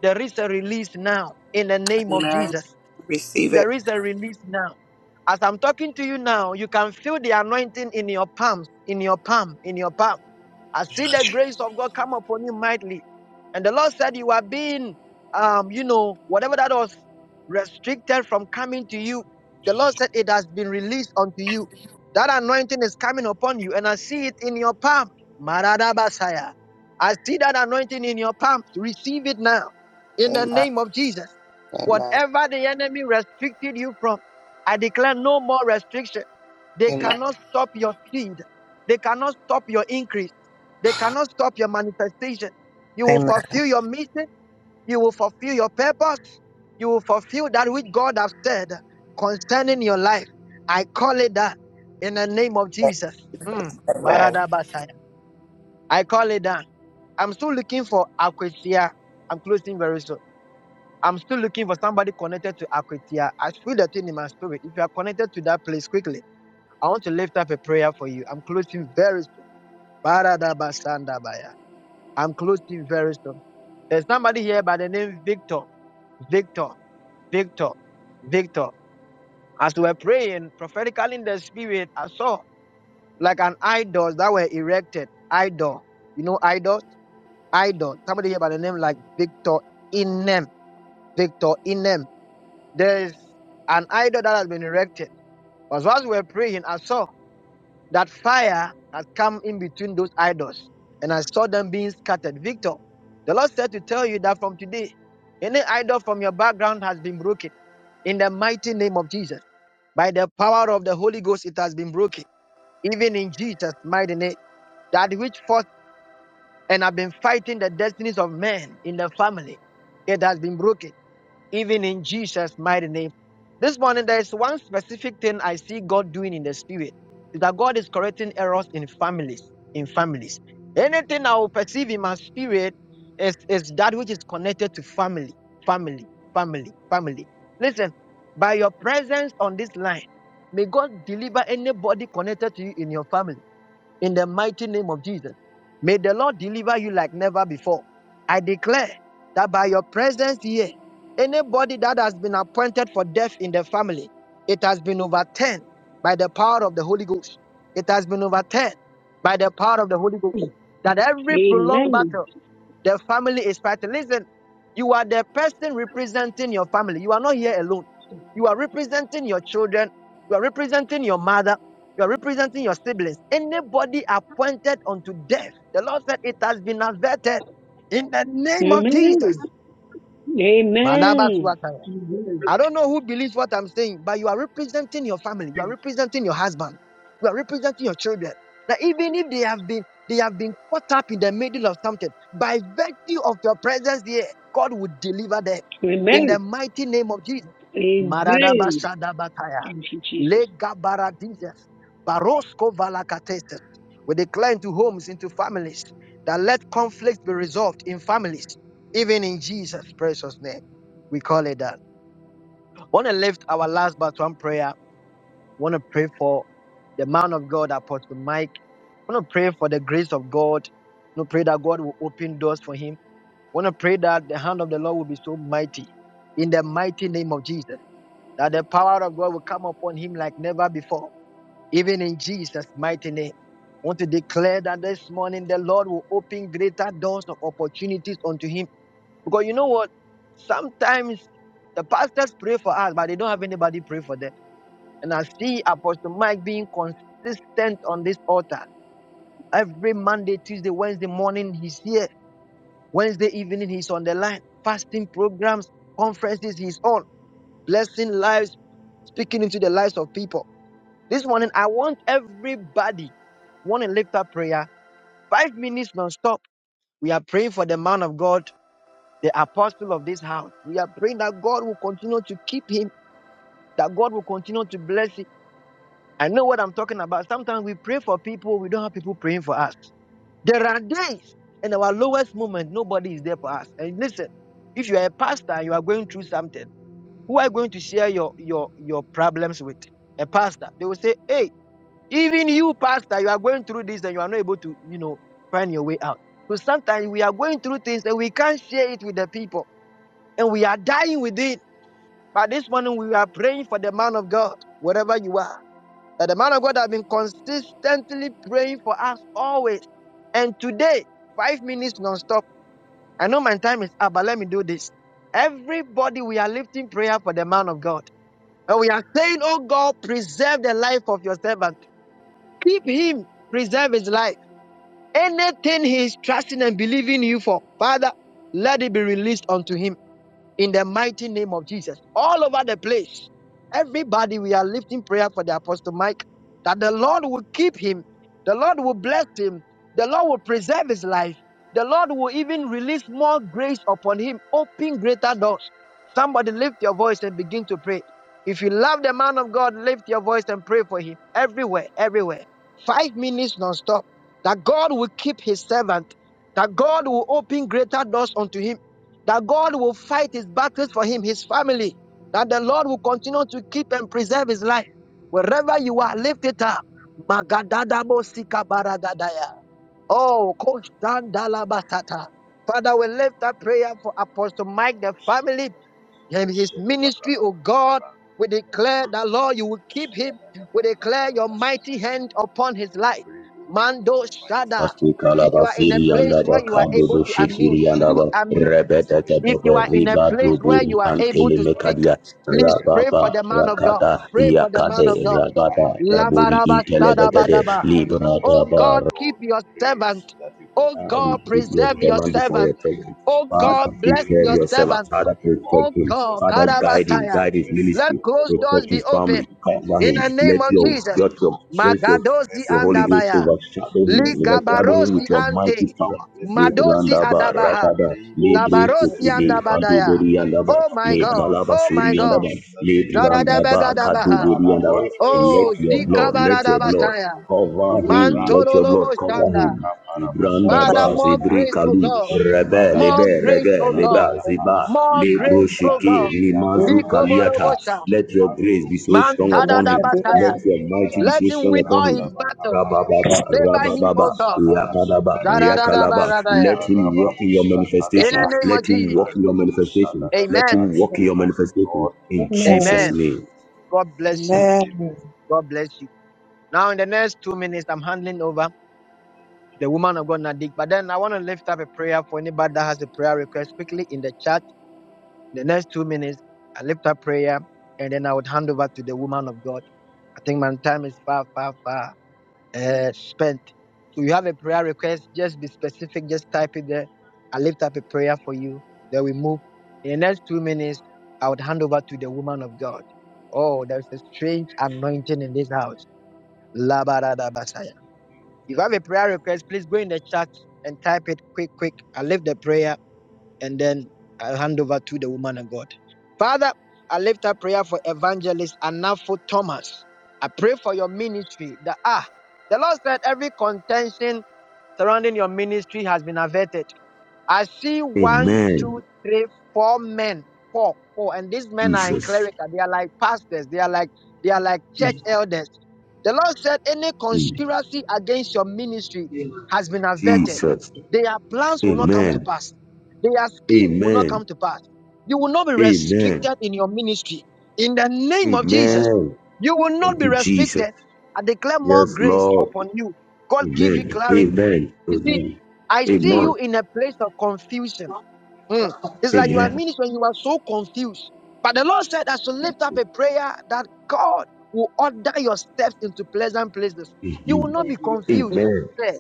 Speaker 1: there is a release now in the name of
Speaker 10: Amen.
Speaker 1: Jesus.
Speaker 10: Receive it.
Speaker 1: There is a release now. As I'm talking to you now, you can feel the anointing in your palms, in your palm, in your palm. I see the grace of God come upon you mightily. And the Lord said, You are being, um, you know, whatever that was restricted from coming to you, the Lord said, It has been released unto you. That anointing is coming upon you, and I see it in your palm. Maradabasaya. I see that anointing in your palms. Receive it now in the
Speaker 10: Amen.
Speaker 1: name of Jesus.
Speaker 10: Amen.
Speaker 1: Whatever the enemy restricted you from, I declare no more restriction. They
Speaker 10: Amen.
Speaker 1: cannot stop your speed. They cannot stop your increase. They cannot stop your manifestation. You will
Speaker 10: Amen.
Speaker 1: fulfill your mission. You will fulfill your purpose. You will fulfill that which God has said concerning your life. I call it that in the name of Jesus. Mm.
Speaker 10: Amen.
Speaker 1: Maradabasaya. I call it that. I'm still looking for Akwesia. I'm closing very soon. I'm still looking for somebody connected to Aquitia. I feel that thing in my spirit. If you are connected to that place quickly, I want to lift up a prayer for you. I'm closing very soon. Baradabasandabaya. I'm closing very soon. There's somebody here by the name Victor. Victor. Victor. Victor. As we were praying prophetically in the spirit, I saw like an idols that were erected. Idol. You know idols? Idol. Somebody here by the name like Victor Inem. Victor Inem. there is an idol that has been erected. Because whilst we were praying, I saw that fire had come in between those idols, and I saw them being scattered. Victor, the Lord said to tell you that from today, any idol from your background has been broken in the mighty name of Jesus. By the power of the Holy Ghost, it has been broken, even in Jesus' mighty name. That which fought. And I've been fighting the destinies of men in the family. It has been broken, even in Jesus' mighty name. This morning, there is one specific thing I see God doing in the spirit is that God is correcting errors in families. In families, anything I will perceive in my spirit is, is that which is connected to family, family, family, family. Listen, by your presence on this line, may God deliver anybody connected to you in your family in the mighty name of Jesus. May the Lord deliver you like never before. I declare that by your presence here, anybody that has been appointed for death in the family, it has been overturned by the power of the Holy Ghost. It has been overturned by the power of the Holy Ghost. That every prolonged battle the family is fighting. Listen, you are the person representing your family. You are not here alone. You are representing your children. You are representing your mother. You are representing your siblings. Anybody appointed unto death, the Lord said it has been averted in the name of Jesus.
Speaker 11: Amen. Amen.
Speaker 1: I don't know who believes what I'm saying, but you are representing your family, you are representing your husband, you are representing your children. That even if they have been they have been caught up in the middle of something, by virtue of your presence here, God will deliver them in the
Speaker 11: Amen.
Speaker 1: mighty name of Jesus.
Speaker 11: Amen.
Speaker 1: Maradabashadabataya,
Speaker 11: Thank you, Jesus.
Speaker 1: Legabaradizes, Barosko Valakateses. We declare into homes, into families, that let conflict be resolved in families, even in Jesus' precious name. We call it that. Want to lift our last but one prayer. Want to pray for the man of God, Apostle Mike. Want to pray for the grace of God. Want to pray that God will open doors for him. Want to pray that the hand of the Lord will be so mighty in the mighty name of Jesus. That the power of God will come upon him like never before, even in Jesus' mighty name. Want to declare that this morning the Lord will open greater doors of opportunities unto him. Because you know what? Sometimes the pastors pray for us, but they don't have anybody pray for them. And I see Apostle Mike being consistent on this altar. Every Monday, Tuesday, Wednesday morning, he's here. Wednesday evening, he's on the line. Fasting programs, conferences, he's on. Blessing lives, speaking into the lives of people. This morning, I want everybody want to lift up prayer. Five minutes non-stop. We are praying for the man of God, the apostle of this house. We are praying that God will continue to keep him, that God will continue to bless him. I know what I'm talking about. Sometimes we pray for people, we don't have people praying for us. There are days in our lowest moment, nobody is there for us. And listen, if you are a pastor and you are going through something, who are you going to share your your your problems with? A pastor. They will say, Hey, even you, pastor, you are going through this and you are not able to, you know, find your way out. So sometimes we are going through things and we can't share it with the people. And we are dying with it. But this morning we are praying for the man of God, wherever you are. That the man of God has been consistently praying for us always. And today, five minutes non-stop. I know my time is up, but let me do this. Everybody, we are lifting prayer for the man of God. And we are saying, Oh God, preserve the life of your servant. Keep him, preserve his life. Anything he is trusting and believing you for, Father, let it be released unto him in the mighty name of Jesus. All over the place, everybody, we are lifting prayer for the Apostle Mike that the Lord will keep him, the Lord will bless him, the Lord will preserve his life, the Lord will even release more grace upon him, open greater doors. Somebody lift your voice and begin to pray. If you love the man of God, lift your voice and pray for him everywhere, everywhere. Five minutes non-stop. That God will keep his servant, that God will open greater doors unto him that God will fight his battles for him, his family, that the Lord will continue to keep and preserve his life. Wherever you are, lift it up. Magadadabo sikabaragadaya. Oh, koshandalabatata. Father, we lift up prayer for Apostle Mike, the family, and his ministry, Oh God. We declare that, Lord, you will keep him. We declare your mighty hand upon his life. Mando Shada. If
Speaker 9: Asikalaba
Speaker 1: you are in a place
Speaker 9: Siriandaba
Speaker 1: where you are able
Speaker 9: Kadubu
Speaker 1: to unmute, please
Speaker 9: Shikiriandaba
Speaker 1: unmute.
Speaker 9: Rebeta
Speaker 1: If
Speaker 9: Kedebe
Speaker 1: you are in a
Speaker 9: Riba
Speaker 1: place where you
Speaker 9: Dubu
Speaker 1: are able
Speaker 9: Antele
Speaker 1: to speak,
Speaker 9: Mekadia
Speaker 1: please pray
Speaker 9: Rababa
Speaker 1: for the man of God.
Speaker 9: Rakata
Speaker 1: Pray for the man
Speaker 9: Yakade
Speaker 1: of God.
Speaker 9: Rababa Raburi
Speaker 1: Labaraba
Speaker 9: Intele Degade
Speaker 1: sadabadaba. Oh
Speaker 9: Libra
Speaker 1: God, keep your servant. Oh
Speaker 9: uh, we
Speaker 1: God,
Speaker 9: put your
Speaker 1: preserve your
Speaker 9: servant before your
Speaker 1: servant.
Speaker 9: presence.
Speaker 1: Oh
Speaker 9: Father,
Speaker 1: God, bless
Speaker 9: preserve
Speaker 1: your
Speaker 9: your servant.
Speaker 1: servant.
Speaker 9: Father, protect
Speaker 1: Oh
Speaker 9: him.
Speaker 1: God,
Speaker 9: Father, guide him.
Speaker 1: Karabataya.
Speaker 9: Guide his
Speaker 1: Let
Speaker 9: ministry.
Speaker 1: closed doors
Speaker 9: Protect
Speaker 1: be
Speaker 9: his
Speaker 1: open
Speaker 9: family. Cover
Speaker 1: in
Speaker 9: him.
Speaker 1: the name
Speaker 9: Let
Speaker 1: of
Speaker 9: your
Speaker 1: Jesus.
Speaker 9: your your let your,
Speaker 1: Magadosi
Speaker 9: your Holy Ghost
Speaker 1: andabaya.
Speaker 9: overshadow him. Overshadow him with
Speaker 1: Ligabarosi
Speaker 9: your mighty
Speaker 1: ante.
Speaker 9: power.
Speaker 1: Madosi
Speaker 9: Lebrandaba
Speaker 1: adabaha.
Speaker 9: rakada lebre
Speaker 1: Labarosi
Speaker 9: kekide
Speaker 1: andabadaya.
Speaker 9: banduberi andaba
Speaker 1: Oh my God.
Speaker 9: lebralaba
Speaker 1: Oh my
Speaker 9: suri
Speaker 1: God.
Speaker 9: andaba lebrandaba
Speaker 1: Zadadabagadabaha.
Speaker 9: kaduberi andaba.
Speaker 1: Oh,
Speaker 9: Let your blood, let your blood
Speaker 1: Zikabaradabasaya.
Speaker 9: cover him. Let
Speaker 1: Mantoro
Speaker 9: your blood
Speaker 1: lobo
Speaker 9: cover
Speaker 1: shanda.
Speaker 9: him. Ibranda
Speaker 1: Father,
Speaker 9: ba
Speaker 1: more
Speaker 9: zibri
Speaker 1: grace, oh
Speaker 9: kalu
Speaker 1: God.
Speaker 9: rebe
Speaker 1: More
Speaker 9: lebe
Speaker 1: grace,
Speaker 9: rege
Speaker 1: O
Speaker 9: leba
Speaker 1: God.
Speaker 9: ziba
Speaker 1: More
Speaker 9: lebro
Speaker 1: grace, O
Speaker 9: sheke
Speaker 1: God.
Speaker 9: limazu kaliata.
Speaker 1: Ligoborobosha.
Speaker 9: Let your grace be so
Speaker 1: Man
Speaker 9: strong upon him.
Speaker 1: tadadabasaya.
Speaker 9: Let your mighty be
Speaker 1: Let
Speaker 9: so
Speaker 1: him
Speaker 9: strong
Speaker 1: win
Speaker 9: upon
Speaker 1: all his
Speaker 9: him.
Speaker 1: battles.
Speaker 9: Rabababa,
Speaker 1: Favor him, O
Speaker 9: rabababa,
Speaker 1: God.
Speaker 9: yakadaba, yakalaba.
Speaker 1: Zadadadabaradaya.
Speaker 9: Let him walk in your
Speaker 1: In
Speaker 9: manifestation.
Speaker 1: the name of
Speaker 9: Let him walk
Speaker 1: Jesus.
Speaker 9: in your manifestation. Let
Speaker 1: Amen.
Speaker 9: him walk in your manifestation. In Jesus'
Speaker 7: Amen.
Speaker 1: Amen.
Speaker 9: name.
Speaker 1: God bless you.
Speaker 7: Amen.
Speaker 1: God bless you. Now, in the next two minutes, I'm handing over the woman of God, Nadik. But then I want to lift up a prayer for anybody that has a prayer request quickly in the chat. In the next two minutes, I lift up prayer and then I would hand over to the woman of God. I think my time is far, far, far uh, spent. So you have a prayer request, just be specific, just type it there. I lift up a prayer for you. Then we move. In the next two minutes, I would hand over to the woman of God. Oh, there's a strange anointing in this house. Labaradabasaya. If you have a prayer request, please go in the chat and type it quick, quick. I lift the prayer and then I'll hand over to the woman of God. Father, I lift up prayer for evangelist Anafo Thomas. I pray for your ministry. That ah, the Lord said every contention surrounding your ministry has been averted. I see one,
Speaker 9: Amen.
Speaker 1: two, three, four men. Four, four. And these men are in
Speaker 9: Jesus.
Speaker 1: clerical. They are like pastors. They are like they are like church elders. The Lord said, Any
Speaker 9: Mm.
Speaker 1: conspiracy against your ministry has been averted.
Speaker 9: Jesus.
Speaker 1: Their plans will not come to
Speaker 9: Amen.
Speaker 1: pass. Their scheme will not come
Speaker 9: Amen.
Speaker 1: to pass. You will not be
Speaker 9: Amen.
Speaker 1: restricted in your ministry. In the name of Jesus,
Speaker 9: Amen.
Speaker 1: you will not
Speaker 9: Thank
Speaker 1: be
Speaker 9: you, Jesus.
Speaker 1: restricted. I declare more
Speaker 9: Yes,
Speaker 1: grace
Speaker 9: Lord.
Speaker 1: upon you. God give you
Speaker 9: Amen.
Speaker 1: clarity.
Speaker 9: Amen.
Speaker 1: You see.
Speaker 9: Amen.
Speaker 1: I
Speaker 9: Amen.
Speaker 1: see you
Speaker 9: Amen.
Speaker 1: in a place of confusion. Mm. It's like you are
Speaker 9: Amen.
Speaker 1: minister when you are so confused. But the Lord said I should lift up a prayer that God will order your steps into pleasant places. You will not be confused.
Speaker 9: Amen.
Speaker 1: Say,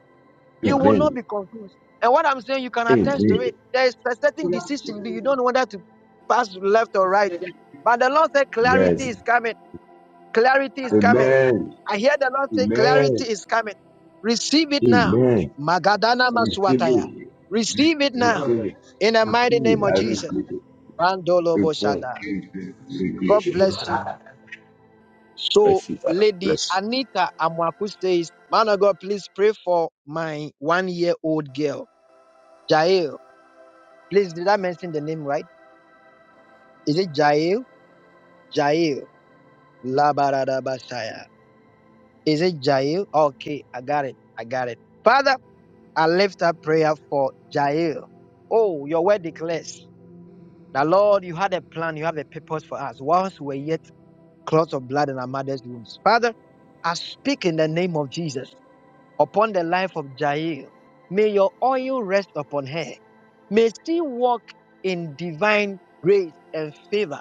Speaker 1: You will not
Speaker 9: Amen.
Speaker 1: be confused. And what I'm saying, you can attest to
Speaker 9: Amen.
Speaker 1: it. There is a certain decision, but you don't know whether to pass left or right. But the Lord said clarity
Speaker 9: Yes.
Speaker 1: is coming. Clarity is coming.
Speaker 9: Amen.
Speaker 1: I hear the Lord say, Clarity
Speaker 9: Amen.
Speaker 1: is coming. Receive it now.
Speaker 9: Amen.
Speaker 1: Magadana
Speaker 9: I receive
Speaker 1: Maswataya.
Speaker 9: it.
Speaker 1: Receive it
Speaker 9: I
Speaker 1: now.
Speaker 9: receive
Speaker 1: In the mighty name
Speaker 9: it.
Speaker 1: of
Speaker 9: I
Speaker 1: Jesus.
Speaker 9: receive it.
Speaker 1: Randolo
Speaker 9: I receive it. Amen.
Speaker 1: Boshada. God
Speaker 9: Amen.
Speaker 1: bless you.
Speaker 9: Amen.
Speaker 1: So,
Speaker 9: Bless you, Father.
Speaker 1: Lady
Speaker 9: Bless you.
Speaker 1: Anita Amwaku says, Man of God, please pray for my one year old girl, Jael. Please, did I mention the name right? Is it Jael? Jael. La barada basaya. Is it Jair? Okay, I got it. I got it. Father, I lift up prayer for Jair. Oh, your word declares that, Lord, you had a plan, you have a purpose for us whilst we were yet clots of blood in our mother's wombs. Father, I speak in the name of Jesus upon the life of Jair. May your oil rest upon her. May she walk in divine grace and favor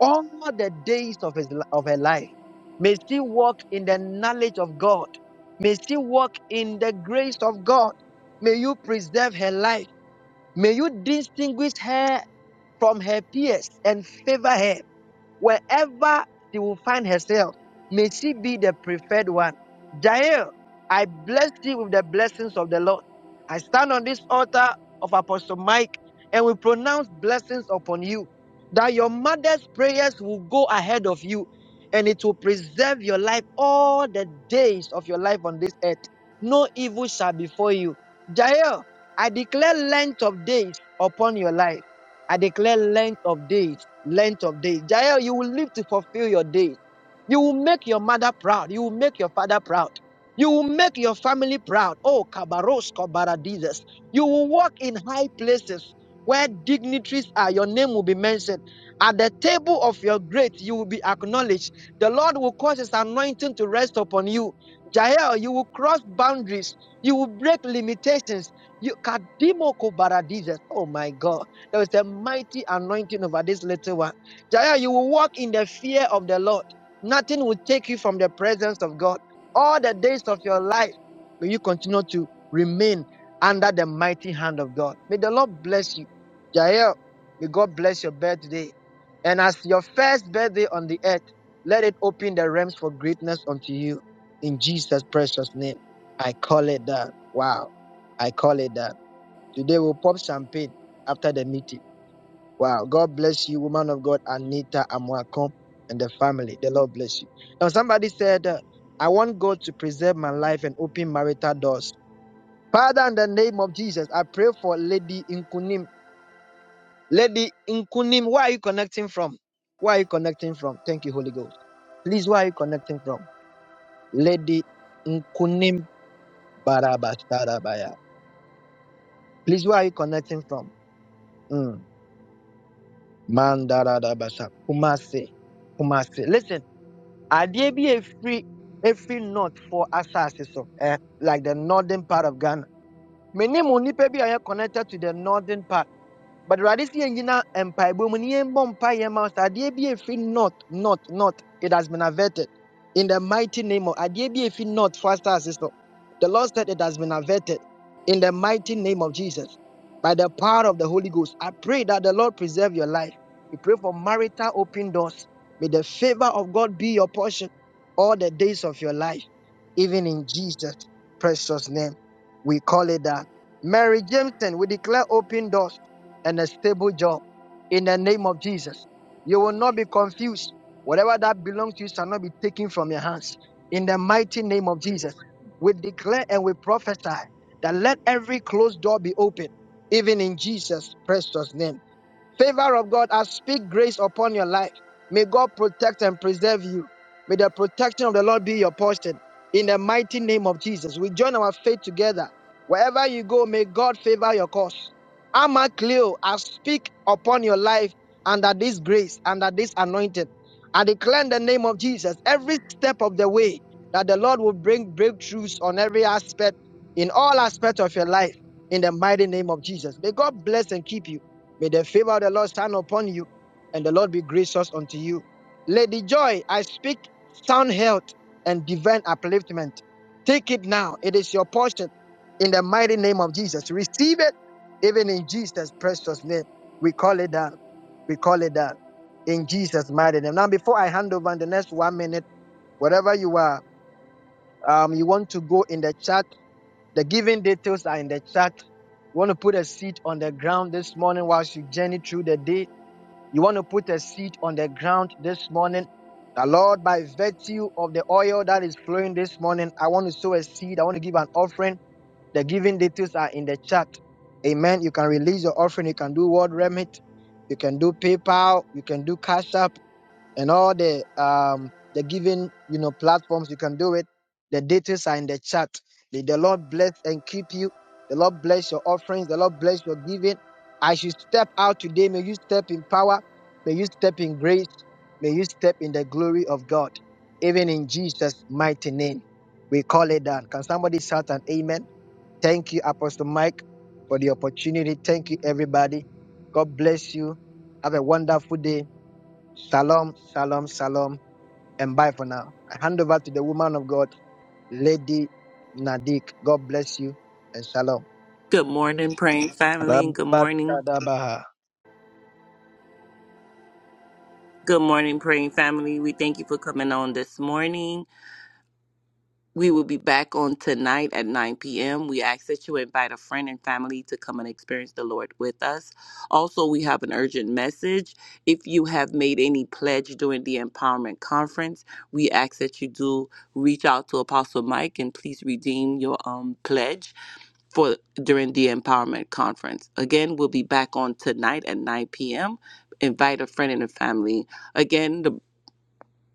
Speaker 1: all the days of his of her life. May she walk in the knowledge of God. May she walk in the grace of God. May you preserve her life. May you distinguish her from her peers and favor her. Wherever she will find herself, may she be the preferred one. Jael, I bless thee with the blessings of the Lord. I stand on this altar of Apostle Mike and we pronounce blessings upon you that your mother's prayers will go ahead of you and it will preserve your life all the days of your life on this earth. No evil shall befall you. Jael, I declare length of days upon your life. I declare length of days, length of days. Jael, you will live to fulfill your days. You will make your mother proud. You will make your father proud. You will make your family proud. Oh, Kabaros, Kabaradizes. You will walk in high places where dignitaries are. Your name will be mentioned. At the table of your great, you will be acknowledged. The Lord will cause his anointing to rest upon you. Jael, you will cross boundaries. You will break limitations. You, Kadimo Kobaradizes. Oh, my God. There is a mighty anointing over this little one. Jaya, you will walk in the fear of the Lord. Nothing will take you from the presence of God. All the days of your life, may you continue to remain under the mighty hand of God. May the Lord bless you. Jael, may God bless your birthday. And as your first birthday on the earth, let it open the realms for greatness unto you. In Jesus' precious name, I call it that. Wow. I call it that. Today we'll pop champagne after the meeting. Wow. God bless you, woman of God, Anita Amwakom, and the family. The Lord bless you. Now, somebody said, uh, I want God to preserve my life and open marital doors. Father, in the name of Jesus, I pray for Lady Inkunim. Lady Inkunim, where are you connecting from? Where are you connecting from? Thank you, Holy Ghost. Please, where are you connecting from? Lady Nkunim Barabasarabaya. Please, where are you connecting from? Mm. Mandaradabasa. Kumasi. Kumasi. Listen. adeɛ bi a ɛfiri ɛfiri north for asase so eh, like the northern part of ghana menim nnipa bi are connected to the northern part but Radis Yangina Empire Bumunian Bompire Mount Adiabia Free North, North, North. It has been averted. In the mighty name of Adiabia Free North, Faster Sister. The Lord said it has been averted. In the mighty name of Jesus. By the power of the Holy Ghost, I pray that the Lord preserve your life. We pray for marital open doors. May the favor of God be your portion all the days of your life, even in Jesus' precious name. We call it that. Mary Jameson, we declare open doors and a stable job in the name of Jesus. You will not be confused. Whatever that belongs to you shall not be taken from your hands. In the mighty name of Jesus, we declare and we prophesy that let every closed door be open, even in Jesus' precious name. Favor of God, I speak grace upon your life. May God protect and preserve you. May the protection of the Lord be your portion. In the mighty name of Jesus, we join our faith together. Wherever you go, may God favor your cause. Amacleo, I speak upon your life under this grace, under this anointing. I declare in the name of Jesus every step of the way that the Lord will bring breakthroughs on every aspect, in all aspects of your life, in the mighty name of Jesus. May God bless and keep you. May the favor of the Lord stand upon you, and the Lord be gracious unto you. Lady Joy, I speak sound health and divine upliftment. Take it now. It is your portion in the mighty name of Jesus. Receive it even in Jesus' precious name, we call it that. We call it that. In Jesus' mighty name. Now, before I hand over in the next one minute, whatever you are, um, you want to go in the chat. The giving details are in the chat. You want to put a seed on the ground this morning whilst you journey through the day. You want to put a seed on the ground this morning. The Lord, by virtue of the oil that is flowing this morning, I want to sow a seed. I want to give an offering. The giving details are in the chat. Amen. You can release your offering. You can do word remit. You can do PayPal. You can do Cash App and all the um the giving you know platforms. You can do it. The details are in the chat. May the Lord bless and keep you. The Lord bless your offerings. The Lord bless your giving. As you step out today, may you step in power. May you step in grace. May you step in the glory of God. Even in Jesus' mighty name, we call it done. Can somebody shout an amen? Thank you, Apostle Mike, for the opportunity. Thank you, everybody. God bless you. Have a wonderful day. Shalom, shalom, shalom, and bye for now. I hand over to the woman of God, Lady Nadik. God bless you and shalom.
Speaker 10: Good morning, praying family. Good morning.
Speaker 1: Alabashadabaha.
Speaker 10: Good morning, praying family. We thank you for coming on this morning. We will be back on tonight at 9 p.m. We ask that you invite a friend and family to come and experience the Lord with us. Also, we have an urgent message. If you have made any pledge during the empowerment conference, we ask that you do reach out to Apostle Mike and please redeem your um, pledge for during the empowerment conference. Again, we'll be back on tonight at 9 p.m. Invite a friend and a family. Again, the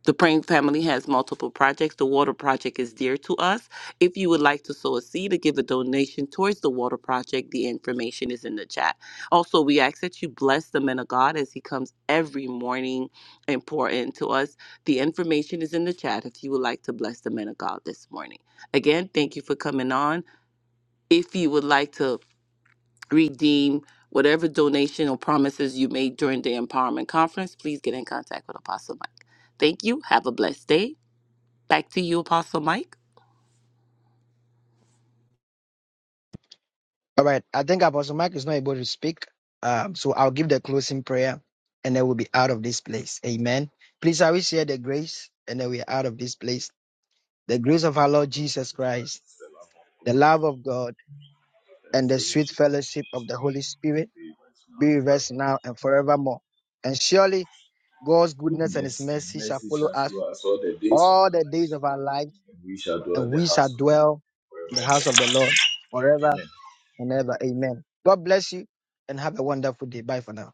Speaker 10: the Praying Family has multiple projects. The water project is dear to us. If you would like to sow a seed or give a donation towards the water project, the information is in the chat. Also, we ask that you bless the man of God as he comes every morning and pour into us. The information is in the chat if you would like to bless the man of God this morning. Again, thank you for coming on. If you would like to redeem whatever donation or promises you made during the empowerment conference, please get in contact with Apostle Mike. Thank you. Have a blessed day. Back to you, Apostle Mike.
Speaker 1: All right. I think Apostle Mike is not able to speak. Um, so I'll give the closing prayer and then we'll be out of this place. Amen. Please, I will share the grace and then we are out of this place. The grace of our Lord Jesus Christ, the love of God and the sweet fellowship of the Holy Spirit be with us now and forevermore. And surely God's goodness and his mercy shall follow us all the days of our life, and we shall dwell in the house of the Lord forever and ever. Amen. God bless you and have a wonderful day. Bye for now.